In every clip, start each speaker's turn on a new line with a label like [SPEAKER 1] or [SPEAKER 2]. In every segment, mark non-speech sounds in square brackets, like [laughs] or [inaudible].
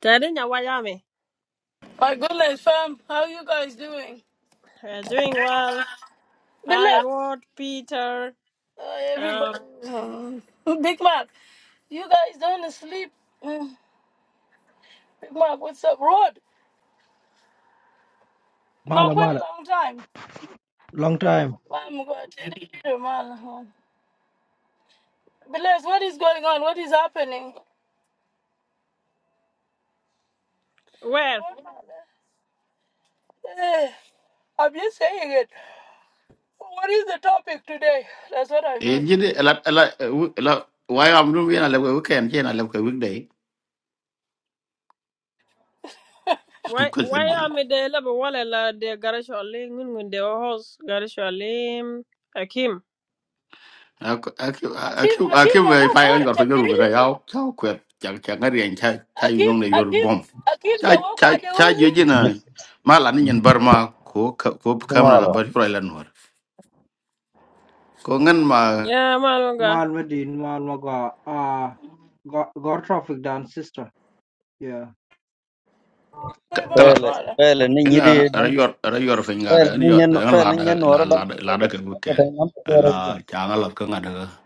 [SPEAKER 1] Tadina Wayame,
[SPEAKER 2] My goodness, fam, how you guys doing?
[SPEAKER 1] uh, doing well. Hi,
[SPEAKER 2] Bilal,
[SPEAKER 1] Rod, Peter.
[SPEAKER 2] uh,
[SPEAKER 1] Um,
[SPEAKER 2] everybody, uh, Big Mac, you guys don't sleep. Uh, Big Mac, what's up, Rod? Mark,
[SPEAKER 3] Mala,
[SPEAKER 2] quite a
[SPEAKER 3] mala.
[SPEAKER 2] long time.
[SPEAKER 3] Long time.
[SPEAKER 2] I'm going to tell you, man. Bilal, what is going on? What is happening?
[SPEAKER 1] where?
[SPEAKER 2] Rod, man, eh, I'm just saying it. What is the topic today? That's what I
[SPEAKER 4] Eh,
[SPEAKER 2] mean.
[SPEAKER 4] jadi ela ela ela why am nu yana lewe weekend yana lewe weekday
[SPEAKER 1] Why
[SPEAKER 4] ko se
[SPEAKER 1] why
[SPEAKER 4] bilo.
[SPEAKER 1] am I the level wala la de garasho alim ngun de host garasho alim Akim.
[SPEAKER 4] Aku aku
[SPEAKER 2] Akim,
[SPEAKER 4] aku
[SPEAKER 2] Akim,
[SPEAKER 4] aku me
[SPEAKER 2] I'm going
[SPEAKER 4] fire yor fo
[SPEAKER 2] to tell
[SPEAKER 4] yoru bra
[SPEAKER 2] you.
[SPEAKER 4] yao chao kwet chang chang ngari en cha cha yu
[SPEAKER 2] Akim,
[SPEAKER 4] nyong le yor [laughs]
[SPEAKER 2] Akim,
[SPEAKER 4] bom.
[SPEAKER 2] Akim, you're
[SPEAKER 4] Cha cha
[SPEAKER 2] going to
[SPEAKER 4] cha
[SPEAKER 2] tell
[SPEAKER 4] yu
[SPEAKER 2] you.
[SPEAKER 4] jina
[SPEAKER 5] Nyi-
[SPEAKER 4] mala ni nyen barma ko ka- ko kamna la
[SPEAKER 5] nyimalo
[SPEAKER 4] bari pro lan war. Ko ngan ma
[SPEAKER 1] Yeah, Malunga.
[SPEAKER 3] Mal Medin, Mal Maga, uh, got, got traffic down, sister. Yeah.
[SPEAKER 4] ka- kala
[SPEAKER 2] Mala,
[SPEAKER 5] fele
[SPEAKER 2] mala.
[SPEAKER 5] fele ni nyidi
[SPEAKER 4] ina ra
[SPEAKER 5] dang
[SPEAKER 4] yor ra yor fo
[SPEAKER 5] fele
[SPEAKER 4] ngara ina
[SPEAKER 5] ni
[SPEAKER 4] yor
[SPEAKER 5] nyen
[SPEAKER 4] la la
[SPEAKER 5] fele
[SPEAKER 4] da
[SPEAKER 5] ni nyen
[SPEAKER 4] la
[SPEAKER 5] wora
[SPEAKER 4] la
[SPEAKER 5] dang
[SPEAKER 4] da la da ka
[SPEAKER 5] ko
[SPEAKER 4] weekend.
[SPEAKER 5] tan nam ko re
[SPEAKER 4] La
[SPEAKER 5] jin
[SPEAKER 4] changa la ka ngada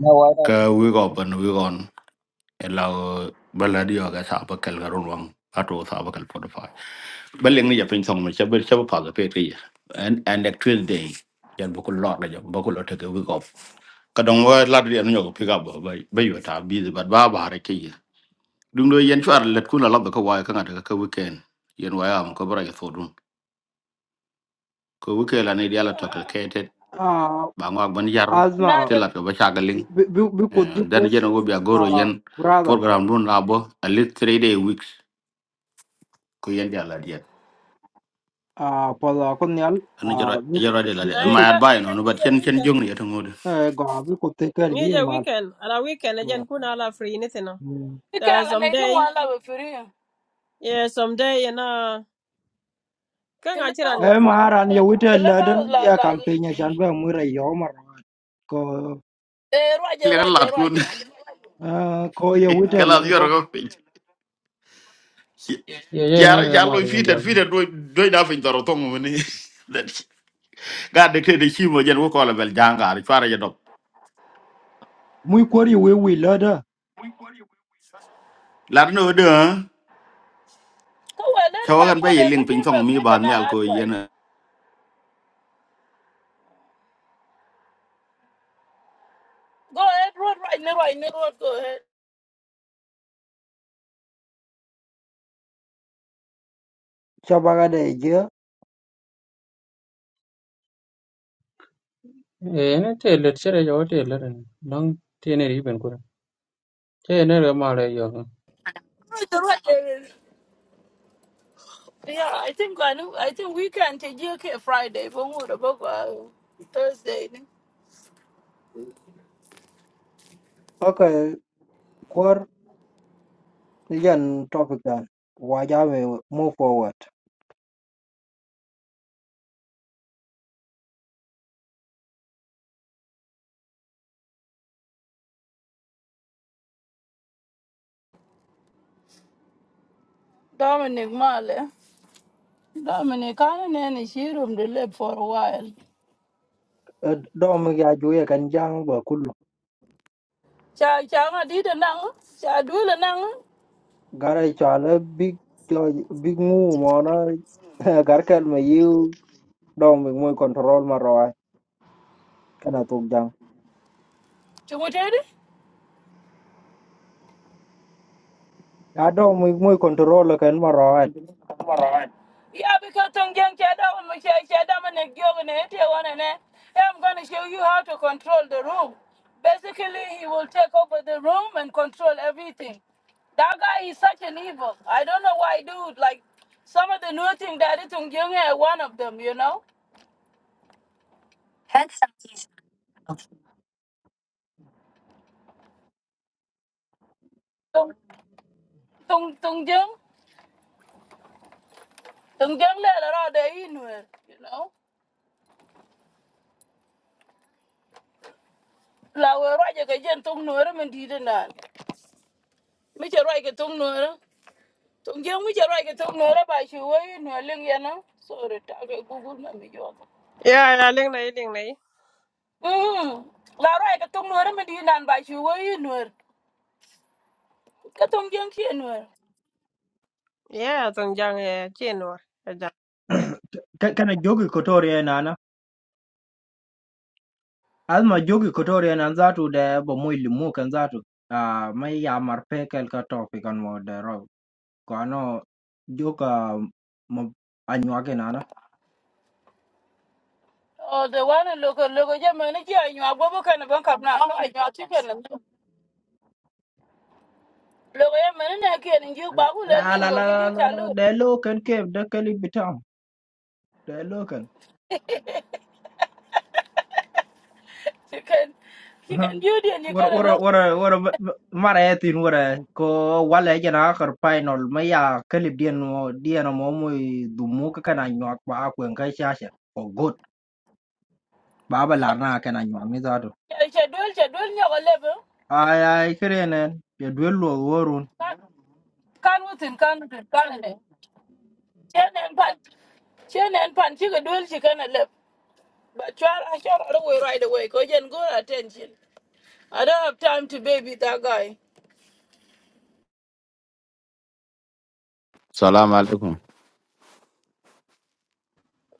[SPEAKER 5] na wa
[SPEAKER 4] ka wi go ban wi elaw bala dio ga sa ba kal garon wang ato sa ba kal podify baleng ni japin song ma chabe chabe pa ga pe ri and and that tuesday yan bu ko lot la jam bu ko lot ga week off ka dong wa la dio no pick up ba ba yo ta busy but ba ba re ke dung do yen chwar let ku la la ko wa ka ngata ka weekend yen wa am ko bra ga so dum ko weekend la ne dia la to ka ke te
[SPEAKER 3] Uh,
[SPEAKER 4] ba ngwa ban yar
[SPEAKER 2] Not
[SPEAKER 3] Asma,
[SPEAKER 4] te
[SPEAKER 2] the
[SPEAKER 4] la ko ba cha ga ling
[SPEAKER 3] we, we, we could give
[SPEAKER 4] dan
[SPEAKER 3] us,
[SPEAKER 4] yen go bi agoro
[SPEAKER 3] uh,
[SPEAKER 4] yen
[SPEAKER 3] brother,
[SPEAKER 4] program dun la bo at least three day weeks ko yen dia la
[SPEAKER 3] uh, for the Konyal,
[SPEAKER 4] อันนี้เจอไร
[SPEAKER 3] uh, we
[SPEAKER 4] เจอไร
[SPEAKER 3] could,
[SPEAKER 4] เดี๋ยวละ
[SPEAKER 3] we
[SPEAKER 4] เดี๋ยว
[SPEAKER 3] we
[SPEAKER 1] I
[SPEAKER 4] ไม่อ
[SPEAKER 3] could,
[SPEAKER 4] ยาก
[SPEAKER 1] can
[SPEAKER 4] ไปห
[SPEAKER 1] can
[SPEAKER 4] นูแบ
[SPEAKER 1] you
[SPEAKER 4] บเช่น
[SPEAKER 1] the
[SPEAKER 4] เช่นจุ่ง
[SPEAKER 1] weekend?
[SPEAKER 4] นี่จะทั้งหมดเลย
[SPEAKER 3] uh, go, we could take care of
[SPEAKER 1] You
[SPEAKER 3] you,
[SPEAKER 1] the
[SPEAKER 3] Mal.
[SPEAKER 1] weekend. Ala weekend again kuna ala free anything. no?
[SPEAKER 3] Mm.
[SPEAKER 2] you
[SPEAKER 1] Uh,
[SPEAKER 2] can and you
[SPEAKER 1] someday.
[SPEAKER 2] want love for you.
[SPEAKER 1] Yeah, someday and uh kan a chiran
[SPEAKER 2] Clubhouse,
[SPEAKER 1] yor
[SPEAKER 3] Eh,
[SPEAKER 1] finywa.
[SPEAKER 3] maran ya
[SPEAKER 2] cl-
[SPEAKER 3] wita
[SPEAKER 2] clubhouse,
[SPEAKER 3] lada
[SPEAKER 2] la
[SPEAKER 3] ya
[SPEAKER 2] la.
[SPEAKER 3] kampenya shanba mura yomar ko
[SPEAKER 2] Eh, Roger,
[SPEAKER 4] เลี้ยงหลอด
[SPEAKER 2] Roger,
[SPEAKER 4] คุณ
[SPEAKER 2] Roger.
[SPEAKER 3] uh, ko ya
[SPEAKER 4] ก็
[SPEAKER 3] wita
[SPEAKER 4] หลอดเยอะ
[SPEAKER 3] lada
[SPEAKER 4] รกไปจริง
[SPEAKER 6] ye ye
[SPEAKER 4] ย่า
[SPEAKER 6] na
[SPEAKER 4] รู้
[SPEAKER 6] ra
[SPEAKER 4] ย่า
[SPEAKER 6] ma
[SPEAKER 4] รู้
[SPEAKER 6] ri
[SPEAKER 2] Go
[SPEAKER 4] ฟีดเติ
[SPEAKER 6] ndia
[SPEAKER 4] มฟีดด้วยด้วยหน้าฟินตลอดทั้งวันนี้ก็เด็กที่ดีชิ้นวันเย็นวุ้งกอล์ฟเปิดจ้างก็อีชัวร์เยอะดบ
[SPEAKER 3] muy kwar ya wewe lada
[SPEAKER 4] หลานหนูเด้อฮะ
[SPEAKER 2] ahead, let
[SPEAKER 4] เขา
[SPEAKER 2] it
[SPEAKER 4] กำลั
[SPEAKER 2] back
[SPEAKER 4] งไป
[SPEAKER 2] more
[SPEAKER 4] ยิง
[SPEAKER 2] than
[SPEAKER 4] ปิง
[SPEAKER 2] give
[SPEAKER 4] ซอง
[SPEAKER 2] a
[SPEAKER 4] มี
[SPEAKER 2] give
[SPEAKER 4] บาง
[SPEAKER 2] an
[SPEAKER 4] มีอะไรก็ยั
[SPEAKER 2] advice.
[SPEAKER 4] น
[SPEAKER 2] Go ahead, road right now, right now, road. Go ahead.
[SPEAKER 3] shabaga da ya je
[SPEAKER 6] e ne te le che re yo te le long te ne ri ben ko I'm ra ma re yo
[SPEAKER 2] Roger, Roger. Yeah, I think I know. I think we can take you okay Friday for more about uh, Thursday.
[SPEAKER 3] aka Pigeon topic that wajawe move forward.
[SPEAKER 2] Dominic Marley. Dominic, I don't know any she room to live for a while.
[SPEAKER 3] A dom ya juye kanjang ba kulu.
[SPEAKER 2] Cha cha, I did a nang. Cha do the nang.
[SPEAKER 3] Gara chala big jo- big mu mona [laughs] garkel me you dom mi moy control marawai kana tuk jang.
[SPEAKER 2] Timothy?
[SPEAKER 3] Ya dom mi moy control kan marawai.
[SPEAKER 2] Yeah, because Tong Tongyang Chadam and Chadam and Gyogan and one and I'm gonna show you how to control the room. Basically he will take over the room and control everything. That guy is such an evil. I don't know why dude like some of the new thing that is Tong Tongyang is one of them, you know? Tong, Tong, Tong Tung Tung Tongyang Tongyang Lera de Inwer, you know? La Raja Gajan Tung Nurum and Didanan. Mitchell right, Tong Tung Tong jeng mi jaro ke tong nora ba shi wai no leng ya no. Sore ta ke Google na mi jo.
[SPEAKER 1] Yeah, yeah, I Link na link na.
[SPEAKER 2] Mm. La ra ke tong nora mi di nan ba shi wai no. Ke tong jeng ki no.
[SPEAKER 1] Yeah, tong jang eh chinwa.
[SPEAKER 3] Ka- Kana [coughs] jogi kotori nana. Alma jogi kotori nan zatu da ba moy limu kan zatu. Ah mai ya marpe kel ka topic an mo da ro. Ko ano joka mo anyuage
[SPEAKER 2] Oh, the one local local je mene ki anyu agbo bo kan ban kap na no anyu ti ken no. Local je mene na ke ni ju
[SPEAKER 3] La
[SPEAKER 2] ba ku le lin
[SPEAKER 3] la
[SPEAKER 2] dor ke
[SPEAKER 3] la
[SPEAKER 2] ju
[SPEAKER 3] la
[SPEAKER 2] ta
[SPEAKER 3] la.
[SPEAKER 2] lu.
[SPEAKER 3] Hello, can keep the clip down. Hello, can.
[SPEAKER 2] Ki ken ki
[SPEAKER 3] Huh.
[SPEAKER 2] ken ju di ni
[SPEAKER 3] What
[SPEAKER 2] kan lo.
[SPEAKER 3] what what what what? Marathi, what? Co what like? Nah, karpai no. Maya, clip dia no. Dia no momu dumu. Co canayuak baakuen kai shash. Oh good. Baba lar na canayuak ni zado.
[SPEAKER 2] Che dol che dol nya ko lebe.
[SPEAKER 3] Hi hi. Coyene nay. Double warun. [laughs]
[SPEAKER 2] Kan kan wutin kan Chen en pat chen en pan chi ke dol chi kan lebe. But try, I shot out away right away. Cause you good attention. I don't have time to baby that guy.
[SPEAKER 7] Salam alaikum.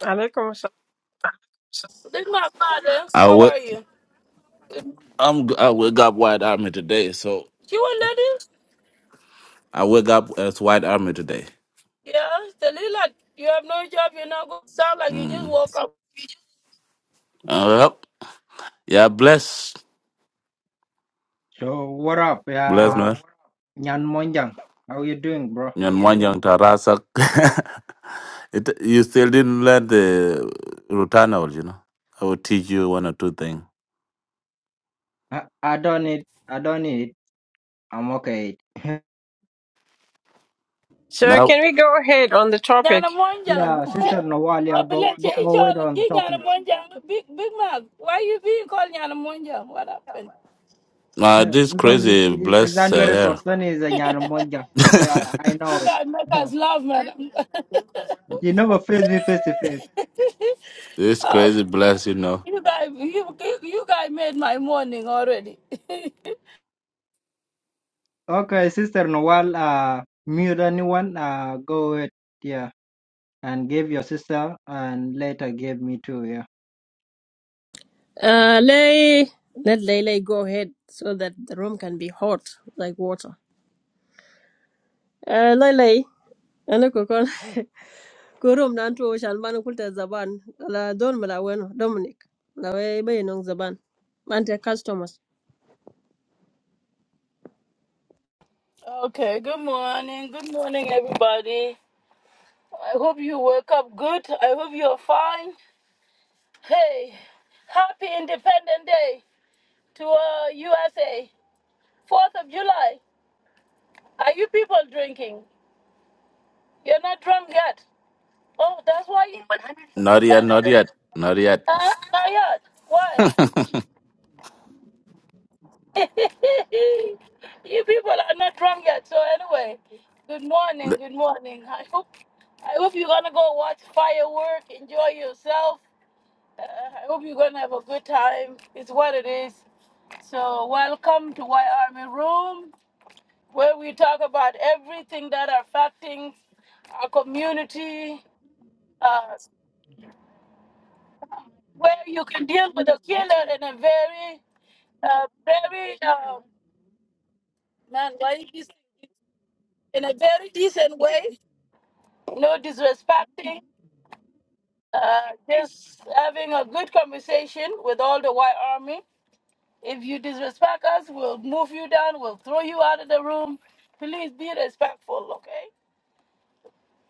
[SPEAKER 1] Alaikum
[SPEAKER 2] This is my father.
[SPEAKER 7] I
[SPEAKER 2] How
[SPEAKER 7] wake,
[SPEAKER 2] are you? Good.
[SPEAKER 7] I'm, I wake up White Army today, so
[SPEAKER 2] She one lady?
[SPEAKER 7] I wake up as White Army today.
[SPEAKER 2] Yeah, the little you have no job. You're not going. to Sound like you just
[SPEAKER 7] Mm.
[SPEAKER 2] woke up.
[SPEAKER 7] Uh, yep. Yeah, bless.
[SPEAKER 3] So what up,
[SPEAKER 7] Bless,
[SPEAKER 3] ya?
[SPEAKER 7] man.
[SPEAKER 3] Yan monjang. How you doing, bro?
[SPEAKER 7] Nyan Mwanyang Tarasak. [laughs] It, you still didn't learn the Rutanol, you know. I will teach you one or two things.
[SPEAKER 3] I I don't need. I don't need. I'm okay. [laughs]
[SPEAKER 1] So
[SPEAKER 7] Now,
[SPEAKER 1] can we go ahead on the topic?
[SPEAKER 2] Nyana monjang.
[SPEAKER 3] Yeah, Sister Nawalia,
[SPEAKER 2] I
[SPEAKER 3] go,
[SPEAKER 2] believe
[SPEAKER 3] go,
[SPEAKER 2] you
[SPEAKER 3] go ahead
[SPEAKER 2] all [laughs]
[SPEAKER 3] on the
[SPEAKER 2] give Nyana
[SPEAKER 3] topic.
[SPEAKER 2] monjang. Big big man. Why you being called Nyana monjang? What happened?
[SPEAKER 7] uh,
[SPEAKER 3] [laughs]
[SPEAKER 7] this
[SPEAKER 3] because it-
[SPEAKER 7] crazy
[SPEAKER 3] it- it's
[SPEAKER 7] bless uh, here.
[SPEAKER 3] 100% is a Nyanmonja.
[SPEAKER 7] [laughs]
[SPEAKER 3] Yeah, I know
[SPEAKER 2] You
[SPEAKER 3] it.
[SPEAKER 2] guys make
[SPEAKER 3] [laughs] Yeah.
[SPEAKER 2] us laugh, madam. [laughs]
[SPEAKER 3] You never
[SPEAKER 2] [laughs]
[SPEAKER 3] face me face to face.
[SPEAKER 7] this
[SPEAKER 2] oh,
[SPEAKER 7] crazy bless, you know.
[SPEAKER 2] you guys, you, you you guys made my morning already. [laughs]
[SPEAKER 3] Okay, Sister Nawal, uh, mute anyone, uh, go ahead. Yeah, and give your sister, and later give me too. Yeah.
[SPEAKER 1] Uh, Lay, let Lele go ahead so that the room can be hot like water. Uh, Lele, ana ko kon [laughs] ko room nan to shan ban kulta zaban la don mala weno Dominic la we bay nong zaban man te customers.
[SPEAKER 2] okay, good morning. Good morning, everybody. I hope you woke up good. I hope you're fine. Hey, happy Independent Day to uh, USA. 4th of July. Are you people drinking? You're not drunk yet. Oh, that's why you...
[SPEAKER 7] Not yet, not yet, not yet.
[SPEAKER 2] Huh? Not yet. Why? [laughs] you people are not drunk yet. So anyway, good morning,
[SPEAKER 7] Le-
[SPEAKER 2] good morning. I hope I hope you're gonna go watch firework, enjoy yourself. Uh, I hope you're gonna have a good time. It's what it is. So welcome to White Army Room, where we talk about everything that are affecting our community, uh, where you can deal with a killer in a very, uh, very, uh, man, why is in a very decent way no disrespecting, uh, just having a good conversation with all the white army. If you disrespect us, we'll move you down, we'll throw you out of the room. Please be respectful, okay?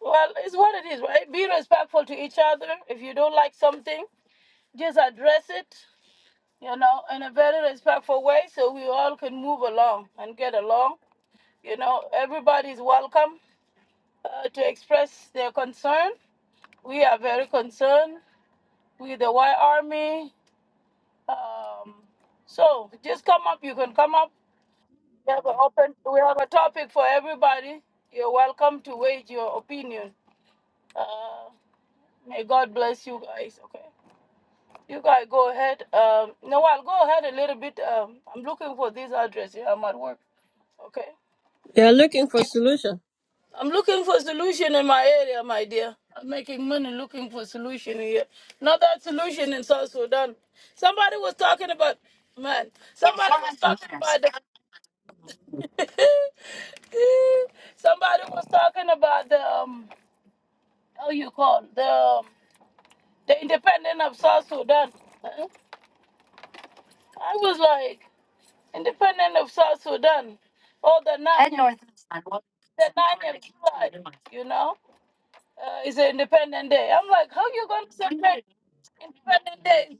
[SPEAKER 2] Well, it's what it is, right? Be respectful to each other. If you don't like something, just address it, you know, in a very respectful way so we all can move along and get along. You know, everybody's welcome uh, to express their concern. We are very concerned with the white army Um, so just come up. You can come up. We have an open. We have a topic for everybody. You're welcome to wage your opinion. Uh, may God bless you guys. Okay. You guys go ahead. Um, no, I'll go ahead a little bit. Um, I'm looking for this address. Yeah, I'm at work. Okay.
[SPEAKER 1] They are looking for solution.
[SPEAKER 2] I'm looking for solution in my area, my dear. I'm making money looking for solution here. Not that solution in South Sudan. Somebody was talking about man. Somebody was talking about the [laughs] Somebody was talking about the um, how you call the um, the independent of South Sudan. Huh? I was like, independent of South Sudan, or the nine the nine of July. You know, uh, it's an independent day. I'm like, how you gonna celebrate independent day?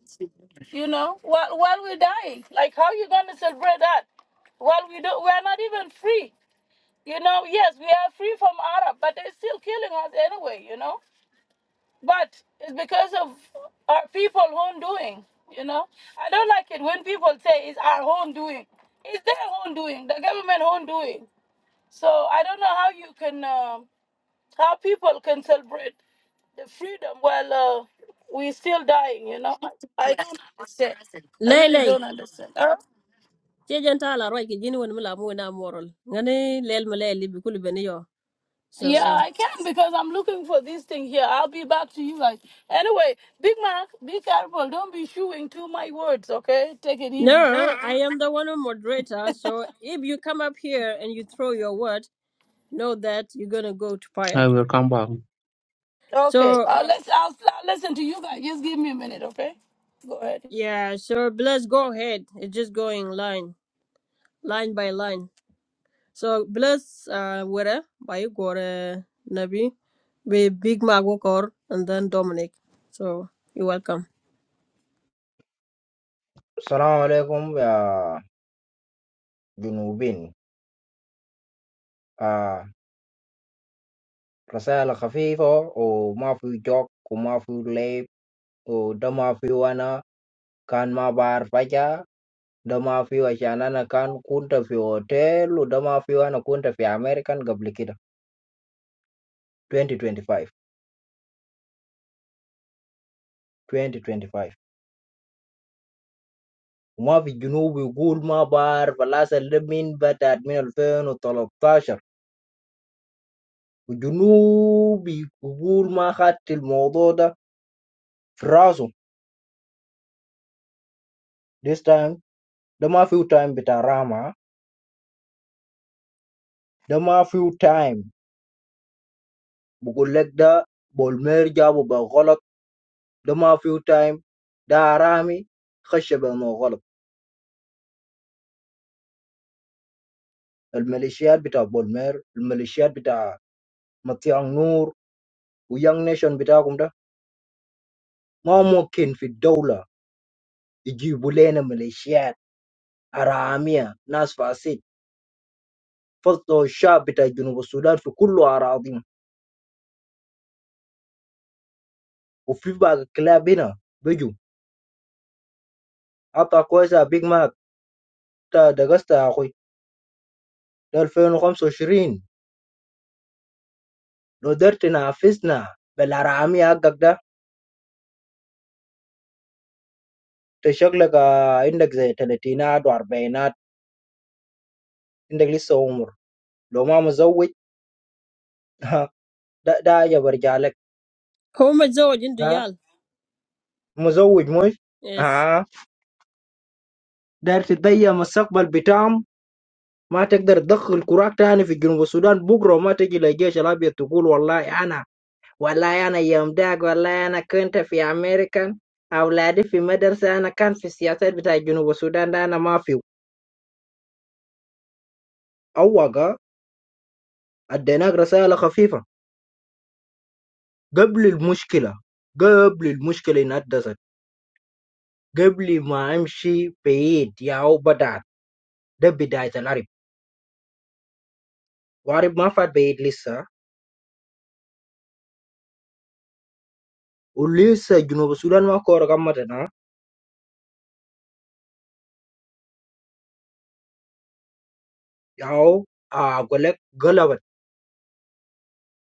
[SPEAKER 2] You know, while while we're dying, like how you gonna celebrate that? While we do, we're not even free. You know, yes, we are free from Arab, but they're still killing us anyway, you know? But it's because of our people own doing, you know? I don't like it when people say it's our own doing. It's their own doing, the government own doing. So I don't know how you can, uh, how people can celebrate the freedom while uh, we're still dying, you know? I don't understand. I really
[SPEAKER 1] Lele,
[SPEAKER 2] don't understand. Huh?
[SPEAKER 1] che jenta la roi ki jini won mala mu na moral. Ngani lel mala li bi kulu beni yo.
[SPEAKER 2] Yeah,
[SPEAKER 1] So
[SPEAKER 2] I can because I'm looking for this thing here. I'll be back to you guys. Anyway, Big Mac, be careful. Don't be chewing too my words, okay? Take it easy.
[SPEAKER 1] no, I am the one who moderator. So if you come up here and you throw your word. know that you're gonna go to
[SPEAKER 6] i
[SPEAKER 1] fire.
[SPEAKER 6] will come back
[SPEAKER 2] Okay.
[SPEAKER 1] So
[SPEAKER 2] Uh, let's, I'll, I'll listen to you guys. Just give me a minute, okay? Go ahead.
[SPEAKER 1] yeah, so bless go ahead. It's just going line, line by line. So bless uh where by you gore Nabi be Big Mac Wokor and then Dominic. So you're welcome.
[SPEAKER 3] السلام عليكم يا جنوبين آه رسائل خفيفة وما في جوك وما في لعب وده ما في وانا كان ما بعرف حاجة ده فيه عشان انا كان كنت في اوتيل وده ما فيه انا كنت في امريكان قبل كده 2025 2025 وما في الجنوب يقول ما بعرف الاصل ده من بدأت من 2013 والجنوب يقول ما خدت الموضوع ده في راسه this time ده ما فيه تايم بتاع راما ده ما فيه تايم بقول لك ده بولمير جابه بالغلط ده ما فيه تايم ده رامي خش بالغلط الميليشيات بتاع بولمير الميليشيات بتاع مطيع نور ويانج نيشن بتاعكم ده ما ممكن في الدولة يجيبوا لنا ميليشيات حرامية ناس فاسد فصلوا الشعب بتاع جنوب السودان في كل أراضيهم وفي بعض الكلاب هنا بيجوا عطا كويس يا بيج ماك تا دقست يا أخوي ده 2025 لو قدرت تنافسنا بالحرامية حقك ده انت شكلك آه، عندك زي تلاتينات وأربعينات عندك لسه عمر لو ما مزوج [laughs] لا داير برجع لك
[SPEAKER 1] How Home Zoj into
[SPEAKER 3] ها
[SPEAKER 1] Yal.
[SPEAKER 3] مزوج مش
[SPEAKER 1] Yes.
[SPEAKER 3] ها داير تضيع المستقبل بتاعهم ما تقدر تدخل كراك تاني في جنوب السودان بكره ما تجي للجيش الابيض تقول والله انا والله انا يوم داك والله انا كنت في امريكا اولادي في مدرسه انا كان في السياسات بتاع جنوب السودان ده انا ما فيه اوقع اديناك رساله خفيفه قبل المشكله قبل المشكله انها حدثت قبل ما امشي بعيد يا بدات ده بدايه العرب Warib manfaat bayi lisa. Ulyssa Juno Sudan mak orang ramadana. Ya, ah golak gelabat.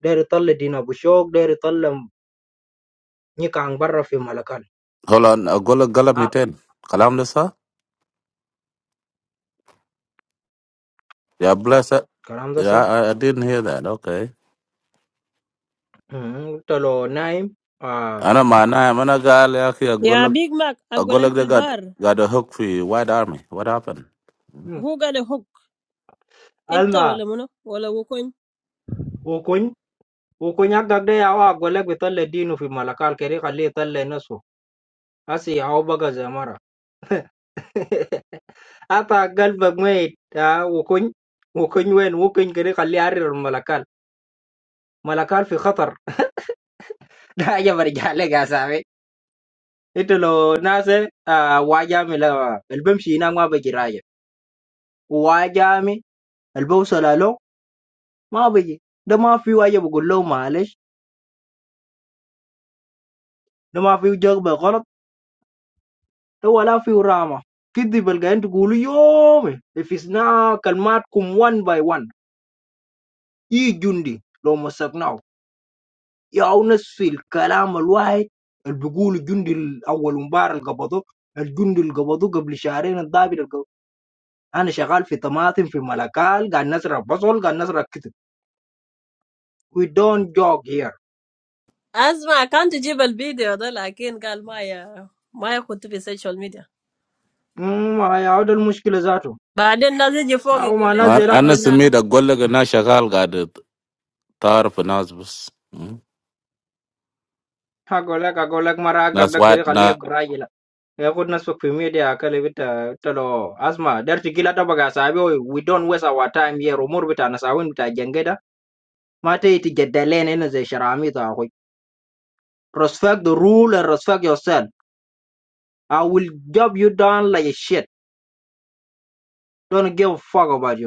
[SPEAKER 3] Dari tali dina bujang, dari talem ni kang berrofi Malakal.
[SPEAKER 7] Hold on, I'll go to Galam
[SPEAKER 3] Ah,
[SPEAKER 7] Kalam Yeah, bless it.
[SPEAKER 3] keramda
[SPEAKER 7] Yeah,
[SPEAKER 3] sah?
[SPEAKER 7] I, I didn't hear that. Okay.
[SPEAKER 3] Hm, tello Naim. Ah,
[SPEAKER 7] Ana mana mana gali aki
[SPEAKER 1] Yeah,
[SPEAKER 7] agolak
[SPEAKER 1] Big Mac Agolek
[SPEAKER 7] agolak they got
[SPEAKER 1] Filbar.
[SPEAKER 7] got a hook for you. White Army. What happened?
[SPEAKER 1] Who got a hook? Itta
[SPEAKER 3] Alma.
[SPEAKER 1] wala muno wala wukun.
[SPEAKER 3] Wukun. Wukun yang takde ya wah golak betali dina fi Malakal kerja kali tali nusu. Asyik ya awak bagi zamara. Ata'gal bagai. Tahu wukun? Wukun yang wukun kerja kali [laughs] arir Malakal. Malakal fi khater. [laughs] يا برجع لك يا سامي انت لو ناس آه واجامي لا البمشي هنا ما بجي راجع واجامي البوصله له ما بجي ده ما في واجه بقول له معلش ده ما في جغبه غلط ده ولا في رامه كدي بلقين تقولوا يومي if it's not كلماتكم one by one اي جندي لو مسكناه يا نصف الكلام الواحد اللي بيقول الجندي الاول مباراه اللي قبضوه الجندي اللي قبضوه قبل شهرين الضابط انا شغال في طماطم، في ملكال، قاعد نزرع بصل، قاعد نزرع كتب. We don't jog here.
[SPEAKER 1] Asma, I can't jib al video da lakin gal maya maya kutu fi social media.
[SPEAKER 3] My other muscles are too.
[SPEAKER 1] But then nothing you
[SPEAKER 3] How
[SPEAKER 1] fuckin' go learn
[SPEAKER 3] many
[SPEAKER 7] Man,
[SPEAKER 3] days
[SPEAKER 1] Allah,
[SPEAKER 3] ago?
[SPEAKER 7] ana
[SPEAKER 1] mother.
[SPEAKER 7] simi da golak na shagal got a tar for Nasbus. bus. Hmm?
[SPEAKER 3] How long? How long? My
[SPEAKER 7] Nas
[SPEAKER 3] raggedy
[SPEAKER 7] white
[SPEAKER 3] curly hair
[SPEAKER 7] na
[SPEAKER 3] graying. I put myself in media. I can't even tell. Asma, there's a killer. Don't forget. Say we don't waste our time here. Remove it. I'm not going to get engaged. Mate, it's just the lane. It's a shame. I'm tired of you. Respect the rules. Respect yourself. I will dump you down like a shit. Don't give a fuck about you.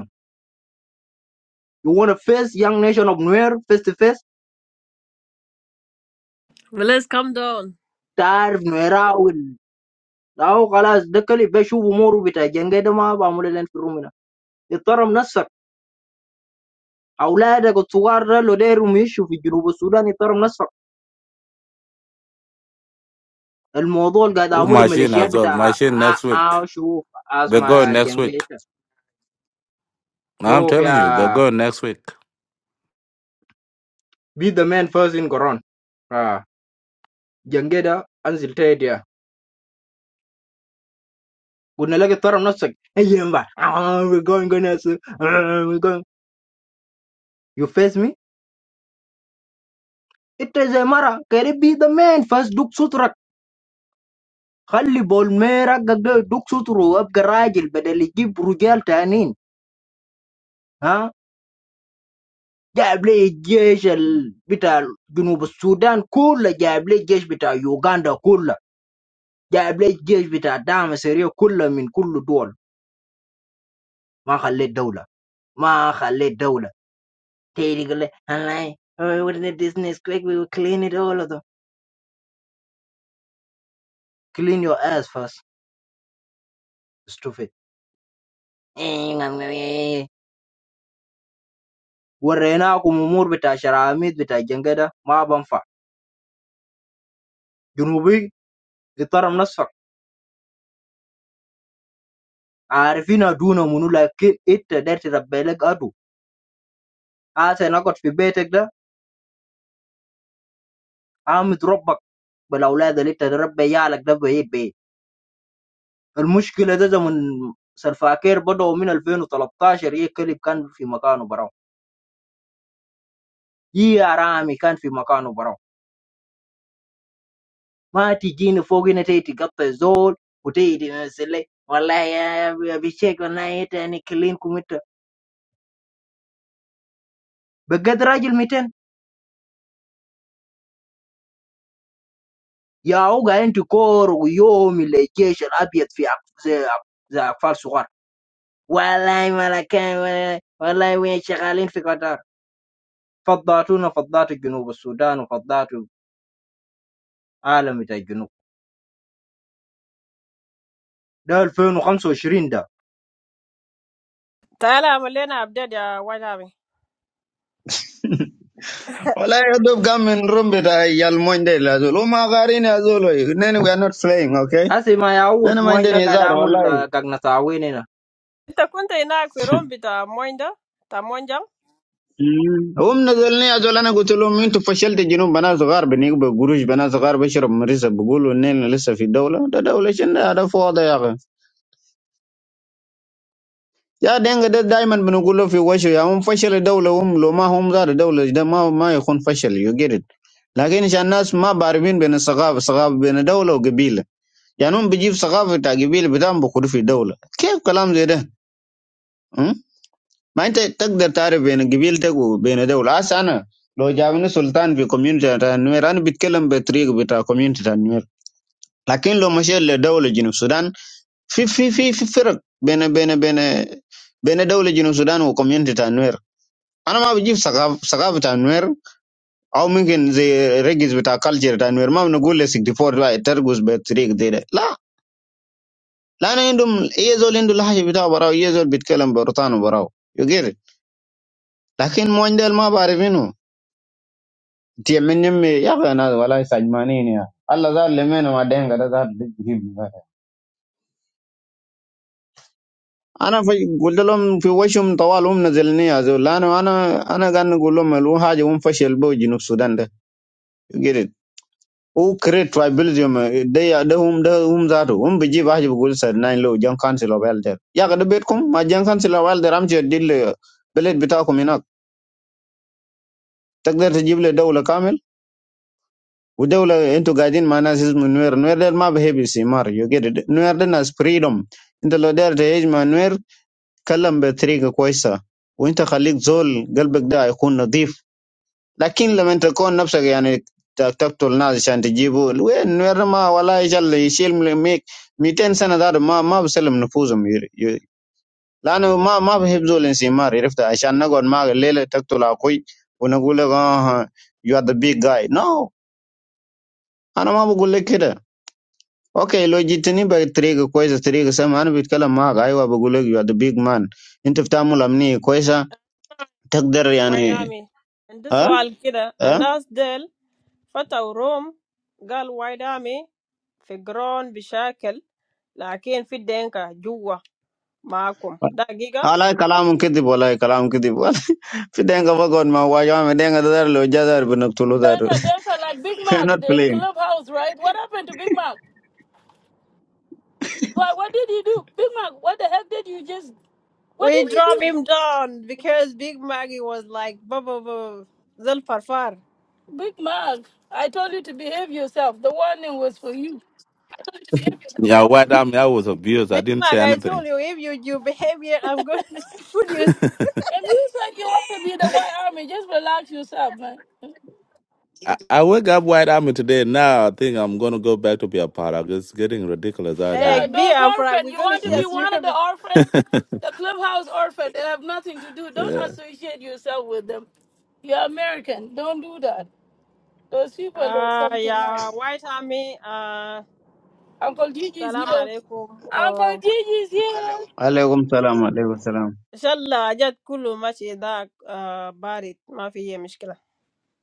[SPEAKER 3] You wanna face young nation of nowhere face to face?
[SPEAKER 1] Well, let's come down.
[SPEAKER 3] Tarf Nauru will now. Guys, the clip we show more of it. Jenggeda ma ba mulelent fromina. It's Tarum Nasir. Howla da go to war? Lo day rumishu fi Djibouti Sudan. It's Tarum Nasir. The matter go da
[SPEAKER 7] who
[SPEAKER 3] mulem
[SPEAKER 7] machine
[SPEAKER 3] militia
[SPEAKER 7] as well.
[SPEAKER 3] beta.
[SPEAKER 7] Machine
[SPEAKER 3] Ah
[SPEAKER 7] next week.
[SPEAKER 3] ah show
[SPEAKER 7] They go
[SPEAKER 3] asma
[SPEAKER 7] next week.
[SPEAKER 3] Jenggeda.
[SPEAKER 7] Now I'm
[SPEAKER 3] Show
[SPEAKER 7] telling you, they
[SPEAKER 3] fi
[SPEAKER 7] go next week.
[SPEAKER 3] be the man first in Koran. Ah Jenggeda, answer the idea. Go na lake Tarum Nasir. Hey, ma. Ah, we going go nasir. Ah, we going. You face me? It is a matter. Can you be the man first? Duk sutra. Khalibol. Myra. Duk sutro. Ab garageil. Badeli ki brugal tannin. Huh? Ghabli geesh. Bitar. Guna Sudan. Kulla. Ghabli geesh. Bitar Uganda. Kulla. Ghabli geesh. Bitar Damasiriya. Kulla min. Kulla duol. Ma chale doula. Ma chale doula. Teri gal. I'm like we're in the business. Quick, we will clean it all of them. Clean your ass first. Stupid. وريناكم أمور بتاع شراميط بتاع الجنجدة ما بنفع جنوبي اضطرب نصفك عارفين أدونا منو لكن أنت داير تربي لك أدو عايز نقعد في بيتك ده عامد ربك بالأولاد اللي أنت تربي عيالك ده بعيد بعيد المشكلة ده زمن سلفاكير بدأوا من 2013 هي كلب كان في مكانه براو هي رامي كان في مكانه براو ما تجيني فوق هنا تيجي تقطع زول وتيجي تمثل لي والله يا يا بشيك والله انت يعني كلينكم انت بقد راجل 200 Yeah, người ta ăn tôm rồi, nhiều người chơi sẽ bịt phải cái cái cái phần suy luận. Wallah mà lại Wallah, vậy chắc là liên quan tới Phật giáo của nước Phật giáo ở miền Nam Sudan và Phật giáo ở khắp nơi trên thế giới. Năm 2025, đó.
[SPEAKER 1] Tell Allah we learn about their white army.
[SPEAKER 8] Well, I do come in room with I yell Monday Lazul. Uma Garin Azul. Then we are not playing, okay?
[SPEAKER 3] À, thì mà
[SPEAKER 8] Then my
[SPEAKER 3] người
[SPEAKER 8] then is
[SPEAKER 3] ta
[SPEAKER 8] our
[SPEAKER 3] đang muốn
[SPEAKER 8] wallahi.
[SPEAKER 3] làm cái này sao vậy nữa?
[SPEAKER 1] The country in Africa, Rome, the Moinda, the Monjang,
[SPEAKER 8] هم نزلني أزول أنا قلت لهم أنتوا فشلت جنوب بنات صغار بنيك بقروش بنات صغار بشرب مريسة بقولوا إننا لسه في دولة ده دولة شنو هذا فوضى يا أخي يا دينغ ده دايما بنقول له في وشه يا هم فشل الدولة هم لو ما هم زار الدولة ده ما ما يكون فشل يو جيت لكن عشان الناس ما بعرفين بين الثقافة ثقافة بين دولة وقبيلة يعني هم بيجيب ثقافه بتاع قبيله بتاعهم بيخوضوا في دوله كيف كلام زي ده أم؟ ما انت تقدر تعرف بين قبيلتك وبين دوله هسه انا لو جابني سلطان في كوميونتي بتاع النوير انا بتكلم بطريقه بتاع كوميونتي بتاع النوير لكن لو مشيت لدوله جنوب السودان في في في في فرق بين بين بين بين دوله جنوب السودان وكوميونتي بتاع النوير انا ما بجيب ثقافه ثقافه بتاع النوير او ممكن زي ريجز بتاع كالتشر بتاع النوير ما بنقول ل 64 ترقص بطريقه زي ده لا لأن عندهم أي زول عنده لهجة بتاعه براو أي زول بيتكلم برطانه براو يقر لكن موين ديل ما بعرفينه تيم من يمي يا أخي ناس والله سجمانين يا الله زار لمن ما دين كذا زار بيجيب. أنا في قلت لهم في وشهم طوال هم نزلني يا زول لأنه أنا أنا قاعد نقول لهم لو حاجة هم فشل بو جنوب السودان ده يقر هو كريت ترايبلزم ده ده هم ده هم ذاته هم بيجيب حاجة بيقول سر ناين لو جان كانسل أوف إلدر يا أخي ده بيتكم ما جان كانسل أوف إلدر أمشي أدل بلد بتاعكم هناك تقدر تجيب لي دولة كامل ودولة انتوا قاعدين مع ناس اسمه نوير نوير ده ما بيحب استعمار يو جيت نوير ده ناس فريدوم انت لو داير تعيش مع نوير كلم بطريقة كويسة وانت خليك زول قلبك ده يكون نظيف لكن لما انت تكون نفسك يعني ت- تقتل ناس عشان تجيبه وين نوير ده ما ولا يجل يشيل من ميك 200 سنة ده ما ما بسلم نفوسهم ير- ي- لأنه ما ما بحب زول استعمار عرفت عشان نقعد معك الليلة تقتل أخوي ونقول لك اه you are the big guy. No, Anu mahu gulir kira, okay logik ni bertrigg koisa trigg saya mana bukit kala mak ayuh aku gulir jadi big man. Intip tampil amni koisa takder,
[SPEAKER 1] white
[SPEAKER 8] yani,
[SPEAKER 1] army. In this
[SPEAKER 8] ha
[SPEAKER 1] world, kira, and
[SPEAKER 8] ha.
[SPEAKER 1] that's del. But our Rome girl white army, the ground, the shackel, like in fit denka, jugwa, maakum. That giga,
[SPEAKER 8] Alai kalau mukti boleh kalau mukti boleh. Fiteng apa guna, wajah fiteng ada dulu, jazar punak tulu dulu.
[SPEAKER 2] Denka,
[SPEAKER 8] [laughs]
[SPEAKER 2] Denka, like Big
[SPEAKER 8] [laughs] We are
[SPEAKER 2] Mac
[SPEAKER 8] not
[SPEAKER 2] in
[SPEAKER 8] playing.
[SPEAKER 2] Clubhouse, right? What happened to Big Mac? What, what did you do? Big Mac, what the heck did you just, what
[SPEAKER 1] we
[SPEAKER 2] did you
[SPEAKER 1] drop him
[SPEAKER 2] do?
[SPEAKER 1] down because Big Maggie was like, bubu bubu, del far far.
[SPEAKER 2] Big Mac, I told you to behave yourself. The warning was for you.
[SPEAKER 7] Yeah, White Army. I was abused. I
[SPEAKER 1] Big
[SPEAKER 7] didn't say
[SPEAKER 1] Mac, I told
[SPEAKER 7] anything.
[SPEAKER 1] you if you do behavior, I'm gonna [laughs] put you.
[SPEAKER 2] If you said you want to be the white army, just relax yourself, man.
[SPEAKER 7] I, I wake up White Army today. Now I think I'm gonna go back to be a part of. It's getting ridiculous out
[SPEAKER 1] Hey,
[SPEAKER 2] Yeah,
[SPEAKER 7] here.
[SPEAKER 2] those
[SPEAKER 1] Biafra, we're
[SPEAKER 2] orphans. You
[SPEAKER 1] gonna
[SPEAKER 2] want to
[SPEAKER 1] share
[SPEAKER 7] Hmm?
[SPEAKER 2] be
[SPEAKER 1] you
[SPEAKER 2] one of the
[SPEAKER 1] everything.
[SPEAKER 2] orphans?
[SPEAKER 7] [laughs]
[SPEAKER 2] The clubhouse orphans. They have nothing to do. Don't
[SPEAKER 7] Yeah.
[SPEAKER 2] associate yourself with them. You're American. Don't do that. Those people are
[SPEAKER 1] Uh,
[SPEAKER 2] something else.
[SPEAKER 1] yeah, White Army. Uh,
[SPEAKER 2] Uncle Gigi is
[SPEAKER 1] salam
[SPEAKER 2] here.
[SPEAKER 1] alaikum.
[SPEAKER 2] Uncle
[SPEAKER 1] Uh,
[SPEAKER 2] Gigi is here.
[SPEAKER 8] Alai assalam, alai assalam.
[SPEAKER 1] إن شاء الله جد كله ماشي ذاك آه بارد ما في أي مشكلة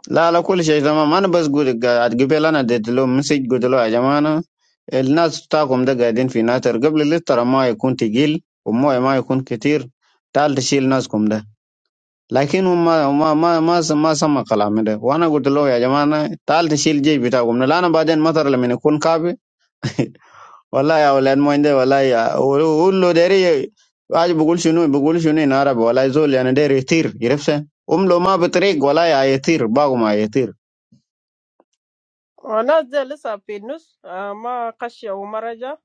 [SPEAKER 8] La, la kul shay zama man bas gud ga- gibe lana det lo message gud lo ya jamana el nas takum da gadin fi natar gabli littara ma yakun tigil wa moy ma yakun kitir tal tashil nas kum da lakin ma ma ma ma ma sama kalam da wana gud lo ya jamana tal tashil je bitakum na lana baden matar la min kun kabe wallahi ya wala mo inde wallahi ya ullo deri aj bugul shunu bugul shunu in arab wallahi zol yani deri tir yirfsa umlo ma bitrik wallahi ya yatir bagu ma yatir
[SPEAKER 1] والناس دي لسه في النص آه ما قشة وما رجع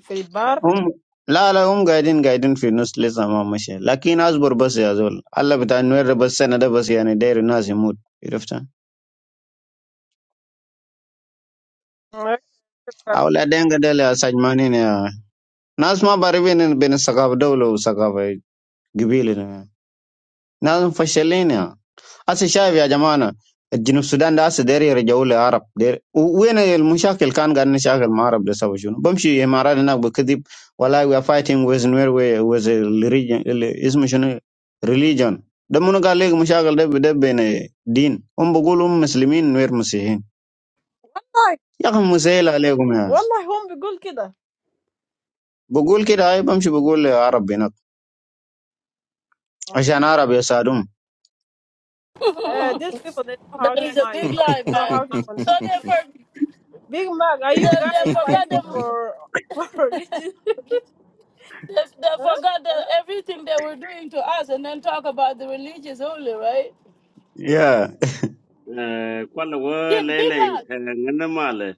[SPEAKER 1] في البار
[SPEAKER 8] هم لا لا هم قاعدين قاعدين في النص لسه ما مشي لكن اصبر بس يا زول الله بتاع نوير بس السنه ده بس يعني داير الناس يموت عرفت
[SPEAKER 1] آه، والله
[SPEAKER 8] اولادين قدل يا سجمانين يا ناس ما باربين بين الثقافه دوله وثقافه قبيله ناس مفشلين يا هسه شايف يا جماعه الجنوب السودان ده هسه داير يرجعوا للعرب داير و- وين المشاكل كان قاعد نشاكل مع العرب ده سوى شنو بمشي امارات هناك بكذب والله وي ار فايتنج ويز نوير ويز اسمه شنو ريليجن ده منو قال لك مشاكل ده ده بين دين هم بيقولوا هم مسلمين نوير مسيحيين يا اخي مسهل عليكم يا
[SPEAKER 1] والله هم بيقول كده
[SPEAKER 8] بقول كده هاي بمشي بقول للعرب هناك عشان عرب يساعدهم
[SPEAKER 2] [laughs]
[SPEAKER 1] آه these people they know how
[SPEAKER 2] that
[SPEAKER 1] to
[SPEAKER 2] is a
[SPEAKER 1] lie you
[SPEAKER 2] big
[SPEAKER 1] know
[SPEAKER 7] [laughs]
[SPEAKER 2] lie,
[SPEAKER 1] they know how
[SPEAKER 2] man.
[SPEAKER 1] to
[SPEAKER 2] So they
[SPEAKER 1] convince
[SPEAKER 2] for
[SPEAKER 1] Big Mac, are
[SPEAKER 2] they,
[SPEAKER 1] you
[SPEAKER 2] they
[SPEAKER 1] guys
[SPEAKER 2] forgot
[SPEAKER 1] fighting
[SPEAKER 2] them.
[SPEAKER 1] for for [laughs] religion?
[SPEAKER 2] They, they
[SPEAKER 1] Huh?
[SPEAKER 2] forgot the, everything they were doing to us, and then talk about the religious only, right?
[SPEAKER 8] يا
[SPEAKER 9] Kwala wo
[SPEAKER 2] Jim, big
[SPEAKER 9] lele
[SPEAKER 2] hug.
[SPEAKER 9] ngana male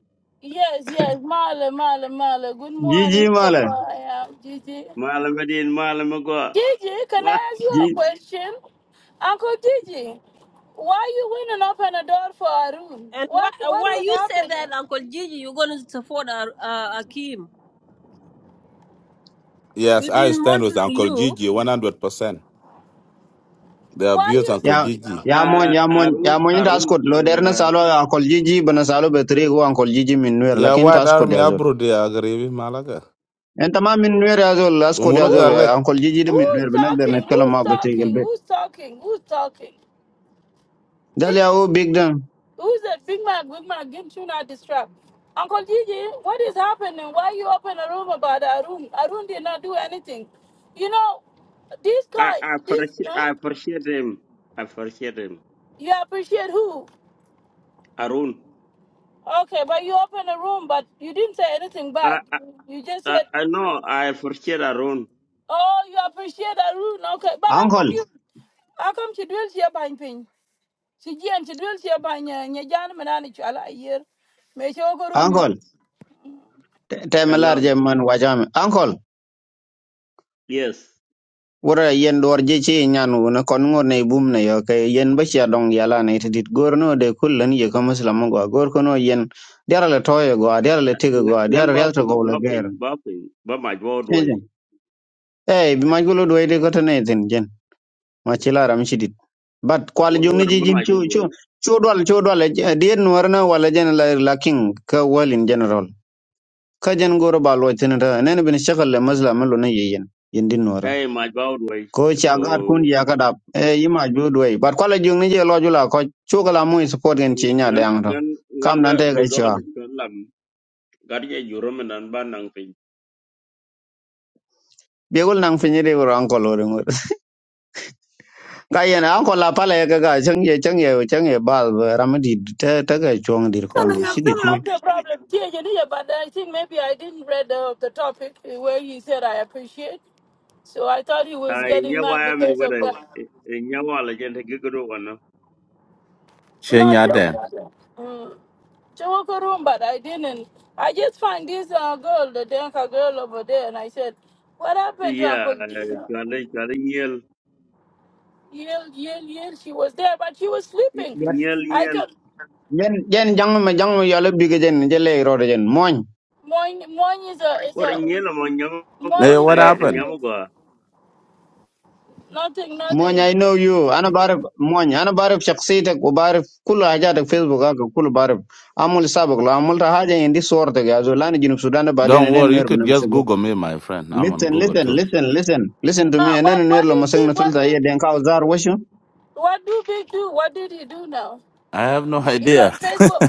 [SPEAKER 2] Yes, yes, Marla, Marla, Marla. Good
[SPEAKER 8] جي جي
[SPEAKER 2] morning from where
[SPEAKER 8] ماله
[SPEAKER 2] I am, Gigi.
[SPEAKER 9] male medin male mago
[SPEAKER 2] Gigi, can
[SPEAKER 9] wa
[SPEAKER 2] I ask you a question? Uncle Gigi, why you went up opened a door for Arun?
[SPEAKER 1] And why
[SPEAKER 2] What
[SPEAKER 1] uh,
[SPEAKER 2] what
[SPEAKER 1] why
[SPEAKER 2] was
[SPEAKER 1] you say
[SPEAKER 2] happening?
[SPEAKER 1] that, Uncle Gigi? You're going to support our uh, Akim?
[SPEAKER 7] yes,
[SPEAKER 1] We've
[SPEAKER 7] I
[SPEAKER 1] been
[SPEAKER 7] stand with
[SPEAKER 1] monitoring
[SPEAKER 7] Uncle
[SPEAKER 1] you.
[SPEAKER 7] Gigi 100%. They
[SPEAKER 2] Why
[SPEAKER 7] abuse
[SPEAKER 2] you
[SPEAKER 7] Uncle
[SPEAKER 8] ya
[SPEAKER 7] Gigi.
[SPEAKER 8] ya mon
[SPEAKER 9] ah,
[SPEAKER 8] ya mon ya
[SPEAKER 9] Arun
[SPEAKER 8] mon ta
[SPEAKER 9] Arun
[SPEAKER 8] askot lo der na
[SPEAKER 9] eh,
[SPEAKER 8] salo akol jiji bana salo be tri go ankol jiji min nuer
[SPEAKER 7] Yeah,
[SPEAKER 8] lakin ta
[SPEAKER 7] what
[SPEAKER 8] askot
[SPEAKER 7] army
[SPEAKER 8] ya zol
[SPEAKER 7] abro they agree with Malaga?
[SPEAKER 8] en tama min nuer ya zol askot ya
[SPEAKER 2] who,
[SPEAKER 7] Umunuga
[SPEAKER 8] zol
[SPEAKER 7] like.
[SPEAKER 2] who
[SPEAKER 8] ankol jiji de min
[SPEAKER 2] who's
[SPEAKER 8] nuer bina der net
[SPEAKER 2] talking?
[SPEAKER 8] kala
[SPEAKER 2] Who's
[SPEAKER 8] ma be tri gel
[SPEAKER 2] talking?
[SPEAKER 8] be
[SPEAKER 2] Who's talking? Who's talking?
[SPEAKER 8] dal ya o big dan
[SPEAKER 2] Who's that? Figman, Wigman, give Chuna this trap. Uncle Gigi, what is happening? Why you open a room about Arun? Arun did not do anything. You know, this
[SPEAKER 9] I
[SPEAKER 2] guy,
[SPEAKER 9] I
[SPEAKER 2] this,
[SPEAKER 9] appreciate
[SPEAKER 2] huh?
[SPEAKER 9] I appreciate him I appreciate him
[SPEAKER 2] you appreciate who?
[SPEAKER 9] Arun
[SPEAKER 2] Okay, but you open a room, but you didn't say anything
[SPEAKER 9] I
[SPEAKER 2] bad.
[SPEAKER 9] I
[SPEAKER 2] You just
[SPEAKER 9] I
[SPEAKER 2] said,
[SPEAKER 9] I know I appreciate Arun
[SPEAKER 2] oh, you appreciate Arun. Okay, but how
[SPEAKER 8] ankol
[SPEAKER 2] come you, how come she dwells here by pain? She and she dwells here by Nyajan Mananichu, Allah, year. May she room you.
[SPEAKER 8] ankol te melar
[SPEAKER 9] hello
[SPEAKER 8] je man wajam ankol
[SPEAKER 9] yes
[SPEAKER 8] wora yen dor je ci nyanu na kon ngor ne bum ne yo kay yen ba cia dong yala ne tidit gor no de kullan ye ko muslim go gor ko no yen derale toyo go derale tigo go
[SPEAKER 9] Nga- ngan
[SPEAKER 8] derale
[SPEAKER 9] ba
[SPEAKER 8] yalto
[SPEAKER 9] pin
[SPEAKER 8] go la
[SPEAKER 9] ba pin
[SPEAKER 8] ger
[SPEAKER 9] ba pin ba ma jo doi
[SPEAKER 8] Hey, bi maj gulo dwayde ko tane tin jen. Ma chila ram shidit. But kwal
[SPEAKER 9] wa
[SPEAKER 8] jong
[SPEAKER 9] wa
[SPEAKER 8] ni
[SPEAKER 9] da ba ma
[SPEAKER 8] jijin
[SPEAKER 9] jo
[SPEAKER 8] chu
[SPEAKER 9] doi
[SPEAKER 8] chu chu dwal chu dwal dien warna wala jen la la king ka well in general. Ka jen goro balwa tin ta nen bin shakal le mazla malu na yeyen yindin wara.
[SPEAKER 9] eh ma jo doi
[SPEAKER 8] Ko cha gar
[SPEAKER 9] ko
[SPEAKER 8] kun ya ka dap e yima ju dway. But kwal jong ni je lo jula ko chu kala mu support gen chi nya
[SPEAKER 9] ngan
[SPEAKER 8] dang to.
[SPEAKER 9] ngan ngan
[SPEAKER 8] Kam
[SPEAKER 9] ba
[SPEAKER 8] nan te
[SPEAKER 9] do
[SPEAKER 8] ga
[SPEAKER 9] do
[SPEAKER 8] chwa.
[SPEAKER 9] lam gar ye juro menan ba nang piny.
[SPEAKER 8] Bi gul nang finyire wor an ko lo ka yen an ko la pala ya ga ga chang ye chang ye chang ye bal ba ramadi ta ta ga chong dir
[SPEAKER 2] No
[SPEAKER 8] kon de chi ga chu
[SPEAKER 2] the problem. Yeah, you did, but I think maybe I didn't read the, the topic where he said I appreciate. So I thought he was
[SPEAKER 9] ai
[SPEAKER 2] getting
[SPEAKER 9] nyawa
[SPEAKER 2] mad
[SPEAKER 9] mi
[SPEAKER 2] because of
[SPEAKER 9] wara
[SPEAKER 2] that.
[SPEAKER 9] nyawa la gente ki ko do kono
[SPEAKER 2] No, it's
[SPEAKER 7] Chenya then.
[SPEAKER 2] okay. Mm. She woke her room, but I didn't. I just find this uh, girl, the Denka girl over there, and I said, "What happened to
[SPEAKER 9] ya
[SPEAKER 2] Uncle Dina?"
[SPEAKER 9] chwale chwale nyel
[SPEAKER 2] Yell, yell, yell. She was there, but she was sleeping.
[SPEAKER 9] nyel
[SPEAKER 2] I
[SPEAKER 9] nyel
[SPEAKER 2] could.
[SPEAKER 8] yen yen jang ma jang ma yala bi ga jen je le ro de jen moñ
[SPEAKER 2] Moin, moin is a is
[SPEAKER 9] wara
[SPEAKER 2] a
[SPEAKER 9] nyel mo nyamu go
[SPEAKER 7] Hey,
[SPEAKER 2] moin is
[SPEAKER 7] what
[SPEAKER 2] a
[SPEAKER 9] ai
[SPEAKER 2] thing.
[SPEAKER 7] happened?
[SPEAKER 9] nyamu
[SPEAKER 2] It's
[SPEAKER 9] go
[SPEAKER 2] nothing,
[SPEAKER 8] moñ
[SPEAKER 2] nothing.
[SPEAKER 8] i know you ana barif moñ ana barif shakhsiyatak wa barif kullu hajatak facebook ga kullu barif amul sabak lo amul ta haja indi sorta ga zo lan jinub sudan ba den
[SPEAKER 7] Don't
[SPEAKER 8] nen
[SPEAKER 7] worry, you
[SPEAKER 8] ner
[SPEAKER 7] could
[SPEAKER 8] banam
[SPEAKER 7] just
[SPEAKER 8] sego
[SPEAKER 7] Google me, my friend. I'm on
[SPEAKER 8] listen
[SPEAKER 7] Google
[SPEAKER 8] listen
[SPEAKER 7] too.
[SPEAKER 8] listen listen listen to
[SPEAKER 2] No,
[SPEAKER 8] me nen
[SPEAKER 2] what
[SPEAKER 8] ner
[SPEAKER 2] what
[SPEAKER 8] lo
[SPEAKER 2] did
[SPEAKER 8] masang
[SPEAKER 2] big
[SPEAKER 8] na
[SPEAKER 2] what
[SPEAKER 8] tulta
[SPEAKER 2] big
[SPEAKER 8] ye den ka zar wa
[SPEAKER 2] what do big do? What did he do now?
[SPEAKER 7] I have no
[SPEAKER 2] He's
[SPEAKER 7] idea.
[SPEAKER 2] on Facebook.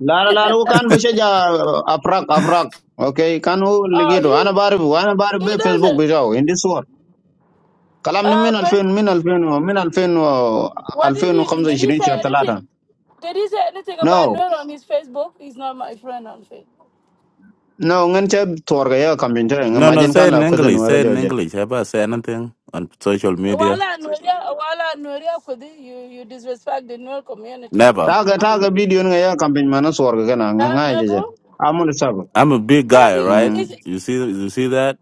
[SPEAKER 8] لا لا
[SPEAKER 2] [laughs]
[SPEAKER 8] لا هو
[SPEAKER 7] [laughs]
[SPEAKER 8] كان بشجع افراق افراق اوكي كان هو اللي
[SPEAKER 2] oh,
[SPEAKER 8] لقيته انا
[SPEAKER 2] he
[SPEAKER 8] بعرف وانا بعرف
[SPEAKER 2] he doesn't.
[SPEAKER 8] بالفيسبوك بتاعه عندي صور كلام
[SPEAKER 2] Uh,
[SPEAKER 8] من 2000
[SPEAKER 2] Fa-
[SPEAKER 8] من 2000 من 2000 و
[SPEAKER 2] what did he did he
[SPEAKER 8] 2025
[SPEAKER 2] say
[SPEAKER 8] شهر
[SPEAKER 2] anything?
[SPEAKER 8] 3
[SPEAKER 2] Did he say anything about
[SPEAKER 8] نو
[SPEAKER 2] Noel on his Facebook? He's not my friend on Facebook.
[SPEAKER 8] نو انت تورغ يا كامبين تاعي
[SPEAKER 7] no,
[SPEAKER 8] ما
[SPEAKER 7] no,
[SPEAKER 8] جن
[SPEAKER 7] say
[SPEAKER 8] كان
[SPEAKER 7] it in
[SPEAKER 8] لا كدن
[SPEAKER 7] English. Say it
[SPEAKER 8] ورجع
[SPEAKER 7] in
[SPEAKER 8] جن
[SPEAKER 7] English. Have I say anything on social media?
[SPEAKER 2] Wala Nuria, Wala Nuria Kudi, you you disrespect the Noel community.
[SPEAKER 7] Never.
[SPEAKER 8] تاغا تاغا فيديو نغا يا كامبين ما نصور
[SPEAKER 2] Uh,
[SPEAKER 8] كنا غاي
[SPEAKER 2] never.
[SPEAKER 8] جن عمل سبب
[SPEAKER 7] I'm a big guy,
[SPEAKER 2] Maybe
[SPEAKER 7] right?
[SPEAKER 2] is
[SPEAKER 8] مم.
[SPEAKER 2] it-
[SPEAKER 7] You see, you see that?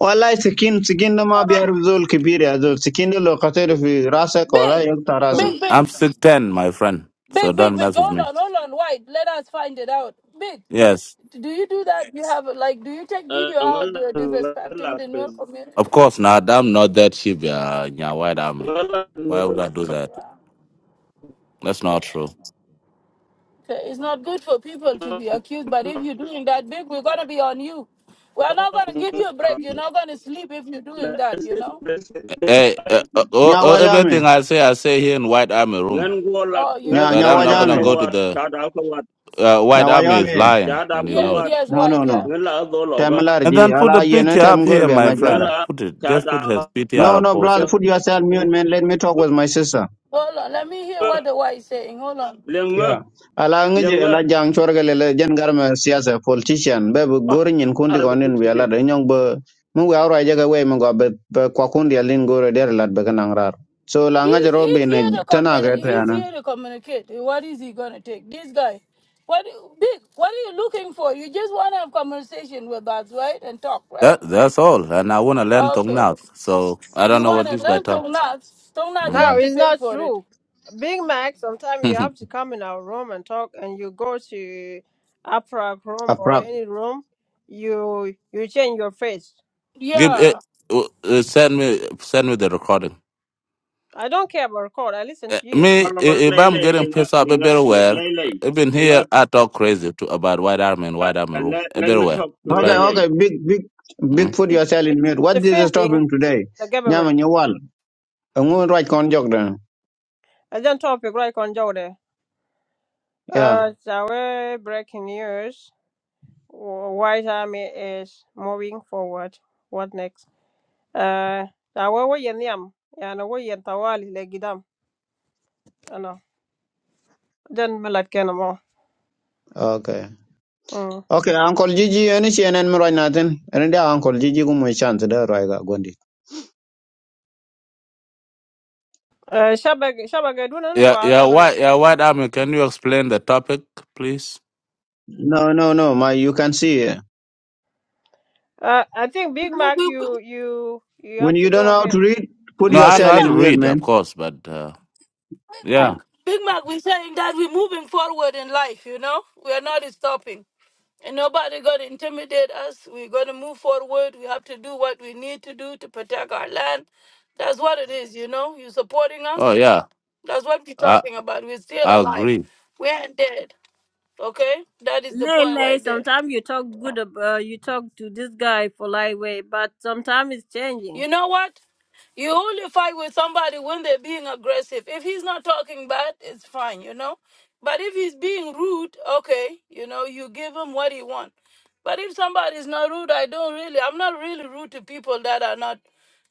[SPEAKER 8] والله سكين سكين ده ما
[SPEAKER 2] no.
[SPEAKER 8] بيعرف زول كبير يا زول سكين ده لو قتل في راسك ولا
[SPEAKER 2] big,
[SPEAKER 8] يقطع راسك
[SPEAKER 2] big,
[SPEAKER 9] kon
[SPEAKER 2] big.
[SPEAKER 7] I'm six ten, my friend. So
[SPEAKER 2] Big, big,
[SPEAKER 7] don't
[SPEAKER 2] big.
[SPEAKER 7] mess with
[SPEAKER 2] Hold
[SPEAKER 7] me.
[SPEAKER 2] on, hold on. White, let us find it out. Big,
[SPEAKER 7] Yes.
[SPEAKER 2] do you do that? You have like, do you take video how
[SPEAKER 9] angal
[SPEAKER 2] they're
[SPEAKER 9] la
[SPEAKER 2] disrespecting the
[SPEAKER 9] pe
[SPEAKER 2] New
[SPEAKER 7] Of
[SPEAKER 2] community?
[SPEAKER 7] course not. i not that cheap, yeah. yeah why that me?
[SPEAKER 9] wala
[SPEAKER 7] Why would I do that? That's not true.
[SPEAKER 2] Okay, it's not good for people to be accused, but if you're doing that, big, we're gonna be on you. We're not gonna give you a break. You're not gonna sleep if you're doing that. You know?
[SPEAKER 7] Hey, uh, uh, uh,
[SPEAKER 8] يا
[SPEAKER 7] uh,
[SPEAKER 8] وجامي
[SPEAKER 7] everything I say, I say here in White Army
[SPEAKER 9] ngan
[SPEAKER 7] room.
[SPEAKER 9] go la
[SPEAKER 2] Oh, you
[SPEAKER 9] ngan
[SPEAKER 8] يا
[SPEAKER 2] don't.
[SPEAKER 7] But
[SPEAKER 8] يا
[SPEAKER 9] ta
[SPEAKER 7] I'm not
[SPEAKER 9] da
[SPEAKER 7] gonna
[SPEAKER 9] ka
[SPEAKER 8] وجامي
[SPEAKER 7] go to
[SPEAKER 9] wat
[SPEAKER 7] the
[SPEAKER 9] ta da ka wat
[SPEAKER 7] uh,
[SPEAKER 8] na
[SPEAKER 7] White Army is
[SPEAKER 8] Wyoming,
[SPEAKER 9] ta
[SPEAKER 7] lying,
[SPEAKER 9] da
[SPEAKER 7] and you
[SPEAKER 9] ka
[SPEAKER 7] know
[SPEAKER 2] Yes,
[SPEAKER 7] it.
[SPEAKER 9] wat
[SPEAKER 2] yes,
[SPEAKER 8] no no
[SPEAKER 2] White.
[SPEAKER 8] no
[SPEAKER 2] Yeah.
[SPEAKER 9] ngan la do lo
[SPEAKER 8] tem
[SPEAKER 9] ga
[SPEAKER 7] And
[SPEAKER 8] larji
[SPEAKER 7] then put
[SPEAKER 8] ala
[SPEAKER 7] the
[SPEAKER 8] ye no
[SPEAKER 7] picture
[SPEAKER 8] tem
[SPEAKER 7] up here,
[SPEAKER 8] gorbi
[SPEAKER 7] my
[SPEAKER 8] anga
[SPEAKER 9] ngan
[SPEAKER 8] jara
[SPEAKER 7] friend.
[SPEAKER 9] la
[SPEAKER 7] Put it.
[SPEAKER 9] ta
[SPEAKER 7] Just
[SPEAKER 9] da
[SPEAKER 7] put his
[SPEAKER 8] no
[SPEAKER 7] PTR or
[SPEAKER 8] no
[SPEAKER 7] post
[SPEAKER 8] brother
[SPEAKER 7] it.
[SPEAKER 9] wat
[SPEAKER 8] put yourself mute man let me talk with my sister
[SPEAKER 2] Hold on. Let me hear what the White is saying. Hold on.
[SPEAKER 9] lenga
[SPEAKER 8] yeah ala ngi ala
[SPEAKER 9] lenga
[SPEAKER 8] jang chorgale le jen garma siyasa politician be
[SPEAKER 9] ah
[SPEAKER 8] gorin yin kundi
[SPEAKER 9] arab
[SPEAKER 8] gonin wi ala
[SPEAKER 9] kursi
[SPEAKER 8] de nyong be mu wa ra jaga we mu go be be kwa kundi alin gore der lat be kanang rar so la ngi
[SPEAKER 2] He's
[SPEAKER 8] robi
[SPEAKER 2] he's
[SPEAKER 8] ne
[SPEAKER 2] here to
[SPEAKER 8] tana
[SPEAKER 2] communi-
[SPEAKER 8] ga ta
[SPEAKER 2] he's
[SPEAKER 8] yana
[SPEAKER 2] here to communicate. What is he gonna take? This guy. What big what are you looking for? You just wanna have conversation with us, right? And talk, right?
[SPEAKER 7] That that's all. And I wanna learn Tong
[SPEAKER 2] Okay.
[SPEAKER 7] now, so I don't
[SPEAKER 2] You
[SPEAKER 7] know what
[SPEAKER 2] wanna
[SPEAKER 7] this guy
[SPEAKER 2] learn
[SPEAKER 7] talks.
[SPEAKER 2] Tongnat. Tongnat you
[SPEAKER 7] hmm
[SPEAKER 1] No,
[SPEAKER 2] have to
[SPEAKER 1] it's
[SPEAKER 2] pay
[SPEAKER 1] not
[SPEAKER 2] for it.
[SPEAKER 1] true. Big Mac, sometimes
[SPEAKER 7] [laughs]
[SPEAKER 1] you have to come in our room and talk, and you go to Afra room or
[SPEAKER 8] aprap
[SPEAKER 1] any room, you you change your face.
[SPEAKER 7] Give
[SPEAKER 2] Yeah.
[SPEAKER 7] it. Uh, uh, send me send me the recording.
[SPEAKER 1] I don't care about court. I listen
[SPEAKER 7] Eh,
[SPEAKER 1] to you.
[SPEAKER 7] Me,
[SPEAKER 9] hala
[SPEAKER 7] i- if
[SPEAKER 9] wallahi
[SPEAKER 7] I'm
[SPEAKER 9] lay
[SPEAKER 7] getting
[SPEAKER 9] lenga
[SPEAKER 7] pissed off
[SPEAKER 9] lenga
[SPEAKER 7] everywhere,
[SPEAKER 9] lay lay
[SPEAKER 7] even
[SPEAKER 9] lenga
[SPEAKER 7] here, I talk crazy to about white army and white army room
[SPEAKER 9] lan mi
[SPEAKER 7] everywhere.
[SPEAKER 9] tok lay
[SPEAKER 8] okay
[SPEAKER 7] Depend.
[SPEAKER 9] lay
[SPEAKER 8] okay big big big
[SPEAKER 7] Mm.
[SPEAKER 8] put
[SPEAKER 1] You-
[SPEAKER 8] yourself
[SPEAKER 1] You're
[SPEAKER 8] in mute what is
[SPEAKER 1] defending
[SPEAKER 8] stopping today
[SPEAKER 1] the
[SPEAKER 8] nyama
[SPEAKER 1] government.
[SPEAKER 8] nyawal ngun right kon jogda
[SPEAKER 1] I don't topic right on Jode.
[SPEAKER 8] yeah
[SPEAKER 1] Uh, Zawe breaking news. Wh- White Army is moving forward. What next? Uh, Zawe wo yen yam. Yani wo yen tawali le gidam. Ano. Den melat kena mo.
[SPEAKER 8] Okay.
[SPEAKER 1] Mm.
[SPEAKER 8] Okay, Uncle Gigi, any CNN right now then? And then Uncle Gigi go my chance there, right? Gondi.
[SPEAKER 1] Uh, Shabag, Shabag, do not go
[SPEAKER 7] Yeah, yeah,
[SPEAKER 1] accelerate.
[SPEAKER 7] white, yeah, white army. Can you explain the topic, please?
[SPEAKER 8] No, no, no, my you can see. eh.
[SPEAKER 1] Uh, I think
[SPEAKER 2] Big
[SPEAKER 1] Big Mac, you, you, you
[SPEAKER 8] When
[SPEAKER 1] have
[SPEAKER 8] you
[SPEAKER 1] to
[SPEAKER 8] don't know
[SPEAKER 1] go
[SPEAKER 8] how to
[SPEAKER 1] ahead.
[SPEAKER 8] read, put
[SPEAKER 7] No, I know
[SPEAKER 8] yourself
[SPEAKER 7] how to
[SPEAKER 8] in
[SPEAKER 2] man,
[SPEAKER 8] mute,
[SPEAKER 7] read, of
[SPEAKER 8] man.
[SPEAKER 7] course, but uh,
[SPEAKER 2] Big Mac.
[SPEAKER 7] yeah,
[SPEAKER 2] Big Mac, we're saying that we're moving forward in life, you know? We're not stopping. And nobody got to intimidate us. We're going to move forward. We have to do what we need to do to protect our land. That's what it is, you know? You're supporting
[SPEAKER 7] oh
[SPEAKER 2] us.
[SPEAKER 7] yeah,
[SPEAKER 2] That's what we're
[SPEAKER 7] I
[SPEAKER 2] talking about. We're still
[SPEAKER 7] I
[SPEAKER 2] alive.
[SPEAKER 7] agree
[SPEAKER 2] We ain't dead, okay? That is the
[SPEAKER 1] Lay
[SPEAKER 2] point
[SPEAKER 1] lay.
[SPEAKER 2] right there.
[SPEAKER 1] Sometimes you talk good. ab- Uh, you talk to this guy for lightweight, but sometimes it's changing.
[SPEAKER 2] You know what? You only fight with somebody when they're being aggressive. If he's not talking bad, it's fine, you know? But if he's being rude, okay, you know, you give him what he wants. But if somebody's not rude, I don't really, I'm not really rude to people that are not,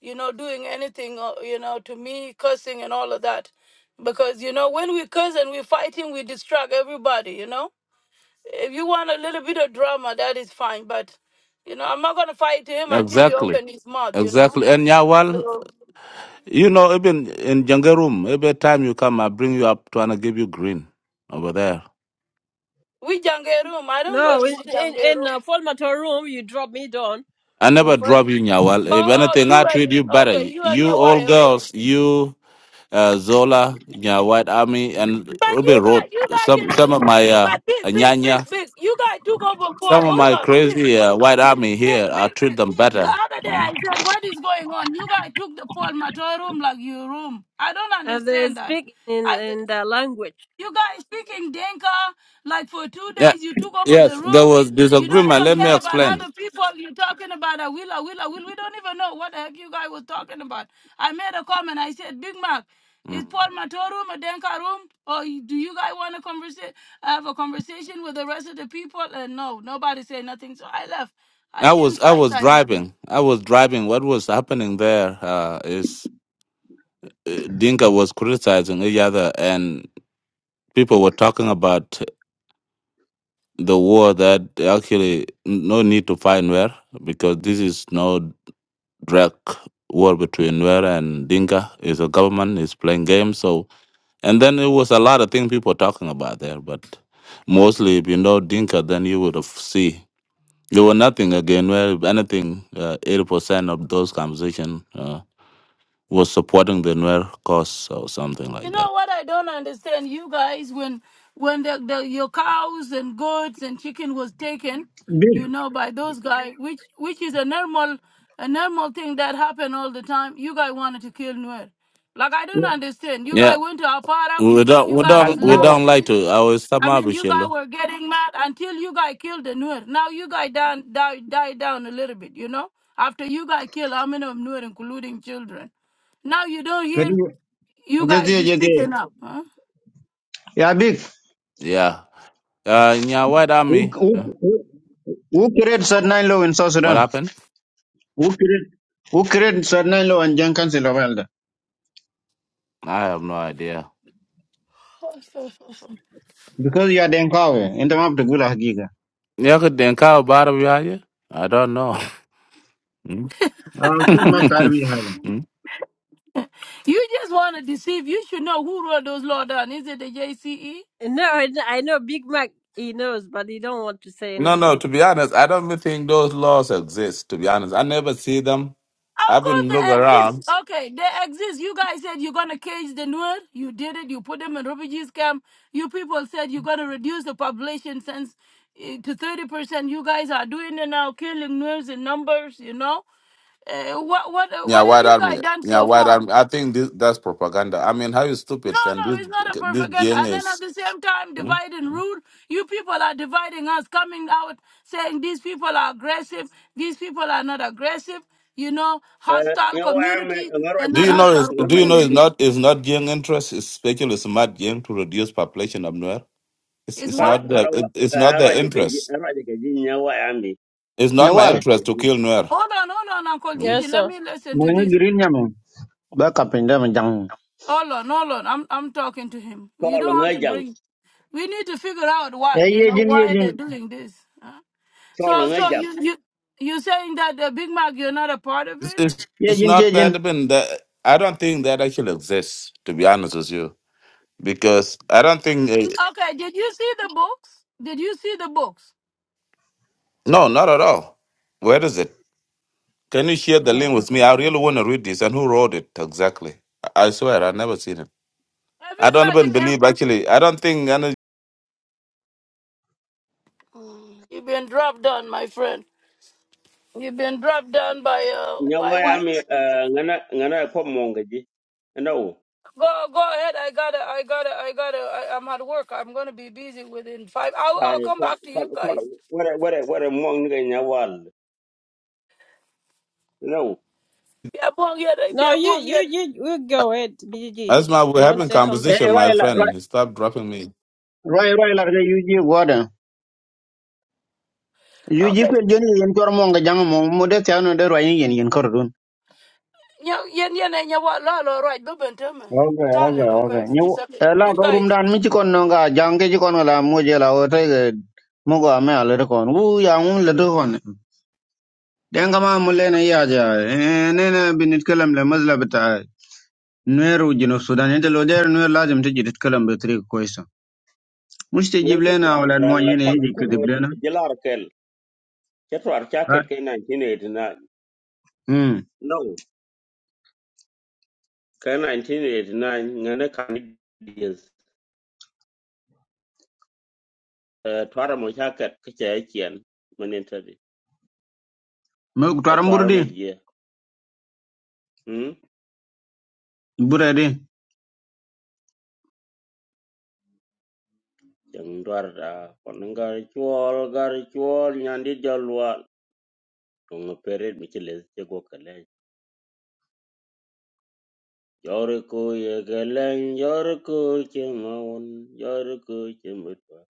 [SPEAKER 2] you know, doing anything, uh, you know, to me, cursing and all of that. Because, you know, when we curse and we're fighting, we distract everybody, you know? If you want a little bit of drama, that is fine. But, you know, I'm not going to fight him until he
[SPEAKER 7] exactly,
[SPEAKER 2] opens his mouth, you know?
[SPEAKER 7] exactly. And yeah, well,
[SPEAKER 2] So
[SPEAKER 7] you know, even in Jenga room, every time you come, I bring you up to and I give you green over there.
[SPEAKER 2] we jangle room. I don't go
[SPEAKER 1] No,
[SPEAKER 2] to
[SPEAKER 1] in
[SPEAKER 2] the
[SPEAKER 1] in, in uh,
[SPEAKER 2] room.
[SPEAKER 1] formator room, you drop me down
[SPEAKER 7] I
[SPEAKER 1] for
[SPEAKER 7] never
[SPEAKER 1] first.
[SPEAKER 7] drop you, Nyawal. If
[SPEAKER 2] Oh, oh,
[SPEAKER 7] anything, I
[SPEAKER 2] you
[SPEAKER 7] treat
[SPEAKER 2] and
[SPEAKER 7] you better.
[SPEAKER 2] okay, you and
[SPEAKER 7] You
[SPEAKER 2] your wife,
[SPEAKER 7] all
[SPEAKER 2] okay.
[SPEAKER 7] girls, you uh, Zola, Nya White Army, and
[SPEAKER 2] But
[SPEAKER 7] Ruby
[SPEAKER 2] you
[SPEAKER 7] Road.
[SPEAKER 2] got you got
[SPEAKER 7] Some
[SPEAKER 2] been
[SPEAKER 7] some of my uh,
[SPEAKER 2] but big, big,
[SPEAKER 7] Nyanya,
[SPEAKER 2] big, big. You guys took over for
[SPEAKER 7] some of
[SPEAKER 2] hold
[SPEAKER 7] my
[SPEAKER 2] on, big,
[SPEAKER 7] crazy uh, White Army here.
[SPEAKER 2] big, big,
[SPEAKER 7] I treat
[SPEAKER 2] big.
[SPEAKER 7] them
[SPEAKER 2] The
[SPEAKER 7] better.
[SPEAKER 2] other day
[SPEAKER 7] Mm.
[SPEAKER 2] I said, What is going on? You guys took the Paul Mator room like your room. I don't
[SPEAKER 1] Uh, they
[SPEAKER 2] understand
[SPEAKER 1] speak in
[SPEAKER 2] that.
[SPEAKER 1] in that language.
[SPEAKER 2] You guys speaking Denka like for two
[SPEAKER 7] Yeah,
[SPEAKER 2] days. You took over the
[SPEAKER 7] yes. There
[SPEAKER 2] room.
[SPEAKER 7] was
[SPEAKER 2] You don't
[SPEAKER 7] disagreement.
[SPEAKER 2] even
[SPEAKER 7] Let me
[SPEAKER 2] care about
[SPEAKER 7] explain.
[SPEAKER 2] other people. You're talking about a will, a will, a will. We don't even know what the heck you guys were talking about. I made a comment. I said, Big Mac,
[SPEAKER 7] Mm.
[SPEAKER 2] is Paul Mato room a Denka room? Or you- do you guys want to conversa- have a conversation with the rest of the people? And no, nobody said nothing. So I left. I
[SPEAKER 7] I
[SPEAKER 2] came
[SPEAKER 7] was I
[SPEAKER 2] twice.
[SPEAKER 7] was
[SPEAKER 2] I left.
[SPEAKER 7] driving. I was driving. What was happening there uh, is uh, Dinka was criticizing each other, and people were talking about the war that actually no need to find where because this is no drag war between Nuer and Dinka. It's a government is playing games. So and then it was a lot of things people talking about there, but mostly if you know Dinka, then you would have see there were nothing again. Where if anything, uh, eighty percent of those conversation uh, was supporting the Nuer cause or something
[SPEAKER 2] You
[SPEAKER 7] like that.
[SPEAKER 2] know what I don't understand, you guys, when when the, the your cows and goats and chicken was taken, you know, by those guys, which which is a normal a normal thing that happened all the time. You guys wanted to kill Nuer. Like I
[SPEAKER 8] Yeah.
[SPEAKER 2] don't understand. You guys
[SPEAKER 7] Yeah,
[SPEAKER 2] went to Aparak,
[SPEAKER 7] we don't
[SPEAKER 2] you
[SPEAKER 7] we
[SPEAKER 2] guys
[SPEAKER 8] I
[SPEAKER 2] was
[SPEAKER 7] don't
[SPEAKER 8] think
[SPEAKER 7] we
[SPEAKER 8] uh,
[SPEAKER 7] don't like
[SPEAKER 2] laughing.
[SPEAKER 7] to. I will stop
[SPEAKER 2] I
[SPEAKER 7] my
[SPEAKER 2] mean, you guys
[SPEAKER 7] Michelle.
[SPEAKER 2] were getting mad until you guys killed the Nuer. Now you guys down die die down a little bit, you know. After you guys kill how many of Nuer, including children. Now you don't hear
[SPEAKER 8] could you
[SPEAKER 2] you
[SPEAKER 8] just
[SPEAKER 2] guys
[SPEAKER 8] there,
[SPEAKER 2] is
[SPEAKER 8] just there.
[SPEAKER 2] picking up, huh?
[SPEAKER 8] Yeah, big.
[SPEAKER 7] Yeah. Uh, yeah, what I
[SPEAKER 8] Who
[SPEAKER 7] mean?
[SPEAKER 8] who
[SPEAKER 7] Huh?
[SPEAKER 8] who who created Sadnai law in South
[SPEAKER 7] What
[SPEAKER 8] Sudan?
[SPEAKER 7] happened?
[SPEAKER 8] Who created who created Sadnai law and Jenkins in Lavalda?
[SPEAKER 7] I have no idea.
[SPEAKER 2] [laughs]
[SPEAKER 8] Because you are Denkawe, and the map to Gula Giga.
[SPEAKER 7] Yeah, could then cow bottom behind you? I don't know. [laughs] Hmm?
[SPEAKER 8] Okay, map
[SPEAKER 7] [laughs]
[SPEAKER 8] Tarvi Hala.
[SPEAKER 7] Hmm?
[SPEAKER 2] You just want to deceive. You should know who wrote those law down. Is it the JCE?
[SPEAKER 1] No, I, kn- I know Big Mac. He knows, but he don't want to say
[SPEAKER 7] no, no.
[SPEAKER 1] anything.
[SPEAKER 7] To be honest, I don't even think those laws exist. To be honest, I never see them.
[SPEAKER 2] Of
[SPEAKER 7] I've
[SPEAKER 2] course
[SPEAKER 7] been look
[SPEAKER 2] they exist.
[SPEAKER 7] around.
[SPEAKER 2] Okay, they exist. You guys said you're gonna cage the Nuer. You did it. You put them in refugees camp. You people said you're gonna reduce the population since eh, to thirty percent. You guys are doing it now, killing Nuers in numbers. You know. Uh, what what uh,
[SPEAKER 7] Yeah,
[SPEAKER 2] what have
[SPEAKER 7] white
[SPEAKER 2] you guys
[SPEAKER 7] army.
[SPEAKER 2] done
[SPEAKER 7] Yeah,
[SPEAKER 2] so
[SPEAKER 7] white
[SPEAKER 2] far?
[SPEAKER 7] army. I think this that's propaganda. I mean, how
[SPEAKER 2] No,
[SPEAKER 7] stupid can
[SPEAKER 2] no,
[SPEAKER 7] this
[SPEAKER 2] it's not a
[SPEAKER 7] this
[SPEAKER 2] propaganda.
[SPEAKER 7] gang
[SPEAKER 2] And then at
[SPEAKER 7] is?
[SPEAKER 2] the same time,
[SPEAKER 7] Hmm?
[SPEAKER 2] divide and rule. You people are dividing us, coming out saying these people are aggressive, these people are not aggressive. You know, hostile
[SPEAKER 9] ya wa me
[SPEAKER 2] community
[SPEAKER 9] ngaro
[SPEAKER 2] and
[SPEAKER 7] Do
[SPEAKER 2] not
[SPEAKER 7] you
[SPEAKER 9] ji
[SPEAKER 7] know? Is,
[SPEAKER 2] hostile
[SPEAKER 7] do
[SPEAKER 9] ngaro
[SPEAKER 7] you know? It's
[SPEAKER 2] community
[SPEAKER 9] ji
[SPEAKER 7] not. It's not gang interest. It's especially smart gang to reduce population of Nuer. It's
[SPEAKER 2] is
[SPEAKER 7] it's
[SPEAKER 9] kala
[SPEAKER 2] what?
[SPEAKER 7] not
[SPEAKER 9] kala
[SPEAKER 7] the. It, it's not
[SPEAKER 9] ngaro
[SPEAKER 7] their
[SPEAKER 9] ji ke ji
[SPEAKER 7] interest.
[SPEAKER 9] n a r ji ke ji nya wa ami
[SPEAKER 7] It's not
[SPEAKER 9] n a
[SPEAKER 7] my
[SPEAKER 9] r o
[SPEAKER 8] Nyawal,
[SPEAKER 9] ji ke
[SPEAKER 7] interest to
[SPEAKER 9] ji
[SPEAKER 7] kill Nuer.
[SPEAKER 2] Hold on, hold on, Uncle
[SPEAKER 7] Mm.
[SPEAKER 1] Yes,
[SPEAKER 2] Gigi. Let
[SPEAKER 1] sir.
[SPEAKER 2] me listen to
[SPEAKER 8] Mwenye
[SPEAKER 2] this.
[SPEAKER 8] green yaman. Baka pinda
[SPEAKER 2] Hold on, hold on. I'm I'm talking to him. You
[SPEAKER 9] tolo
[SPEAKER 2] don't have to
[SPEAKER 9] ngajang
[SPEAKER 2] bring. We need to figure out
[SPEAKER 8] e
[SPEAKER 2] why. You know
[SPEAKER 8] yejin
[SPEAKER 2] why
[SPEAKER 8] yejin
[SPEAKER 2] they're doing this. huh?
[SPEAKER 9] tolo
[SPEAKER 2] So so
[SPEAKER 9] ngajang
[SPEAKER 2] you you you saying that the Big Mac you're not a part of
[SPEAKER 7] It's,
[SPEAKER 2] it?
[SPEAKER 7] it's, it's
[SPEAKER 8] yejin
[SPEAKER 7] not
[SPEAKER 8] yejin
[SPEAKER 7] that even that. I don't think that actually exists, to be honest with you, because I don't think. It,
[SPEAKER 2] Okay, did you see the books? Did you see the books?
[SPEAKER 7] no, not at all. Where is it? Can you share the link with me?
[SPEAKER 1] [laughs]
[SPEAKER 7] I really want to read this. And who wrote it exactly? I, I swear, I've never seen it. I don't
[SPEAKER 2] Everybody,
[SPEAKER 7] even
[SPEAKER 2] ev-
[SPEAKER 7] believe, actually. I don't think. Any,
[SPEAKER 2] Mm, you've been dropped down, my friend. You've been dropped down by uh
[SPEAKER 9] nya
[SPEAKER 2] by
[SPEAKER 9] wa
[SPEAKER 2] what?
[SPEAKER 9] ami ngana ngana ko monga ji no
[SPEAKER 2] Go go ahead. I gotta I gotta I gotta. I, I'm at work. I'm gonna be busy within five. I'll I'll
[SPEAKER 9] ay
[SPEAKER 2] come
[SPEAKER 9] kala
[SPEAKER 2] back to
[SPEAKER 9] k a
[SPEAKER 2] you
[SPEAKER 9] a
[SPEAKER 2] guys.
[SPEAKER 9] wara wara wara monga nya wal no
[SPEAKER 2] Yeah, bon yeah, eh,
[SPEAKER 1] No,
[SPEAKER 2] yeah,
[SPEAKER 1] you,
[SPEAKER 2] bon
[SPEAKER 1] you,
[SPEAKER 2] yeah.
[SPEAKER 1] you, you go ahead, BGG.
[SPEAKER 7] Asma, we're
[SPEAKER 1] You want to
[SPEAKER 7] having
[SPEAKER 1] say
[SPEAKER 8] e
[SPEAKER 1] something?
[SPEAKER 7] conversation, my
[SPEAKER 8] royal
[SPEAKER 7] friend. Stop dropping me.
[SPEAKER 8] royal royal ga yuji goda yuji
[SPEAKER 2] Okay.
[SPEAKER 8] ko joni yen tor mo nga jang mo mo de tano de royal yen yen kor dun
[SPEAKER 2] Yeah yeah yeah yeah. yeah, What la la right? Bubben tell me.
[SPEAKER 8] okay
[SPEAKER 2] Tell
[SPEAKER 8] okay
[SPEAKER 2] it,
[SPEAKER 8] okay
[SPEAKER 2] okay.
[SPEAKER 8] ni
[SPEAKER 2] It's okay.
[SPEAKER 8] la
[SPEAKER 2] You
[SPEAKER 8] ko rum
[SPEAKER 2] guys,
[SPEAKER 8] dan mi ci kon no nga jang ke ci kon la mo je la o te ge mo go me ala de kon wu ya mu le de kon den ga ma mo le na ya ja ne ne bin it kalam le mazla bita nueru jino sudan ente lo der nuer lazim te jidit kalam be tri ko isa muste
[SPEAKER 9] ngin ci ko
[SPEAKER 8] jiblena
[SPEAKER 9] k
[SPEAKER 8] wala
[SPEAKER 9] a
[SPEAKER 8] mo yene
[SPEAKER 9] a k
[SPEAKER 8] jikki
[SPEAKER 9] a
[SPEAKER 8] diblena
[SPEAKER 9] a jilar Chetwar jacket cái một chín ke 1989. No, ke 1989 ngane Canadians. Uh, twara mo jacket ke che chien manentari. cái
[SPEAKER 8] twar mbur
[SPEAKER 9] twara mo
[SPEAKER 8] burdi
[SPEAKER 9] gì Hmm?
[SPEAKER 8] bure di
[SPEAKER 9] Jeng twar da koneng gari chuol gari chuol nyandi jalwa. Tunga peret mi chiles che go kale. Yore ko ye geleng yore cái che giờ yore ko che mutwa.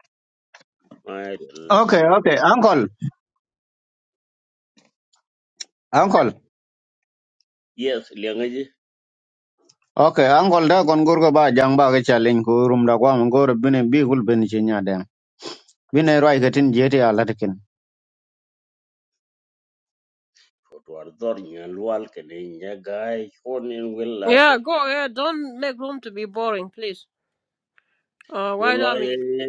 [SPEAKER 9] Mai del
[SPEAKER 8] Okay,
[SPEAKER 9] ko ka
[SPEAKER 8] okay,
[SPEAKER 9] jam.
[SPEAKER 8] uncle, uncle.
[SPEAKER 9] Yes, liền liangaji.
[SPEAKER 8] Okay, uncle da kon gurgo ba jang ba ke challenge ko rum da kwa ngor bine bi gul ben chinya dem. Bine roi gatin jeti ala tikin.
[SPEAKER 9] Odwar dhor nyan lwal kene nyagai konin willa
[SPEAKER 1] Yeah,
[SPEAKER 9] gor
[SPEAKER 1] go
[SPEAKER 9] nyan.
[SPEAKER 1] ahead. Don't make room to be boring, please. Uh, why
[SPEAKER 9] Yulo
[SPEAKER 1] don't
[SPEAKER 9] ye
[SPEAKER 1] you?
[SPEAKER 9] ye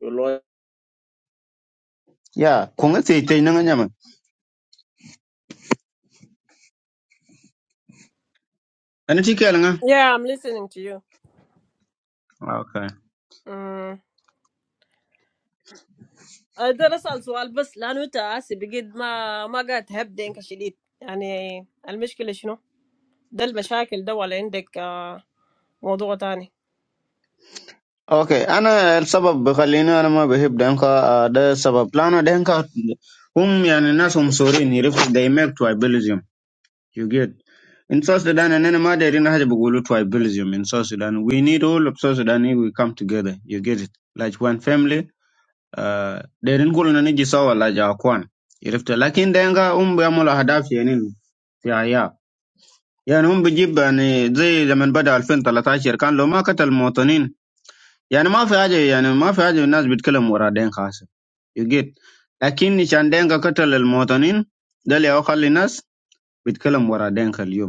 [SPEAKER 9] ye,
[SPEAKER 8] Ya, kunga te te nanga nyama. ani ti kel nga
[SPEAKER 1] Yeah, I'm listening to you.
[SPEAKER 8] okay
[SPEAKER 1] Mm. أقدر أسأل سؤال بس لأنه أنت هسي بقيت ما ما قاعد تهب دينك شديد يعني المشكلة شنو؟ ده المشاكل ده ولا عندك آه، موضوع تاني؟
[SPEAKER 8] Okay, ana el sabab khalina ana ma behib dan ka ah, da sabab plano dan ka hum yani nas hum sorin yirif they make tribalism. You get. In South Sudan, and then any matter in Haja Bugulu to Belgium in South Sudan, we need all of South Sudan if we come together. You get it. Like one family, uh, they didn't go on any jisawa like our kwan. If the lakin denga umbe amula hadafi yanin ya ya. يعني هم بيجيب يعني زي لما بدأ 2013 كان لو ما قتل المواطنين يعني ما في حاجة يعني ما في حاجة الناس بيتكلم ورا دين خاصة يجيت لكن نشان دينك قتل المواطنين ده اللي خلي الناس بيتكلم ورا دينك اليوم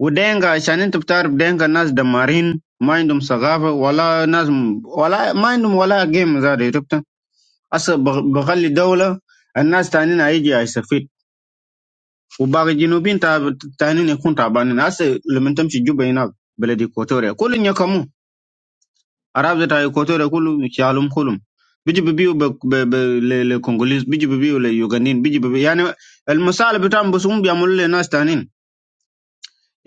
[SPEAKER 8] ودينجا عشان انت بتعرف دينجا ناس دمارين ما عندهم ثقافة ولا ناس ولا ما عندهم ولا جيم زاد عرفت هسه بغ- بخلي دولة الناس تانيين هيجي هيستفيد وباقي الجنوبين تاب- تانيين يكون تعبانين هسه لما تمشي جوبا هناك بلد ايكواتوريا كلهم يكموا عرب بتاع ايكواتوريا كلهم شالهم كلهم بيجي ببيو ب- ب- ب- ل- للكونغوليز بيجي ببيو لليوغانيين بيجي ببيو يعني المسائل بتاعهم بس هم بيعملوا لناس تانيين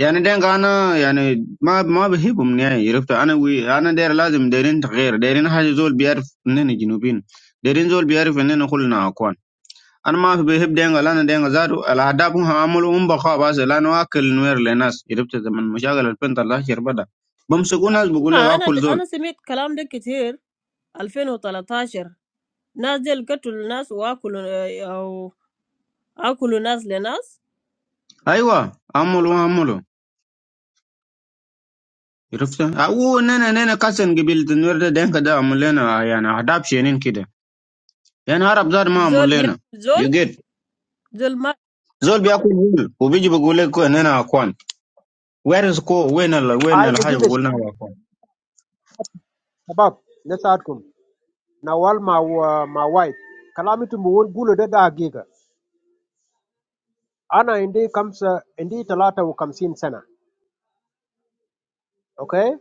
[SPEAKER 8] يعني دينغ انا يعني ما ما بهيبهم نهائي عرفت انا وي انا داير لازم دايرين تغيير دايرين حاجه زول بيعرف اننا جنوبيين دايرين زول بيعرف اننا كلنا اكوان انا ما في بهيب دينغ لان دينغ زادو الاهداف هم عملوا هم بقى بس لانه اكل نوير لناس عرفت زمن مشاغل 2013 بدا بمسكوا ناس بقول لك
[SPEAKER 1] Ah, I na
[SPEAKER 8] اكل
[SPEAKER 1] I
[SPEAKER 8] زول
[SPEAKER 1] na semit kalam dekiter 2013. Nas del katul nas waakul a aakul nas lenas
[SPEAKER 8] ايوه عملوا عملوا عرفت او اننا اننا كسن قبيله النوير ده دينغ ده عمل لنا يعني اهداف شينين كده يعني عرب زاد ما عمل
[SPEAKER 1] zol bi
[SPEAKER 8] لنا
[SPEAKER 1] zol
[SPEAKER 8] you get
[SPEAKER 1] zol ma
[SPEAKER 8] زول بياكل هول وبيجي بيقول لك ان انا اخوان. Where is Ko? Where in the Where in
[SPEAKER 10] I
[SPEAKER 8] the house?
[SPEAKER 10] dagiga
[SPEAKER 8] We're not
[SPEAKER 10] shabab
[SPEAKER 8] working.
[SPEAKER 10] shabab, na saatkum na wal ma wa- ma wife kalamitu mu won gulo da dagiga ana indi kamsa indi talata wa kamsin sana okay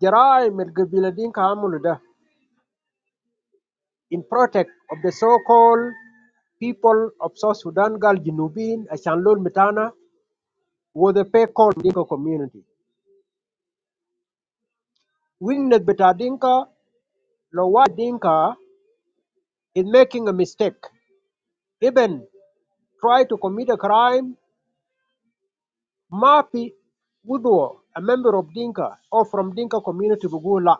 [SPEAKER 10] jarai mil gabila din ka amulu da in protect of the so called people of South Sudan gal jinubin ashan lol mitana was a pay call dinka community wingness beta dinka lawa dinka is making a mistake even try to commit a crime Mafi Woodward, a member of Dinka or from Dinka community Bugula,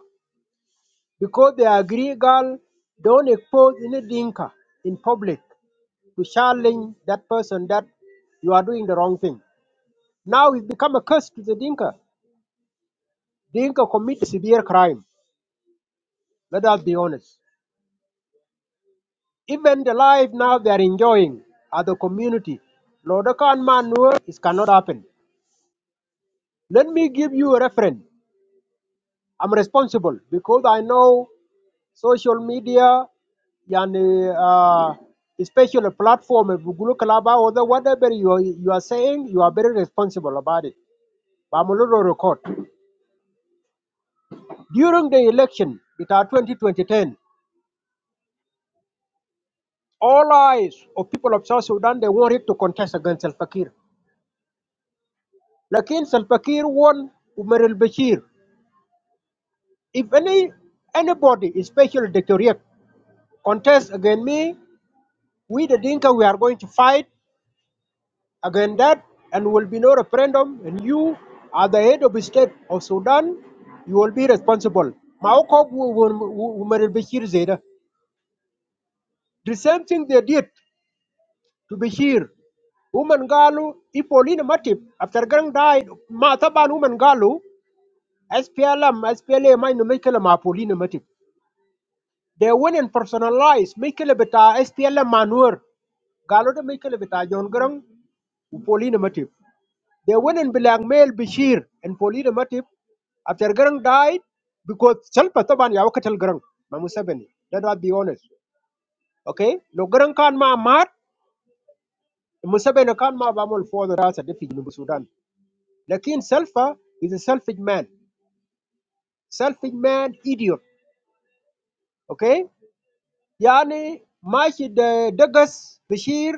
[SPEAKER 10] because they agree girl don't expose any Dinka in public to challenge that person that you are doing the wrong thing. Now it's become a curse to the Dinka. Dinka commit severe crime. Let us be honest. Even the life now they are enjoying as a community, Lodokan Manur, it cannot happen. Let me give you a reference. I'm responsible because I know social media yani uh, especially platform of Google Club or the whatever you are, you are saying you are very responsible about it But I'm a little record during the election it are 2020 all eyes of people of South Sudan they wanted to contest against Salva Kiir lakin Salva Kiir won Umar al-Bashir if any anybody especially the Tuareg contest against me we the Dinka we are going to fight Again, that, and will be no referendum, and you are the head of the state of Sudan, you will be responsible. Maokok Umar Bashir Zeda. The same thing they did to Bashir. Woman Galu, Ipolina Matip, after Gang died, Mataban Woman Galu, SPLM, SPLM, I know Michael Mapolina Matip. They went and personalized Michael Beta, SPLM Manur, Galo de Michael Beta, John Grang, Upolina Matip. They went and blackmailed Bashir and Paulina Matip after Garang died because Salpa Taban Yawakatal Garang, ma Museveni. Let us be honest. Okay? No Garang can ma mat, Museveni can ma bamul for the Rasa defeat in Sudan. Lakin Salfa is a selfish man. Selfish man, idiot. Okay? Yani, Mashi the Dagas, Bashir,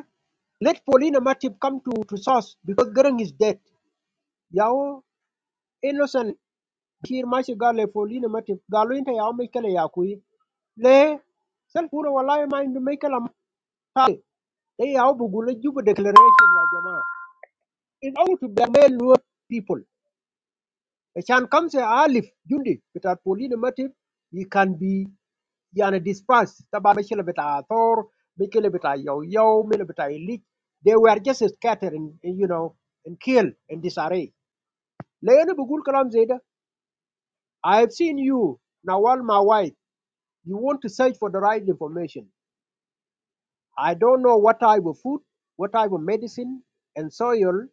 [SPEAKER 10] let Paulina Matip come to, to source because Garang is dead. Yao, innocent kir ma shi gale folino mati galo inta ya mai kala ya kuyi le sal pura wallahi ma indu mai kala ma tare ya bugu la jubu declaration ya jama'a in order to blackmail Luo people a can comes a alif jundi bita folino mati he can be yana dispersed taba mai kala bita thor mai kala bita yau yau mai bita ilik they were just scattered and you know and killed in disarray le yana bugul kalam zaida i have seen you nawal Mawai. you want to search for the right information. I don't know what type of food, what type of medicine, and soil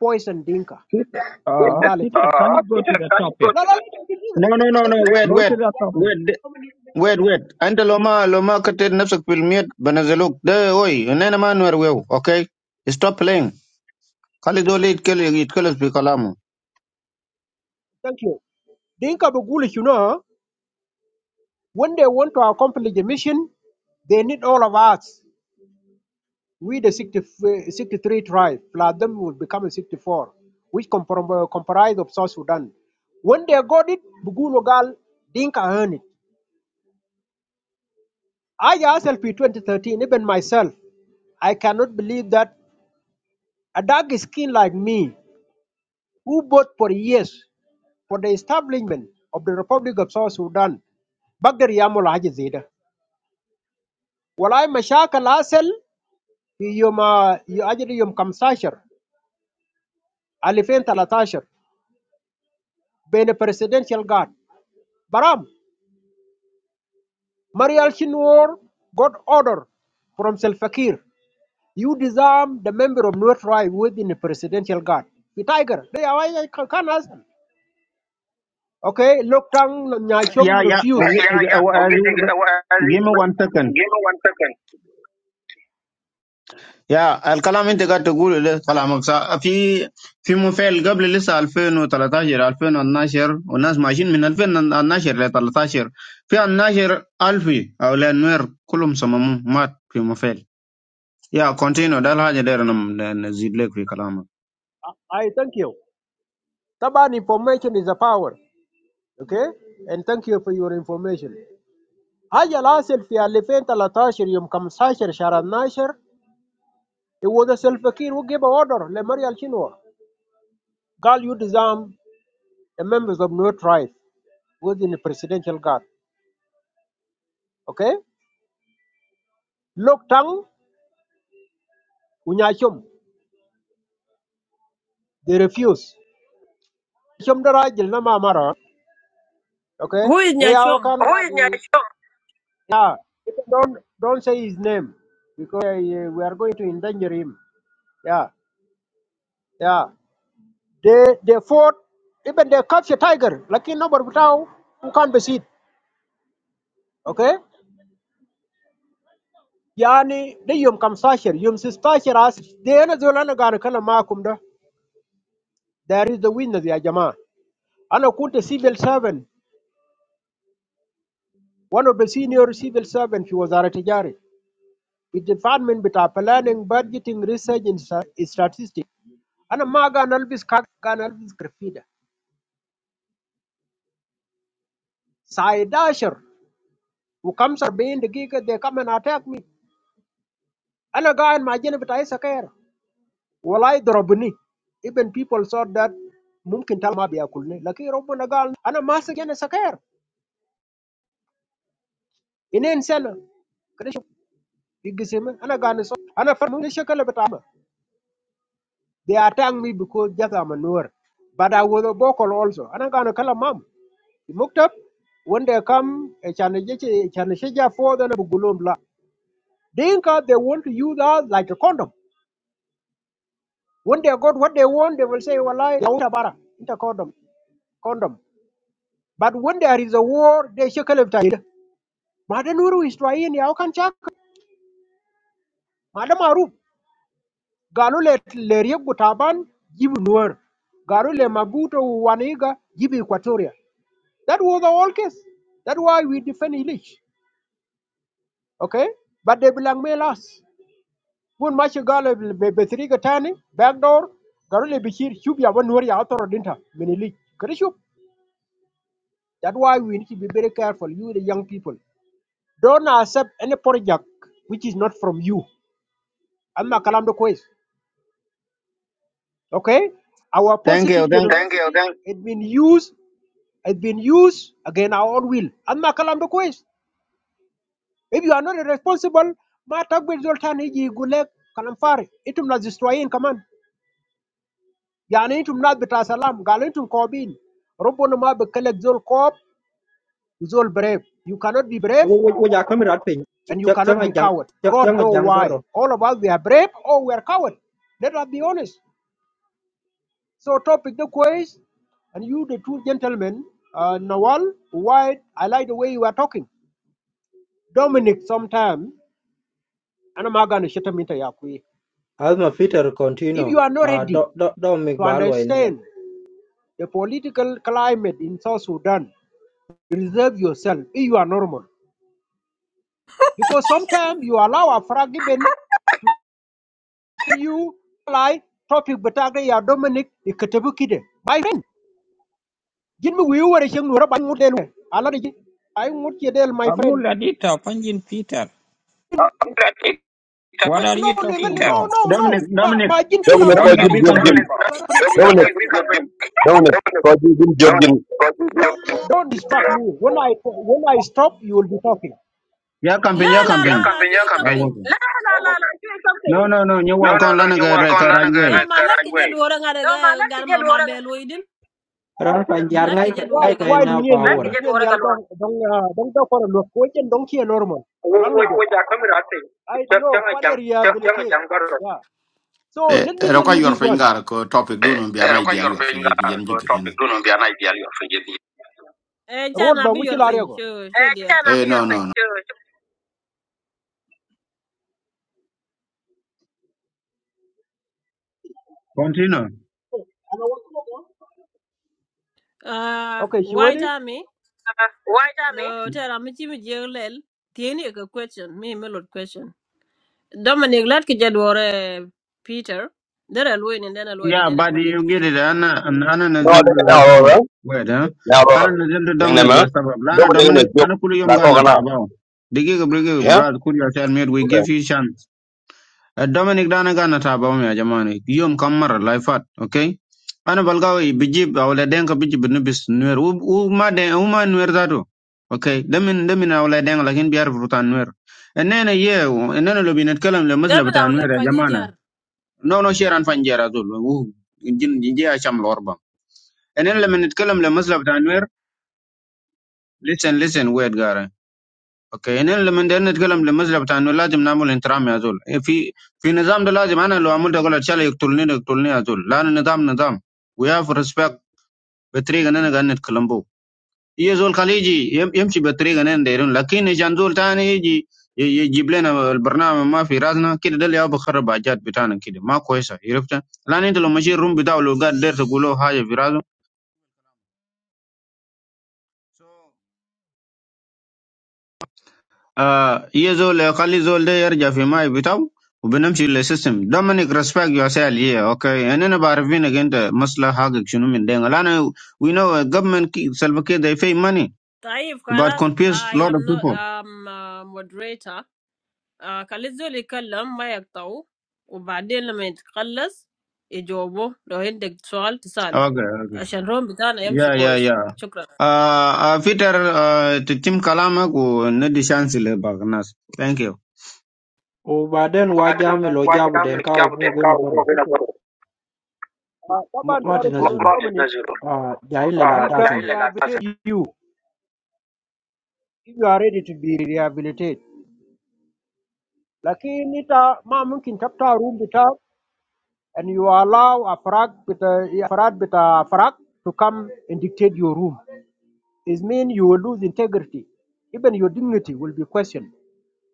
[SPEAKER 10] poison Dinka
[SPEAKER 11] Peter, uh,
[SPEAKER 10] mentality.
[SPEAKER 11] Peter, can
[SPEAKER 10] Uh,
[SPEAKER 11] you go
[SPEAKER 10] Peter,
[SPEAKER 11] to the
[SPEAKER 10] can you
[SPEAKER 11] topic?
[SPEAKER 10] go No, to no, no, you can do
[SPEAKER 8] No, no, no,
[SPEAKER 10] that. Eh, eh,
[SPEAKER 8] no. Where,
[SPEAKER 11] Go
[SPEAKER 8] where,
[SPEAKER 11] to the topic.
[SPEAKER 8] where, where, where? I don't know. Ma, ma, can't you stop filming? Banza look. Hey, why? You're not even aware of it. Okay? Stop playing. Khalid, do it. Do it. Do it. Let's talk.
[SPEAKER 10] Thank you. Dinka Bugulish, you know, when they want to accomplish the mission, they need all of us. We, the 60, uh, 63 tribe, plus them will become a 64, which comprom- uh, comprise of South Sudan. When they got it, Bugulogal, Dinka earned it. I asked LP 2013, even myself, I cannot believe that a dark skin like me, who fought for years for the establishment of the Republic of South Sudan, بقدر يعمل حاجة زي ده. والله مشاكل حصل في يوم أجل يوم 15 2013 بين presidential guard برام مريال شنوور got order from Salfakir. You disarm the member of North Tribe within the presidential guard. The tiger, they are why I can- not ask. Okay, look tang nyai chum
[SPEAKER 8] Yeah,
[SPEAKER 10] Uh,
[SPEAKER 8] yeah.
[SPEAKER 10] refuse.
[SPEAKER 8] Okay.
[SPEAKER 10] yeah, yeah. Okay, okay, well, I
[SPEAKER 8] Give me one second.
[SPEAKER 10] give me one second.
[SPEAKER 8] يا الكلام انت قاعد تقوله ده كلامك صح في في مفعل قبل لسه 2013 2012 والناس ماشيين من 2012 ل 13 في 12 ألفي او لانوير كلهم صمموا مات في مفعل يا كونتينو ده الحاجه دي انا ن- نزيد لك في كلامك
[SPEAKER 10] I thank you. Taban information is a power. Okay? And thank you for your information. حاجة الحاصل في 2013 يوم 15 شهر 12 it was a self-fakir who gave an order لمريال شنو قال you disarm the members of no tribe within the presidential guard. Okay? Look tang ونيا شم they refuse. شم ده راجل نما مرة Okay?
[SPEAKER 1] who is
[SPEAKER 10] They are all
[SPEAKER 1] nyashom?
[SPEAKER 10] kind of Who like Nyashon? yeah. people Don't don't say his name because uh, we are going to endanger him. Yeah, yeah. They they fought even they captured tiger. Like in number without who can't be seen. Okay? Yani they yum kam sasher yum sis sasher as they ana zola na gana kala makum da. There is the witness ya jama. Ana kunta civil servant. One of the senior civil servants, he was a retired. With department with our planning, budgeting, research, and sta- statistics. I'm not going to lose. I'm not going to lose graffiti. Side asher, we come to bend the gig. They come and attack me. I'm going to imagine what I say. I'm not like the rabbi. Even people thought that maybe they'll be able to. But I'm not going to. I'm not going to say anything. I'm going to say. I'm going to say. I'm going to say. They attack me because they are men who are. But I will not call also. I'm going to call them. You looked up when they come. I'm going to say. I'm going to say. I'm going to say. Dinka, they want to use us like a condom. When they got what they want, they will say, Wallahi, lauta bara, inter condom, condom. But when there is a war, they shackle it. Mada nuru Israel, yau kan chak. Mada maruf. Galu le le riek butaban, give nuer. Galu le mabuto waniga, give Equatoria. That was the whole case. That's why we defend Illich. Okay? But they blackmail us. kun ma shi galo be be siriga tani backdoor garo le bishir shub ya ban wari atoro dinta minili kare shub That's why we need to be very careful you the young people don't accept any project which is not from you amma kalam do kois okay our
[SPEAKER 8] ثانك يو
[SPEAKER 10] positive
[SPEAKER 8] ثانك
[SPEAKER 10] generation Thank generosity you, thank has been used has been used against our own will amma kalam do kois if you are not responsible ma tagbe zoltan hiji gulek kalam fare itum na destroyin kaman يعني انتم ناس بتاع سلام قالوا انتم كوبين ربنا ما بكلك زول كوب زول brave you cannot be brave
[SPEAKER 3] Ôi, ôi, ôi, chắc không phải chuyện,
[SPEAKER 10] and you
[SPEAKER 3] chắc chắc
[SPEAKER 10] cannot
[SPEAKER 3] nghe,
[SPEAKER 10] be coward
[SPEAKER 3] chắc
[SPEAKER 10] God
[SPEAKER 3] chắc nghe
[SPEAKER 10] know
[SPEAKER 3] tiếng vần
[SPEAKER 10] why
[SPEAKER 3] rồi.
[SPEAKER 10] all of us we are brave or we are coward let us be honest so topic the quiz and you the two gentlemen uh, Nawal White I like the way you are talking Dominic sometime going to shut him into your أخوي.
[SPEAKER 3] À, mà Peter
[SPEAKER 10] if
[SPEAKER 3] continue,
[SPEAKER 10] you are not
[SPEAKER 3] à,
[SPEAKER 10] ready
[SPEAKER 3] đó, đó, đó, ông ấy
[SPEAKER 10] to
[SPEAKER 3] bảo luôn rồi.
[SPEAKER 10] understand the political climate in South Sudan reserve yourself if you are normal because sometimes you allow a fragi ben [laughs] you like topic bataga ya dominic ikatabu kide my friend jin mi wiu wara cheng nura ban ngudel ala de ay ngut ye del my friend
[SPEAKER 11] Amuladita, Panjin Peter,
[SPEAKER 10] No, I'm trying to
[SPEAKER 11] what are
[SPEAKER 10] no
[SPEAKER 11] you
[SPEAKER 10] lenga
[SPEAKER 11] talking
[SPEAKER 10] le no It no
[SPEAKER 11] about?
[SPEAKER 10] happened. no no.
[SPEAKER 8] دومينيك
[SPEAKER 10] ma
[SPEAKER 8] دومينيك
[SPEAKER 10] ma jin chula
[SPEAKER 12] Dominic
[SPEAKER 10] ro
[SPEAKER 12] ko
[SPEAKER 10] What ka are
[SPEAKER 8] دومينيك
[SPEAKER 12] jim
[SPEAKER 10] chen
[SPEAKER 8] في
[SPEAKER 10] you, wara Dominic?
[SPEAKER 8] كامبين
[SPEAKER 10] bara free Dominic,
[SPEAKER 12] Dominic Dominic
[SPEAKER 10] Dominic,
[SPEAKER 12] ko jim
[SPEAKER 10] Dominic, don't don't distract me when i when i stop you will be talking
[SPEAKER 8] يا كامبين
[SPEAKER 1] La
[SPEAKER 8] يا
[SPEAKER 1] la
[SPEAKER 10] Yeah,
[SPEAKER 1] la
[SPEAKER 8] كامبين
[SPEAKER 1] la.
[SPEAKER 10] campaign,
[SPEAKER 1] Show
[SPEAKER 10] yeah,
[SPEAKER 1] a
[SPEAKER 10] campaign.
[SPEAKER 1] campaign.
[SPEAKER 10] La la la la, you ain't
[SPEAKER 8] نو نو نو نيوال
[SPEAKER 10] No, no,
[SPEAKER 8] كون
[SPEAKER 10] no, you walk
[SPEAKER 8] لانا
[SPEAKER 10] on
[SPEAKER 8] كراج
[SPEAKER 10] land
[SPEAKER 1] No,
[SPEAKER 8] واي
[SPEAKER 1] ma lake
[SPEAKER 10] right
[SPEAKER 1] jed
[SPEAKER 10] way.
[SPEAKER 1] worang
[SPEAKER 10] No, ma,
[SPEAKER 1] arega
[SPEAKER 10] lan
[SPEAKER 1] gar
[SPEAKER 10] ki je
[SPEAKER 1] ma ma
[SPEAKER 10] dora ga-
[SPEAKER 1] belo idin.
[SPEAKER 3] Rồi, bây giờ ngay,
[SPEAKER 1] Lake jed
[SPEAKER 10] Why
[SPEAKER 3] ngay
[SPEAKER 1] worang
[SPEAKER 3] cái
[SPEAKER 10] why
[SPEAKER 1] galwa.
[SPEAKER 3] này có
[SPEAKER 10] Luyen
[SPEAKER 3] ảnh
[SPEAKER 10] lan Yal,
[SPEAKER 3] hưởng à?
[SPEAKER 10] ki je don't do for a look, which and don't care normal. Which are coming at it. I Just know, what area will young take. Yeah. So
[SPEAKER 4] เออ
[SPEAKER 10] let me
[SPEAKER 4] เรา
[SPEAKER 10] tell
[SPEAKER 4] ก็
[SPEAKER 10] you
[SPEAKER 4] ยอร์
[SPEAKER 10] this
[SPEAKER 4] ฟิง
[SPEAKER 10] one.
[SPEAKER 4] ก์อะไรก็ท็อปฟิกดู
[SPEAKER 10] Eh,
[SPEAKER 4] น้องเบียร์
[SPEAKER 10] eh,
[SPEAKER 4] น่าไอเดียล
[SPEAKER 10] your
[SPEAKER 4] ยอร์ฟิงก์ยั
[SPEAKER 10] finger
[SPEAKER 4] นยันจิกเรียน
[SPEAKER 10] topic.
[SPEAKER 4] นะ
[SPEAKER 10] Do not be an idea. Your finger.
[SPEAKER 1] Eh, cha
[SPEAKER 10] Road
[SPEAKER 1] na bi your
[SPEAKER 10] Banguchil
[SPEAKER 1] friend.
[SPEAKER 10] Ariago.
[SPEAKER 1] Show show
[SPEAKER 10] Eh, cha
[SPEAKER 1] dear.
[SPEAKER 4] เอ
[SPEAKER 10] na
[SPEAKER 4] อ
[SPEAKER 10] bi
[SPEAKER 4] โน่
[SPEAKER 10] yor
[SPEAKER 4] นโน่
[SPEAKER 10] pen,
[SPEAKER 4] น [laughs] [laughs]
[SPEAKER 10] cho-
[SPEAKER 8] كونتينو
[SPEAKER 10] cho-
[SPEAKER 1] Ah,
[SPEAKER 10] Okay, she ready?
[SPEAKER 1] waaja me.
[SPEAKER 10] White
[SPEAKER 1] Lo,
[SPEAKER 10] Army.
[SPEAKER 1] cha ramichi mi jell. Tieni aga question. Me me lor question. Dominic lad ki jadwore Peter. Dere alwoi and dene alwoi di
[SPEAKER 8] Yeah,
[SPEAKER 1] dene
[SPEAKER 8] but
[SPEAKER 1] kulling.
[SPEAKER 8] you get it. Ana ana
[SPEAKER 12] no de
[SPEAKER 8] naziltu
[SPEAKER 12] na ro
[SPEAKER 8] besabab.
[SPEAKER 12] ra
[SPEAKER 8] Wait, huh?
[SPEAKER 12] na ro
[SPEAKER 8] Ana naziltu
[SPEAKER 12] ning na
[SPEAKER 8] Dominic besabab. Lana
[SPEAKER 12] Dominic me
[SPEAKER 8] Dominic,
[SPEAKER 12] jog
[SPEAKER 8] ana kuli yom
[SPEAKER 12] la
[SPEAKER 8] gana
[SPEAKER 12] kana
[SPEAKER 8] tabao. Digi gabrige
[SPEAKER 12] yeah
[SPEAKER 8] brad kuli asal made we
[SPEAKER 12] okay
[SPEAKER 8] give you chance. Uh, Dominic dana gana tabao ya jamani. Yom kamara lifeat, okay? Ana balgawi bijib awla denka bijib nubis nuer. U u ma den u ma nuer zato. Okay, demin demin awla denka lakin biar frutan nuer. Enena ye, enena lo binat kalam le masla
[SPEAKER 1] Gamin
[SPEAKER 8] bata nuer
[SPEAKER 1] awlet
[SPEAKER 8] ya
[SPEAKER 1] fanyi
[SPEAKER 8] jamana.
[SPEAKER 1] jar.
[SPEAKER 8] No, no, Sharon Fanjera Zul. Ooh, Jin Jin Jia Sham Lorba. And then Lemon Kalam Lemusla Tanwer. Listen, listen, weird Gara. Okay, and then Lemon Dernet Kalam Lemusla Tanwer Lazim Namul and Trami Azul. If he Finazam the Lazim Anna Lamul the Gola Chala Tulni Tulni Azul. Lan Nadam Nadam. We have respect. Betrig and Nanagan at Colombo. Ye zol khaliji yem yemshi betriga nenderun lakini jan zol tani yiji يجيب لنا البرنامج ما في راسنا كده ده اللي يابا خرب حاجات بتاعنا كده ما كويسه عرفت لان انت لو مشي الروم بتاعه لو قاعد داير تقول له حاجه في راسه آه يا زول يخلي زول ده يرجع في ماي بتاعه وبنمشي للسيستم دومينيك ريسبكت يور سيل يا اوكي يعني انا بعرفين انت مصلحه حقك شنو من دين لان وي نو government سلف كده they pay money
[SPEAKER 1] Taif
[SPEAKER 8] to but
[SPEAKER 1] kalas
[SPEAKER 8] confuse
[SPEAKER 1] I
[SPEAKER 8] lot of
[SPEAKER 1] am not
[SPEAKER 8] people
[SPEAKER 1] um, uh, moderator. Uh, kalizul ikallam ma yaktaw. وبعدين لما يتخلص يجاوبوه لو عندك سؤال تسأله
[SPEAKER 8] okay okay
[SPEAKER 1] عشان روم I يمشي
[SPEAKER 8] Yeah, yeah,
[SPEAKER 1] كويس
[SPEAKER 8] yeah.
[SPEAKER 1] شكرا
[SPEAKER 8] Uh, uh Peter, uh, to Tim Kalama ko na di chance le bagnas. Thank you.
[SPEAKER 3] وبعدين واجههم لو
[SPEAKER 10] White
[SPEAKER 3] جابوا
[SPEAKER 10] Army
[SPEAKER 3] دينكا
[SPEAKER 10] jamu den
[SPEAKER 3] وفوق
[SPEAKER 10] ka
[SPEAKER 3] هنا
[SPEAKER 10] ugo
[SPEAKER 3] برضه
[SPEAKER 10] Okay. kwa Uh,
[SPEAKER 3] ما
[SPEAKER 10] Taban
[SPEAKER 3] ما تنزلوا آه جايين
[SPEAKER 10] Ah,
[SPEAKER 3] للأحداث هنا
[SPEAKER 10] you if you are ready to be rehabilitated. Lakini ita ma mungkin chapter room bita and you allow a frag bita a frag bita frag to come and dictate your room. It means you will lose integrity. Even your dignity will be questioned.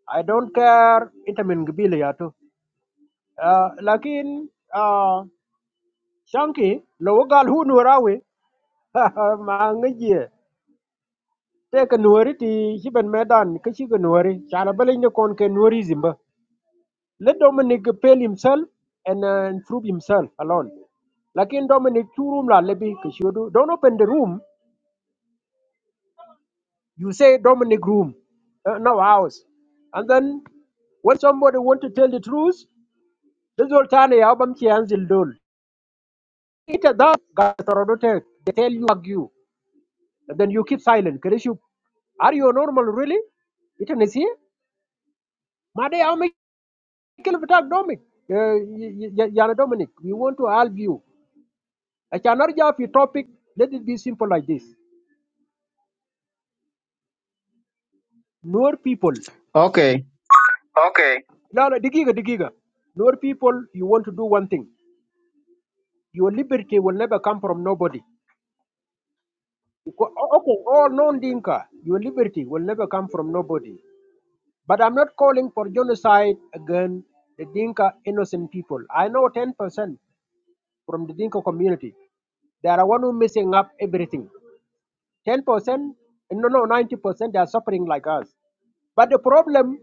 [SPEAKER 10] I don't care ita min gibile ya to. Uh, lakin uh, Shanki, lo wagal hu nurawe, [laughs] ma ngaje te ka nuori ti chiban medan ka chi ka nuori chana balin ne kon ke nuori zimba let dominic pale himself and uh, prove himself alone lakin dominic two room la lebi ka shodu don't open the room you say dominic room uh, no house and then when somebody want to tell the truth the zoltane ya bam chi anzil dol ita da ga torodote they tell you argue and then you keep silent kare shi are you normal really It is here. Made how me kill attack Dominic. Uh, Yana Dominic, we want to help you. I cannot have your topic. Let it be simple like this. Nur people.
[SPEAKER 8] Okay.
[SPEAKER 10] Okay. No, no, digiga, digiga. Nur people, you want to do one thing. Your liberty will never come from nobody. Because- Okay, all non-Dinka, your liberty will never come from nobody. But I'm not calling for genocide again. The Dinka innocent people. I know 10% from the Dinka community. They are one who messing up everything. 10%, no, no, 90%, they are suffering like us. But the problem,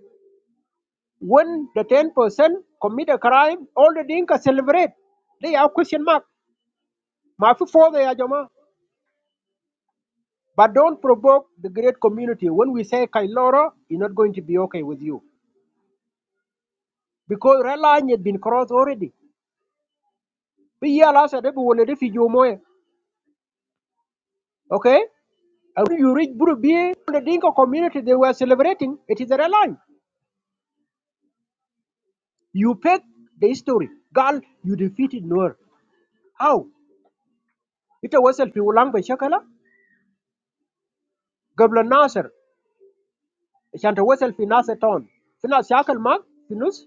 [SPEAKER 10] when the 10% commit a crime, all the Dinka celebrate. They are question mark. Mafi for the Ajama. But don't provoke the great community. When we say Kailora, it's not going to be okay with you. Because red line has been crossed already. Be here last day, we will refugee moe. Okay? And when you reach Burubi, the Dinka community, they were celebrating. It is a red line. You pick the history. Gal, you defeated Noor. أو يتواصل في ولان بشكله قبل الناصر عشان تواصل في ناصر تون في ناس ياكل ماك في نص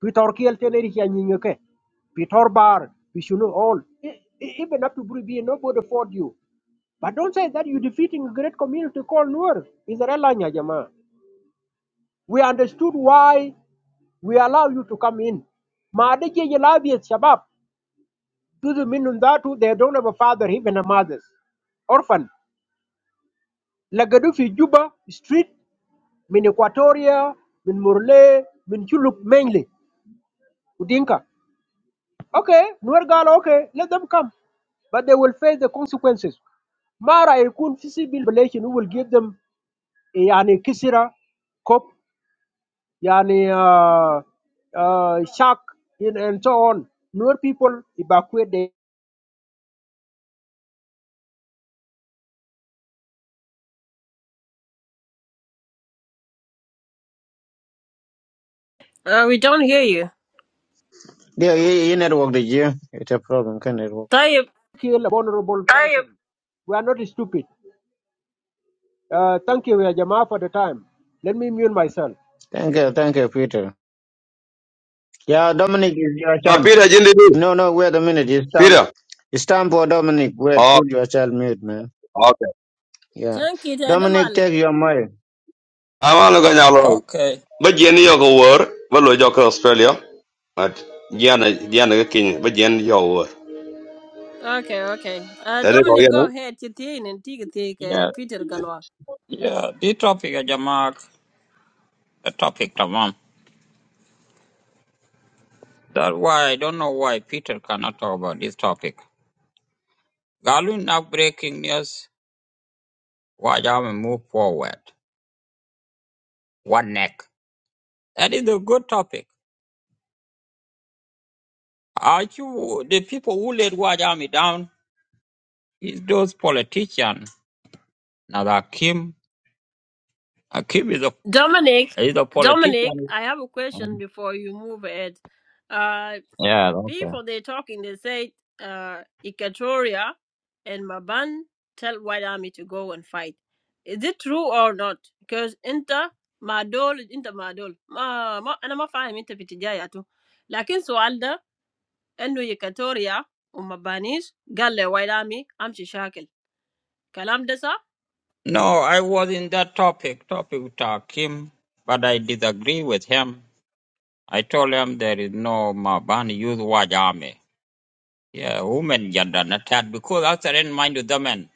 [SPEAKER 10] في تركيا التنيري يعني نيوكي في توربار في شنو all E- e- even up to Bribie nobody fought you but don't say that you defeating a great community called Nuer Israel nya jamaa we understood why we allow you to come in ما عدا جي يلابي الشباب جزء منهم ذاته they don't have a father even a mother orphan lagadu fi juba street min Equatoria, min Murle, min Chuluk mainly, Udinka. Okay, Nuer Gala, okay, let them come. But they will face the consequences. Mara Ikun Fisi Bill Relation who will give them a Yani Kisira, Kop, Yani uh, uh, Shark, and, and so on. Nuer people evacuate, they
[SPEAKER 1] uh, we don't hear you
[SPEAKER 8] Yeah, yeah, yeah, network the yeah. It's a problem, can network.
[SPEAKER 1] طيب
[SPEAKER 10] kill a vulnerable طيب person. We are not stupid. Uh, thank you, Ya Jamaa, for the time. Let me mute myself.
[SPEAKER 8] Thank you, thank you, Peter. Yeah, Dominic is your
[SPEAKER 12] ah
[SPEAKER 8] chance.
[SPEAKER 12] Peter jindi du
[SPEAKER 8] No, no, wait a minute. It's time.
[SPEAKER 12] Peter
[SPEAKER 8] It's time for Dominic. Wait,
[SPEAKER 12] oh
[SPEAKER 8] put your child mute, man.
[SPEAKER 12] okay
[SPEAKER 8] Yeah.
[SPEAKER 1] Shan ki ta di
[SPEAKER 8] Dominic,
[SPEAKER 1] male.
[SPEAKER 8] take your mic.
[SPEAKER 12] amalo ga nyalo
[SPEAKER 11] Okay,
[SPEAKER 12] ba jien yo ko wor ba lo jo ko Australia but jien jien ga kin ba jien yo wor
[SPEAKER 1] okay okay uh,
[SPEAKER 12] tede ko
[SPEAKER 1] Dominic
[SPEAKER 12] yen
[SPEAKER 1] go ahead تتين انتي Peter
[SPEAKER 11] yeah,
[SPEAKER 1] بيتر
[SPEAKER 11] yeah, the topic, uh, Jamak, the topic, Tamam. That's why I don't know why Peter cannot talk about this topic. Galun now breaking news, Wajama move forward. One neck. That is a good topic. Are you, the people who let Wajami down is those politicians. Now, Akim, Akim is a,
[SPEAKER 1] Dominic,
[SPEAKER 11] is a
[SPEAKER 1] Dominic,
[SPEAKER 11] politician
[SPEAKER 1] I have a question
[SPEAKER 11] Um,
[SPEAKER 1] before you move ahead. Uh,
[SPEAKER 11] Yeah, okay.
[SPEAKER 1] people they talking, they say uh, Equatoria and Maban tell White Army to go and fight. Is it true or not? Because inter madol is inter madol ma ma أنا ما فاهم أنت بتجاياته. لكن سؤال ده إنه Equatoria ومبانيش قال لي White Army أمشي شاكل. كلام ده صح؟
[SPEAKER 11] No, I was in that topic, topic with Hakim, but I disagree with him. I told him there is no Mabani youth watch army. Yeah, women gender not that because after in mind with the men.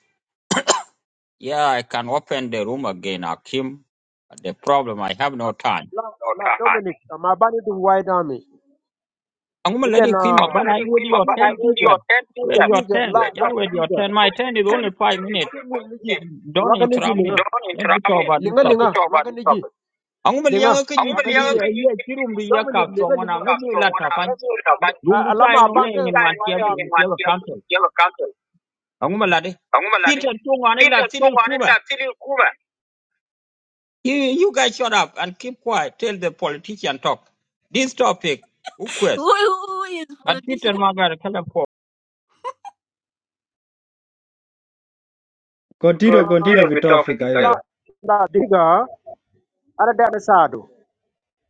[SPEAKER 11] Yeah, I can open the room again, Hakim. But the problem, I have no time.
[SPEAKER 10] Now, no now, drama Dominic, I'm a bandit in White Army.
[SPEAKER 11] I'm gonna let
[SPEAKER 10] Ibn
[SPEAKER 11] you
[SPEAKER 10] uh,
[SPEAKER 11] queen
[SPEAKER 10] I'm going
[SPEAKER 11] Mabani. I wait
[SPEAKER 10] queen my
[SPEAKER 11] your
[SPEAKER 10] but
[SPEAKER 11] turn,
[SPEAKER 10] I only dagiga
[SPEAKER 11] Peter.
[SPEAKER 10] ten people.
[SPEAKER 11] Wait your
[SPEAKER 10] dagiga la
[SPEAKER 11] turn. Yeah,
[SPEAKER 10] la
[SPEAKER 11] wait your
[SPEAKER 10] dagiga.
[SPEAKER 11] turn. My turn is
[SPEAKER 10] Kun
[SPEAKER 11] only five minutes.
[SPEAKER 10] kun min
[SPEAKER 11] Don't interrupt
[SPEAKER 10] linga
[SPEAKER 11] me.
[SPEAKER 10] Don't
[SPEAKER 11] Let's
[SPEAKER 10] interrupt
[SPEAKER 11] talk
[SPEAKER 10] me.
[SPEAKER 11] about this
[SPEAKER 10] linga linga
[SPEAKER 11] topic.
[SPEAKER 10] waga this topic.
[SPEAKER 11] Ang ma
[SPEAKER 10] linga
[SPEAKER 11] liang ke
[SPEAKER 10] I'm
[SPEAKER 11] ji
[SPEAKER 10] gonna waga
[SPEAKER 11] chi
[SPEAKER 10] yell
[SPEAKER 11] li
[SPEAKER 10] niji.
[SPEAKER 11] ye chi rum ri ya ka
[SPEAKER 10] Dominic linga
[SPEAKER 11] chuang wan
[SPEAKER 10] linga.
[SPEAKER 11] ang bu la
[SPEAKER 10] I'm
[SPEAKER 11] ta
[SPEAKER 10] gonna
[SPEAKER 11] fan.
[SPEAKER 10] talk about
[SPEAKER 11] Rum
[SPEAKER 10] A-
[SPEAKER 11] ri
[SPEAKER 10] Alama
[SPEAKER 11] chai no ne
[SPEAKER 10] abanke ko
[SPEAKER 11] yin
[SPEAKER 10] guys
[SPEAKER 11] wan chi
[SPEAKER 10] wide
[SPEAKER 11] bu
[SPEAKER 10] saying in
[SPEAKER 11] chi
[SPEAKER 10] army.
[SPEAKER 11] bu council.
[SPEAKER 10] council.
[SPEAKER 11] Ang ma la de.
[SPEAKER 10] I'm gonna
[SPEAKER 11] Peter Tung wan la
[SPEAKER 10] Peter
[SPEAKER 11] ti li
[SPEAKER 10] Chung on it,
[SPEAKER 11] kuma.
[SPEAKER 10] that's Kuma.
[SPEAKER 11] You, you guys shut up and keep quiet. Tell the politician talk. This topic,
[SPEAKER 1] [laughs]
[SPEAKER 11] request.
[SPEAKER 1] Who who is
[SPEAKER 11] But Peter
[SPEAKER 1] politician?
[SPEAKER 11] Magar, tell him for.
[SPEAKER 3] كونتينو
[SPEAKER 10] Here
[SPEAKER 3] كونتينو في
[SPEAKER 10] we talk,
[SPEAKER 3] توفيق أيوة
[SPEAKER 10] guys. la diga ara da sado.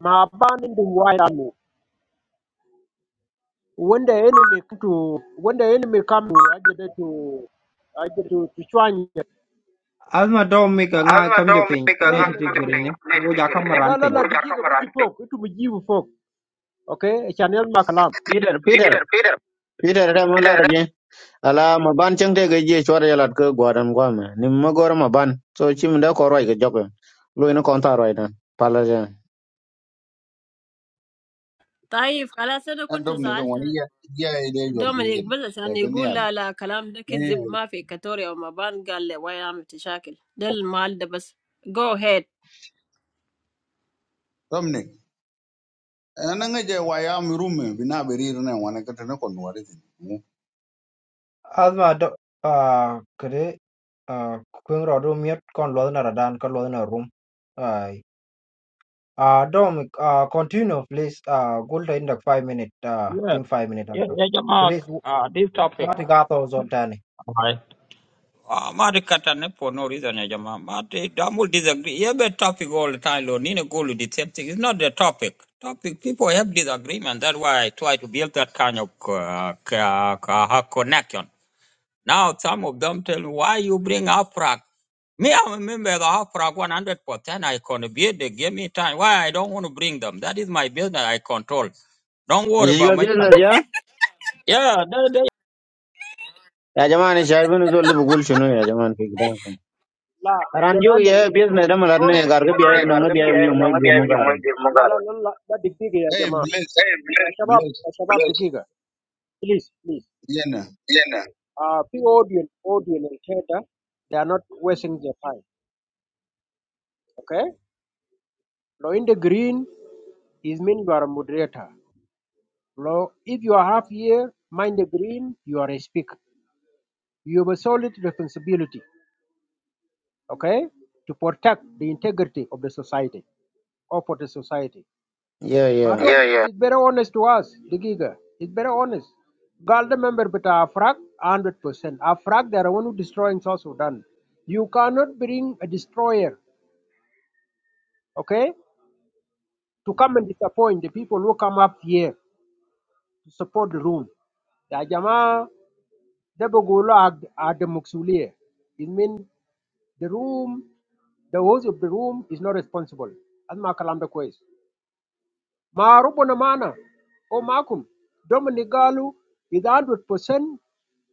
[SPEAKER 10] Ma abanin dum wide army. when the enemy come to when the enemy come to I aje to I'm aje to to chwanya
[SPEAKER 3] أزمة دومي كان غا
[SPEAKER 10] Azma
[SPEAKER 3] كم
[SPEAKER 10] do
[SPEAKER 3] جبين
[SPEAKER 10] mika la
[SPEAKER 3] نيتي
[SPEAKER 10] nga la la ko de dike ping
[SPEAKER 3] تجريني
[SPEAKER 10] ne de
[SPEAKER 3] وجا كم
[SPEAKER 10] gele
[SPEAKER 3] ران
[SPEAKER 10] la la la
[SPEAKER 3] بين
[SPEAKER 10] wor ja ko dike mara. baki fok itu mujibu fok okay chanel makalam
[SPEAKER 8] Peter, Peter,
[SPEAKER 10] Peter Peter
[SPEAKER 8] Peter, come on,
[SPEAKER 10] Peter
[SPEAKER 8] lad, ala ma ban cheng te ge je chwar ya lat ke gwaran gwa me ni ma gor ma ban so chim da ko roi ge jok lo ina kon ta roi dan pala ja
[SPEAKER 1] طيب خلاص أنا
[SPEAKER 13] and
[SPEAKER 1] كنت
[SPEAKER 13] Dominic won
[SPEAKER 1] سألت
[SPEAKER 13] ya ya ide yor
[SPEAKER 1] Domenik
[SPEAKER 13] jingen
[SPEAKER 1] بس
[SPEAKER 13] de
[SPEAKER 1] يعني يقول
[SPEAKER 13] benial
[SPEAKER 1] لا لا كلام
[SPEAKER 13] ne
[SPEAKER 1] ذكي زب ما في كاتوريا وما بان قال لي واي عم تشاكل ده المال ده بس go ahead.
[SPEAKER 13] Dominic ananga je wayam rume want to get to know kon wari
[SPEAKER 3] asma do ah kede ah kwen ro do miet kon lo na radan kon lo na rum ai ah dom ah continue please ah gulta in the 5 minute ah
[SPEAKER 11] Yes,
[SPEAKER 3] team 5 minute
[SPEAKER 11] yes,
[SPEAKER 3] after
[SPEAKER 11] yes, Mark,
[SPEAKER 3] please
[SPEAKER 11] uh, this topic.
[SPEAKER 3] mati ga to zon tani
[SPEAKER 11] All right. Ah, Mari Katanen for no reason, ya Jama. But eh, I will disagree. You have a topic all the time, Lord. Nina go to the same thing. It's not the topic. Topic people have disagreement. That's why I try to build that kind of uh, c- uh, c- uh, connection. Now some of them tell me why you bring Afrag. Me, I'm a member of Afrag 100%. I contribute. They give me time. Why I don't want to bring them? That is my business. I control. Don't worry
[SPEAKER 8] ye yo
[SPEAKER 11] about my
[SPEAKER 8] business
[SPEAKER 11] talent.
[SPEAKER 8] ya
[SPEAKER 11] Yeah,
[SPEAKER 8] ya jaman shai bin zo le bugul chunu ya jaman ke gidan kan
[SPEAKER 10] la
[SPEAKER 8] aran jo
[SPEAKER 10] yanale
[SPEAKER 8] ye business da malar
[SPEAKER 10] non
[SPEAKER 13] Hey,
[SPEAKER 8] ne gar ke biya
[SPEAKER 10] yani ne dike
[SPEAKER 8] ibn
[SPEAKER 10] gar
[SPEAKER 8] ngi
[SPEAKER 10] de na
[SPEAKER 8] biya
[SPEAKER 10] pia
[SPEAKER 8] ibn mo
[SPEAKER 10] no nga
[SPEAKER 8] ge
[SPEAKER 10] dia
[SPEAKER 8] mo
[SPEAKER 10] ni
[SPEAKER 8] gar
[SPEAKER 10] mo de mo la gar. la la la la dike ya
[SPEAKER 13] hey,
[SPEAKER 10] jamaa
[SPEAKER 13] bless
[SPEAKER 10] Eh ya bless shabab
[SPEAKER 13] bless
[SPEAKER 10] ya shabab bless dike please please
[SPEAKER 13] yena
[SPEAKER 10] yena. uh, the audience, audience and theater, they are not wasting their time. Okay? Now in the green is mean you are a moderator. Now if you are half here, mind the green, you are a speaker. You have a solid responsibility, okay, to protect the integrity of the society or for the society.
[SPEAKER 8] yeah yeah
[SPEAKER 10] Madam, yeah, yeah. it's very honest to us, the giga. It's very honest. Galda member but Afrag, 100%. Afrag, they are one who destroying South Sudan. You cannot bring a destroyer, okay, to come and disappoint the people who come up here to support the room. Ya jamaa, ده بقولوا عد عد مسؤولية. It means the room, the host of the room is not responsible. أسمع كلام ده كويس. ما ربنا معنا أو معكم. Dominic قالوا إذا 100%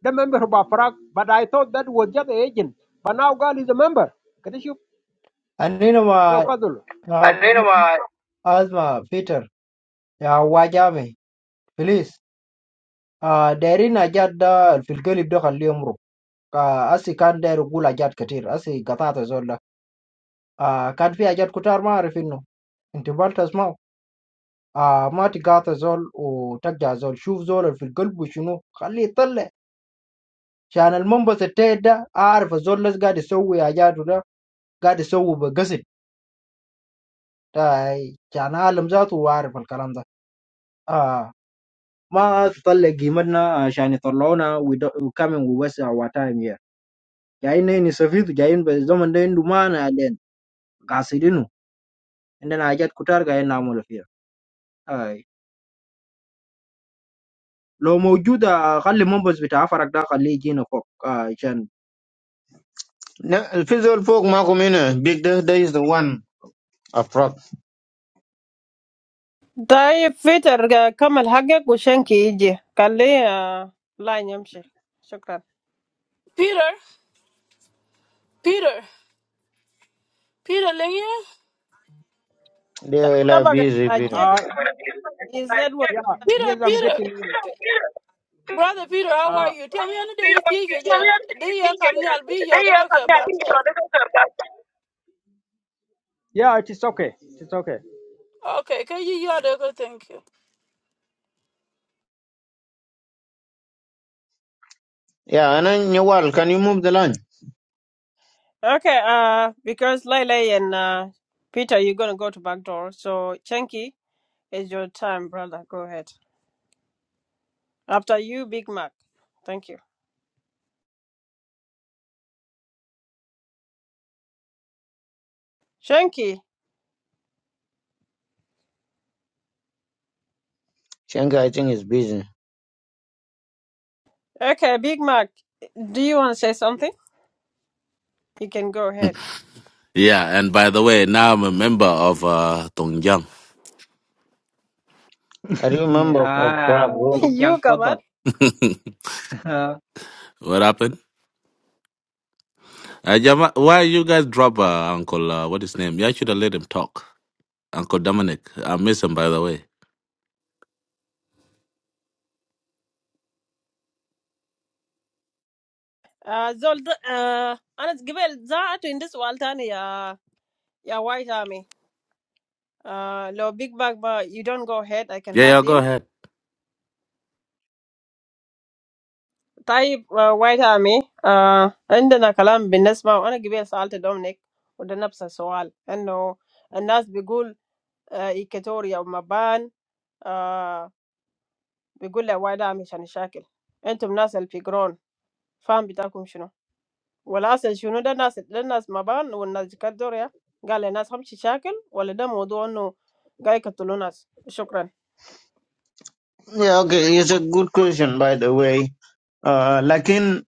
[SPEAKER 10] the member of Afrak, but I thought that was just an agent. But now God is a member. Can you show-
[SPEAKER 3] anino
[SPEAKER 10] So,
[SPEAKER 3] ma
[SPEAKER 10] Fazul.
[SPEAKER 3] أسمع بيتر يا واج عمي بليز آه دايرين أجاد ده في القلب ده خليه يمرق آه أسي كان داير يقول أجاد كتير أسي قطعت زول ده آه كان في أجاد كتار ما أعرف إنه أنت بال تسمعه آه ما تقاطع زول وترجع زول شوف زول في القلب وشنو خليه يطلع عشان المنبس التايت ده أعرف الزول ده قاعد يسوي أجاده ده قاعد يسوي بقصد آه، عشان أعلم ذاته وأعرف الكلام ده آه ما تطلع قيمتنا عشان يطلعونا we don't- we coming we waste our time here جايين نحن نستفيد جايين بالزمن ده عنده معنى علينا قاصدينه عندنا حاجات كتار جايين نعمله فيها آي. لو موجودة خلي منبز بتاع فرق ده خليه يجينا فوق آه، عشان
[SPEAKER 8] na fizol folk ma ko mena big da da is the one a prop
[SPEAKER 1] تايه peter كمل حاجة وشينكي قل لي آه، لا نمشي شكرا.
[SPEAKER 2] Peter, Peter, Peter, Lingia,
[SPEAKER 8] they will
[SPEAKER 1] طبعا
[SPEAKER 8] busy repeated
[SPEAKER 10] Uh,
[SPEAKER 1] أجيك his network.
[SPEAKER 10] yeah,
[SPEAKER 2] Peter,
[SPEAKER 10] yes, I'm
[SPEAKER 2] Peter.
[SPEAKER 10] getting it.
[SPEAKER 2] Brother Peter, how are
[SPEAKER 10] Uh,
[SPEAKER 2] you? Tell me on the day you think you get- they are coming, I'll be your doctor, but
[SPEAKER 10] yeah, it is okay. It is okay.
[SPEAKER 2] okay, can you your doctor? Thank you.
[SPEAKER 8] yeah anan nyawal can you move the line
[SPEAKER 1] okay uh because lily and uh peter you gonna go to back door so chenki is your time brother go ahead. After you, Big Mac. Thank you. Shanky.
[SPEAKER 8] shenga i think is busy
[SPEAKER 1] Okay, Big Mac. Do you want to say something? You can go ahead.
[SPEAKER 7] Yeah, and by the way, now I'm a member of uh, Tongjang.
[SPEAKER 8] i
[SPEAKER 3] [laughs]
[SPEAKER 8] remember for
[SPEAKER 3] آه
[SPEAKER 1] [laughs]
[SPEAKER 8] prop
[SPEAKER 3] توك جان
[SPEAKER 1] you come on.
[SPEAKER 3] تفضل [laughs] آه
[SPEAKER 7] What happened? Uh, Jama, why you guys drop uh, Uncle, uh, what his name? You should have let him talk. Uncle Dominic. I miss him, by the way.
[SPEAKER 1] Uh, Zol, uh, أنا قبل زعت in this one تاني يا يا White Army. Uh, لو Big Mac ما you don't go ahead I can
[SPEAKER 7] Yeah, yeah,
[SPEAKER 1] ask
[SPEAKER 7] go
[SPEAKER 1] him.
[SPEAKER 7] ahead.
[SPEAKER 1] طيب uh, White Army. Uh, عندنا كلام بالنسبة وأنا قبل سألت دومينيك وده نفس السؤال إنه الناس بيقول uh, إيكاتوريا ومبان بيقول لي يا وايد عامل عشان الشاكل انتم ناس اللي في جرون فاهم بتاعكم شنو والاصل شنو ده ناس ده ناس مبان والناس دي كانت دور يا قال لي ناس همشي شاكل ولا ده موضوع انه قاعد يقتلوا ناس شكرا
[SPEAKER 8] Yeah, okay. It's a good question, by the way. Uh, لكن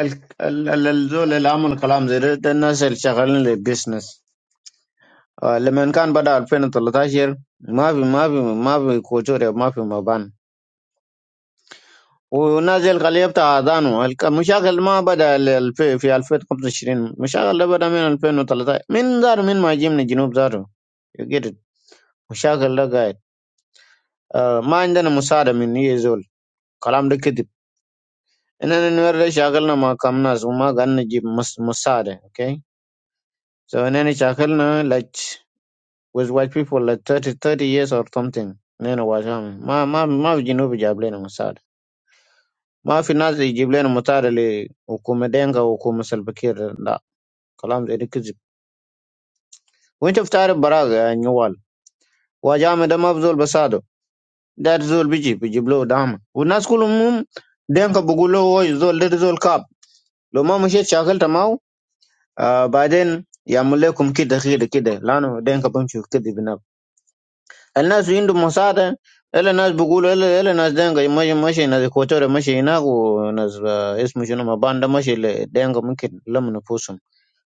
[SPEAKER 8] ال- ال- ال- الزول اللي عمل كلام زي ده ده الناس اللي شغالين للبيزنس آه لما كان بدأ 2013 ما في ما في ما في كوتوريا ما في مبان والناس اللي قال يفتح اذانه الك- المشاكل ما بدأ ال- الف- في 2025 مشاكل ده بدأ من 2013 من دار من ما جي من الجنوب زاره you get it مشاكل ده قاعد آه ما عندنا مساعدة من هي زول كلام ده كذب And then we shackle na makamnas umagan jib mus musade. Okay. So and then shackle na like with white people like 30, 30 years or something. Nene wajami. Ma ma ma vijinu vijable na musade. Ma finazi jible na musade li ukumedenga ukuma salbakir la. Kalam zedi kizib. Winch of tare baraga nyuwal. Wajami da mabzul basado. That zul biji bijiblo dama. Unas kulumum denka bugulo wo zol dat zol kap. Lo ma mushet shackle tamau. آه بعدين يعمل لكم كده خير كده، لانه دينك بمشي كده بناب. الناس عندهم مساعدة، الا الناس بيقولوا الا الا ناس دينك ماشي ماشي ناس كوتوري ماشي هناك، وناس آه، اسمه شنو مباندا ماشي ل- دينك ممكن لم نفوسهم،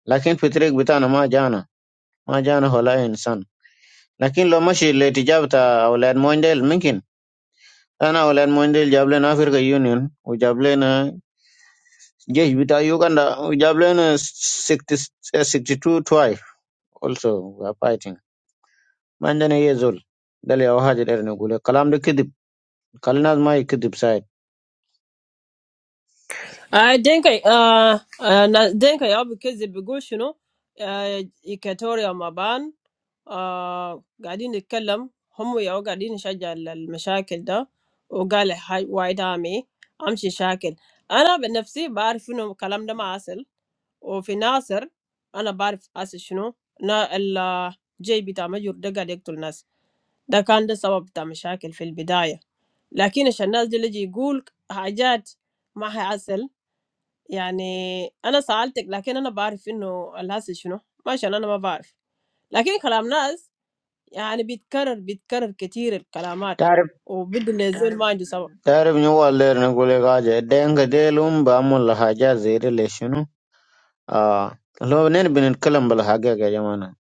[SPEAKER 8] لكن في الطريق بتاعنا ما جانا ما جانا ولا انسان. لكن لو ماشي لاتجاه بتاع اولاد مونديل، ممكن انا اولاد مونديل جاب لنا افريقيا يونيون، وجاب لنا جيش بتاع يوغندا، وجاب لنا ستة وستين اتنين tribe also we are fighting. ما عندنا اي زول ده اللي هو حاجه داير نقول لك. الكلام ده كذب خلي الناس ما يكذب سايد
[SPEAKER 1] I think I uh uh na- think I have because the بيقول شنو uh إيكاتوريا مبان uh قاعدين نتكلم هم ياو قاعدين نشجع ال- المشاكل ده وقال هاي وايد عامي امشي شاكل انا بنفسي بعرف انه الكلام ده ما عسل وفي ناصر أنا بعرف أسي شنو نا الجي بتاع مجر ده قاعد يقتل ناس ده كان ده سبب بتاع مشاكل في البداية لكن عشان الناس دي اللي يجي يقول حاجات ما هي هيعسل يعني أنا سألتك لكن أنا بعرف إنه الهسل شنو ما عشان أنا ما بعرف لكن كلام ناس يعني بيتكرر بيتكرر كتير الكلامات
[SPEAKER 8] تعرف
[SPEAKER 1] وبدو نزول ما عنده سبب
[SPEAKER 8] تعرف إنه هو اللي داير نقول لك حاجه دينك ديلهم بعمل حاجات زي دي ليش شنو اه لو نحن بنتكلم بالحقيقه يا جماعه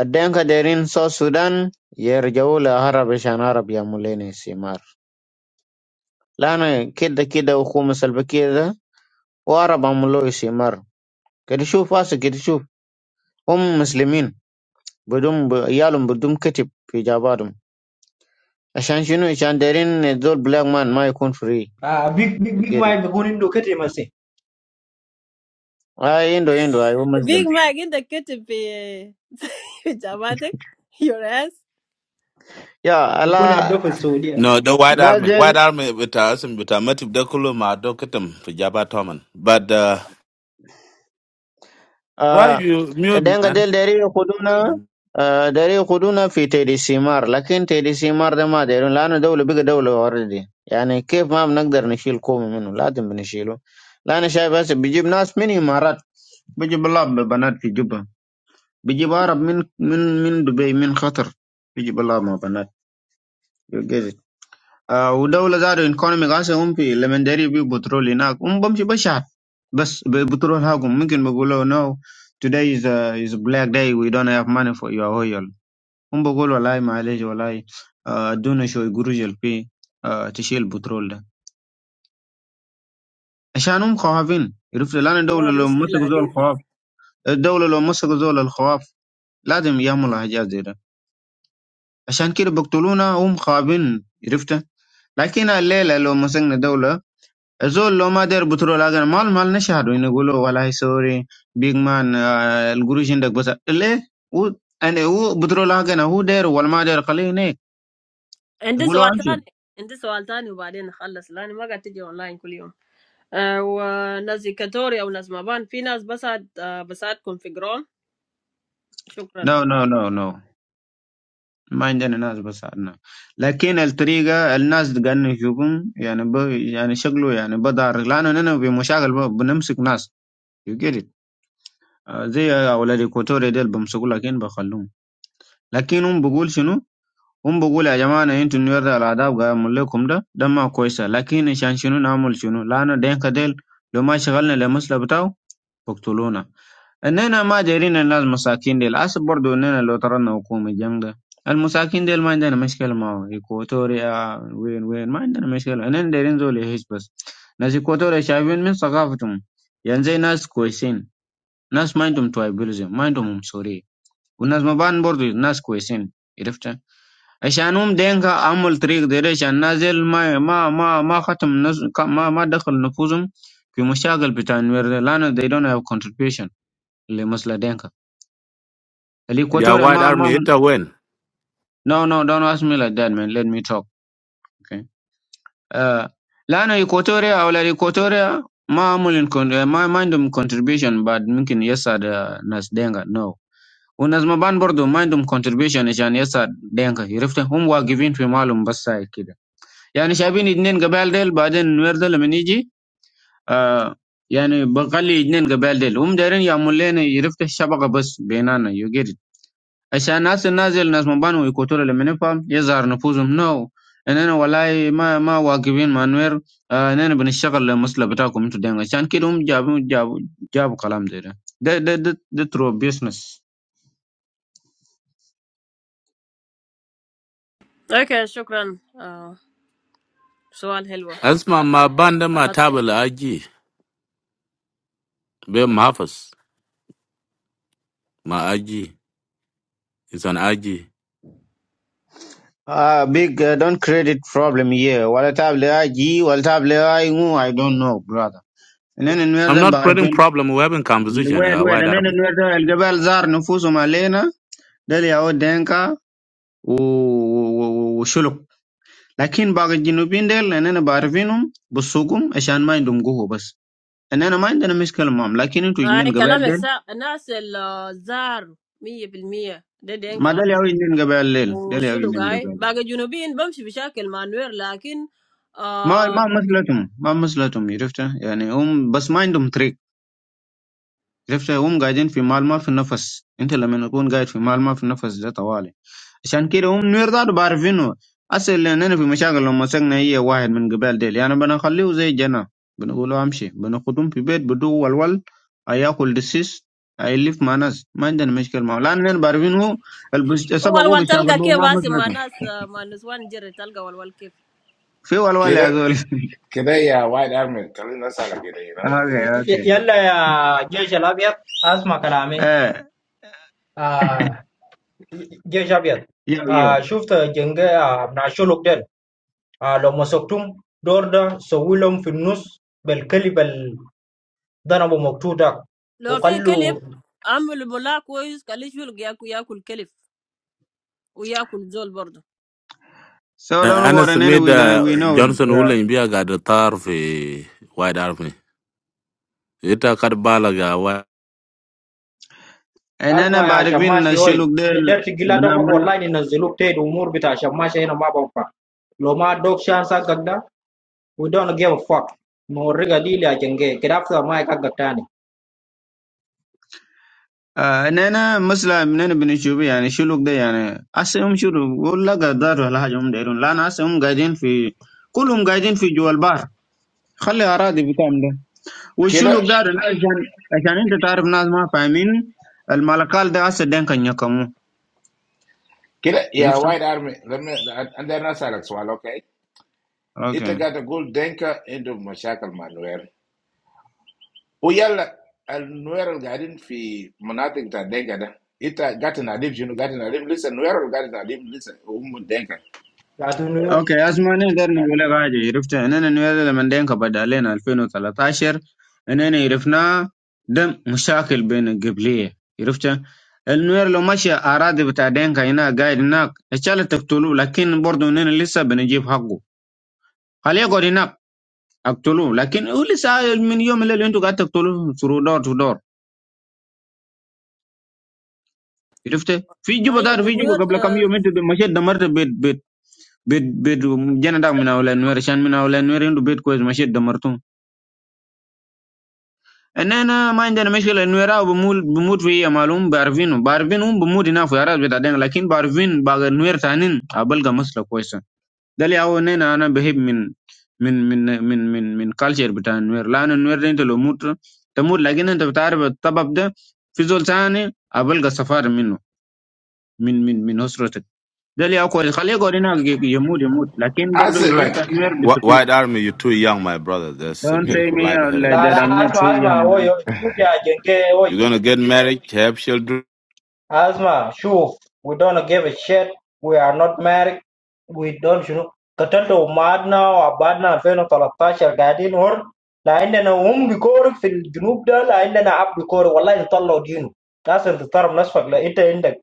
[SPEAKER 8] الدينك دايرين سو السودان يرجعوا لعرب عشان عرب يعملوا لنا استعمار لأن كده كده وخوم سلبا كده وعرب عملوا له استعمار كده شوف فاسق كده شوف هم مسلمين بدون ب- يالهم بدون كتب في جاباتهم Achanchi no, chanderin that black man might come free.
[SPEAKER 3] آه، بيج بيج
[SPEAKER 8] You
[SPEAKER 3] بيج
[SPEAKER 8] get it.
[SPEAKER 3] مايك بيكون عنده كتير مسي
[SPEAKER 8] I endo endo. I'm Muslim.
[SPEAKER 1] بيج ما عندك كتب في [laughs] في جامعتك يور اس
[SPEAKER 8] Yeah,
[SPEAKER 3] بيكون
[SPEAKER 8] Allah.
[SPEAKER 3] هداف السعودية
[SPEAKER 7] No, the White Army. White
[SPEAKER 8] Imagine.
[SPEAKER 7] Army with us and with Amativ Dekulu Madokitum for Jabba Toman. But uh, why
[SPEAKER 8] Ah,
[SPEAKER 7] you
[SPEAKER 8] they
[SPEAKER 7] mute,
[SPEAKER 8] go
[SPEAKER 7] man?
[SPEAKER 8] deal there in Khuduna.
[SPEAKER 7] Mm.
[SPEAKER 8] Ah, there in Khuduna, fitel simar. But in Tedisimar they mad. They don't. They are double, bigger double already. I mean, how we can't get to kill them from them? We have to kill them. I mean, see, but if we get people many, we get. We get Allah with the girls. We get Arab. Min min min Dubai. Min Khatar. We get Allah with the girls. You get it. آه، ودولة زادوا economic هسه هم في لمن داري بيو بترول هناك هم بمشي بشحت بس بترول هاكم ممكن بيقولوا no today is a, is a black day we don't have money for your oil هم بيقولوا والله معلش والله آه، ادونا شوي قروش في آه، تشيل البترول ده عشان هم خوافين عرفت الآن
[SPEAKER 1] لا
[SPEAKER 8] الدولة لو مسكوا زول
[SPEAKER 1] مشكلة
[SPEAKER 8] الخواف الدولة لو مسكوا زول الخواف لازم يعملوا حاجات زي ده عشان كده بقتلونا هم خايفين عرفت لكن الليلة لو مسكنا دولة زول لو ما داير بترول اگر مال مال نشهد انه يقول له والله سوري بيج مان آه، القروش عندك بس ليه هو يعني هو بترول اگر هو داير ولا ما داير خليه هناك
[SPEAKER 1] And this
[SPEAKER 8] تقول له امشي
[SPEAKER 1] question, and this question, we are going to finish. I'm not going to go online every day. Ah, and Nazikatory or Nazmaban. Some people are just, ah, just configured.
[SPEAKER 8] نو
[SPEAKER 1] Thank
[SPEAKER 8] نو نو نو ما عندنا ناس بساعدنا لكن الطريقة الناس قاعدين يشوفهم يعني ب يعني شكله يعني بدار لأنه أنا في مشاغل ب- بنمسك ناس يو جيت زي أولاد الكوتوري ديل بمسكوا لكن بخلوهم لكن هم بقول شنو هم بقول يا جماعة أنا أنتوا نوري الأداب قاعد أعمل لكم ده ده ما كويسة لكن عشان شنو نعمل شنو لأنه دينك ديل لو ما شغلنا لمسلة بتاعه بقتلونا إننا ما دايرين الناس مساكين ديل أسف برضو إننا لو طردنا حكومة الجنگ ده المساكين ديل ما عندنا مشكلة معه إيكواتوريا وين وين ما عندنا مشكلة إننا دايرين زول يعيش بس ناس إيكواتوريا شايفين من ثقافتهم يعني زي ناس كويسين ناس ما عندهم تويبلزم ما عندهم عنصرية والناس مبان برضو ناس كويسين عرفت Lano they don't have contribution. The most la denga. The
[SPEAKER 7] Yeah,
[SPEAKER 8] Equatoria
[SPEAKER 7] White
[SPEAKER 8] ma ma
[SPEAKER 7] Army, it a win.
[SPEAKER 8] no no don't ask me like that man. Let me talk. Okay. Lano Equatoria or the Equatoria ma ma mindum contribution but mungkin yesa la nas denga no. Unas ma ban bordo mindum contribution ishane yesa denga. You rften whom wa giving to malumbasa eke. يعني شايفين اتنين قبائل ديل بعدين النوير ده لما يجي آه يعني بنخلي اتنين قبائل ديل هم دايرين يعمل لنا يرفت الشبكة بس بيننا يو جيت ات، عشان الناس النازل الناس مبانو يقتلوا لما نفهم يظهر نفوذهم نو اننا والله ما ما واقفين مع نوير آه اننا بنشتغل للمصلحة بتاعكم انتوا دين عشان كده هم جابوا جابوا جابوا كلام زي ده ده ده ده, ده ترو بيزنس
[SPEAKER 1] you. Okay, thank you. Ah, question is nice.
[SPEAKER 7] That's my, my band, my
[SPEAKER 1] Ah,
[SPEAKER 7] tabula, IG. Be Mahfas, my IG. It's an IG.
[SPEAKER 8] Uh, big, uh, don't create problem here. Wala tab le IG, wala tab le I ngu, I don't know, brother. And then in
[SPEAKER 7] I'm
[SPEAKER 8] where
[SPEAKER 7] not creating
[SPEAKER 8] the
[SPEAKER 7] problem. We're having conversation.
[SPEAKER 8] الواد
[SPEAKER 7] Yeah,
[SPEAKER 8] واد
[SPEAKER 7] White
[SPEAKER 8] انا
[SPEAKER 7] Army.
[SPEAKER 8] الواد ده الجبال زار نفوسهم علينا ده اللي يعود دينكا و- و- وشلوك لكن باقي الجنوبيين ديل اننا بعرفينهم بسوقهم عشان ما عندهم قوه بس اننا ما عندنا مشكله معهم لكن انتوا جنين قبائل ديل
[SPEAKER 1] 100%
[SPEAKER 8] ما
[SPEAKER 1] didinka.
[SPEAKER 8] ده اللي يعود جنين قبائل ديل
[SPEAKER 1] And
[SPEAKER 8] ده
[SPEAKER 1] what
[SPEAKER 8] اللي
[SPEAKER 1] is
[SPEAKER 8] يعود جنين
[SPEAKER 1] it?
[SPEAKER 8] قبائل ديل
[SPEAKER 1] After you don't see much problems, but,
[SPEAKER 8] ما
[SPEAKER 1] ah,
[SPEAKER 8] ما مثلتهم ما مثلتهم عرفت يعني هم بس ما عندهم طريق شفت هم قاعدين في مال ما في نفس انت لما نكون قاعد في مال ما في نفس ده طوالي عشان كده هم نوير ذاته بعرفينه اصل لاننا في مشاكل لو مسكنا هي واحد من قبال ديل يعني بنخليه زي جنة بنقول له امشي بنخدم في بيت بدو والول هياكل دسيس هيلف مع ناس ما عندنا مشكلة معه لاننا بعرفينه البس-
[SPEAKER 1] how do you
[SPEAKER 8] سبقوا
[SPEAKER 1] find
[SPEAKER 8] بشاكل
[SPEAKER 1] out?
[SPEAKER 8] بو ما
[SPEAKER 1] Because some people,
[SPEAKER 8] مثلكم
[SPEAKER 1] ah, people who are not going to find out how.
[SPEAKER 8] في والول يا
[SPEAKER 14] Kira,
[SPEAKER 8] زول [laughs]
[SPEAKER 14] Kira, yeah, White Army. Kalina that's Kira, you know.
[SPEAKER 8] اوكي
[SPEAKER 3] ي-
[SPEAKER 8] اوكي
[SPEAKER 3] يلا يا جيش الأبيض اسمع كلامي
[SPEAKER 8] ايه
[SPEAKER 3] [laughs] Jadi, saya lihat,
[SPEAKER 8] يو
[SPEAKER 3] ah,
[SPEAKER 8] يو
[SPEAKER 3] syukur jengke ah manusia luktel, ah lom sok tum dor dong sebelum fenus belkalibel dah nampak tudak,
[SPEAKER 1] لو
[SPEAKER 3] bukan
[SPEAKER 1] في كلب
[SPEAKER 3] luar.
[SPEAKER 1] عمل بلا كويس قال لي شو اللي ياكل ياكل كلب وياكل زول برضه
[SPEAKER 8] So don't
[SPEAKER 7] أنا
[SPEAKER 8] worry, anyway,
[SPEAKER 7] سميد
[SPEAKER 8] we, don't- we know
[SPEAKER 7] جونسون
[SPEAKER 8] it.
[SPEAKER 7] ولا بيا قاعد طار في وايد أرمي أنت قد بالك يا وايد
[SPEAKER 8] اننا
[SPEAKER 3] Asma asma
[SPEAKER 8] بعرفين
[SPEAKER 3] sihoy,
[SPEAKER 8] الشلوك ده ال-
[SPEAKER 3] der segila dopak
[SPEAKER 8] بنعمل
[SPEAKER 3] walai ni nasi luktel umur betul asma sih nampak bangpa. Lomadok syansa gak dah? We don't give a fuck. Mu raga dia jengke, kerap tu amai kagitan ni.
[SPEAKER 8] آه اننا مثلا اننا بنشوف يعني الشلوك ده يعني هسه هم شنو ولا قدروا ولا حاجه هم دايرين لان هسه هم قاعدين في كلهم قاعدين في جوا البحر خلي اراضي بتاعهم ده
[SPEAKER 14] Kira,
[SPEAKER 8] والشلوك ده أنا عشان عشان انت تعرف ناس ما فاهمين الملكال ده هسه دين كان يقموه
[SPEAKER 14] Kira, yeah,
[SPEAKER 8] عرفت؟
[SPEAKER 14] White Army. Let me, and then that's Alex Wall, okay? Ita
[SPEAKER 8] اوكي
[SPEAKER 14] gata gul denka into mashakal ma nuer. Uyala, al nuer al fi munatik denka da. Ita gata na dim, shinu gata na dim, listen, nuer al gata na dim, listen, umu denka.
[SPEAKER 3] Lautan air.
[SPEAKER 8] اوكي اسمع انا درنا ولا حاجه عرفت اننا نويل لما دين كبد علينا 2013 اننا عرفنا ده مشاكل بين القبليه عرفت النوير لو مشى اراضي بتاع دينكا هنا قاعد هناك اشال تقتلوه لكن برضه اننا لسه بنجيب حقه خليه يقعد هناك اقتلوه لكن هو لسه من يوم اللي انتوا قاعد تقتلوه ثرو دور تو دور عرفت في جوبا
[SPEAKER 1] طيب
[SPEAKER 8] دار في جوبا
[SPEAKER 1] والنيور
[SPEAKER 8] قبل كم
[SPEAKER 1] آه
[SPEAKER 8] يوم انت مشيت دمرت بيت بيت بيت بيت جنة من اولاد نوير عشان من اولاد نوير عنده بيت كويس مشيت دمرته ان انا ما عندنا مشكله انه يراو بموت بموت في هي مالهم بعرفينه بعرفينهم بموت هنا في اراضي بتاع دينك لكن بعرفين بعد نوير تانين بلقى مسألة كويسه ده اللي هو ان انا انا بهيب من من من من من من كالتشر بتاع النوير لان النوير ده انت لو موت تموت لكن انت بتعرف الطبب ده في زول تاني بلقى سفار منه من من من اسرتك ده اللي هو كويس خليه يقعد هناك ي- يموت يموت لكن
[SPEAKER 14] I
[SPEAKER 8] برضه
[SPEAKER 14] said like,
[SPEAKER 8] لسه النوير
[SPEAKER 7] Wh-
[SPEAKER 8] بيستفيد
[SPEAKER 7] White Army, you're too young, my brother. There's a
[SPEAKER 8] don't say
[SPEAKER 7] beautiful
[SPEAKER 8] me
[SPEAKER 7] life
[SPEAKER 8] uh,
[SPEAKER 7] ahead of
[SPEAKER 8] like
[SPEAKER 7] you.
[SPEAKER 8] that
[SPEAKER 3] Lala
[SPEAKER 8] I'm
[SPEAKER 7] So
[SPEAKER 8] not too
[SPEAKER 3] asma asma,
[SPEAKER 8] young
[SPEAKER 3] oi oi, luktel jengke oi.
[SPEAKER 7] you're gonna get married, have children,
[SPEAKER 3] Asma, sure. We don't give a shit. We are not married. We don't. Got into mad now or bad now? When I talk to your guardian or like inna home, we go in the south. There, like inna up, we go. Wallah, you tell the audience. That's the term. Nasfaq like it in there.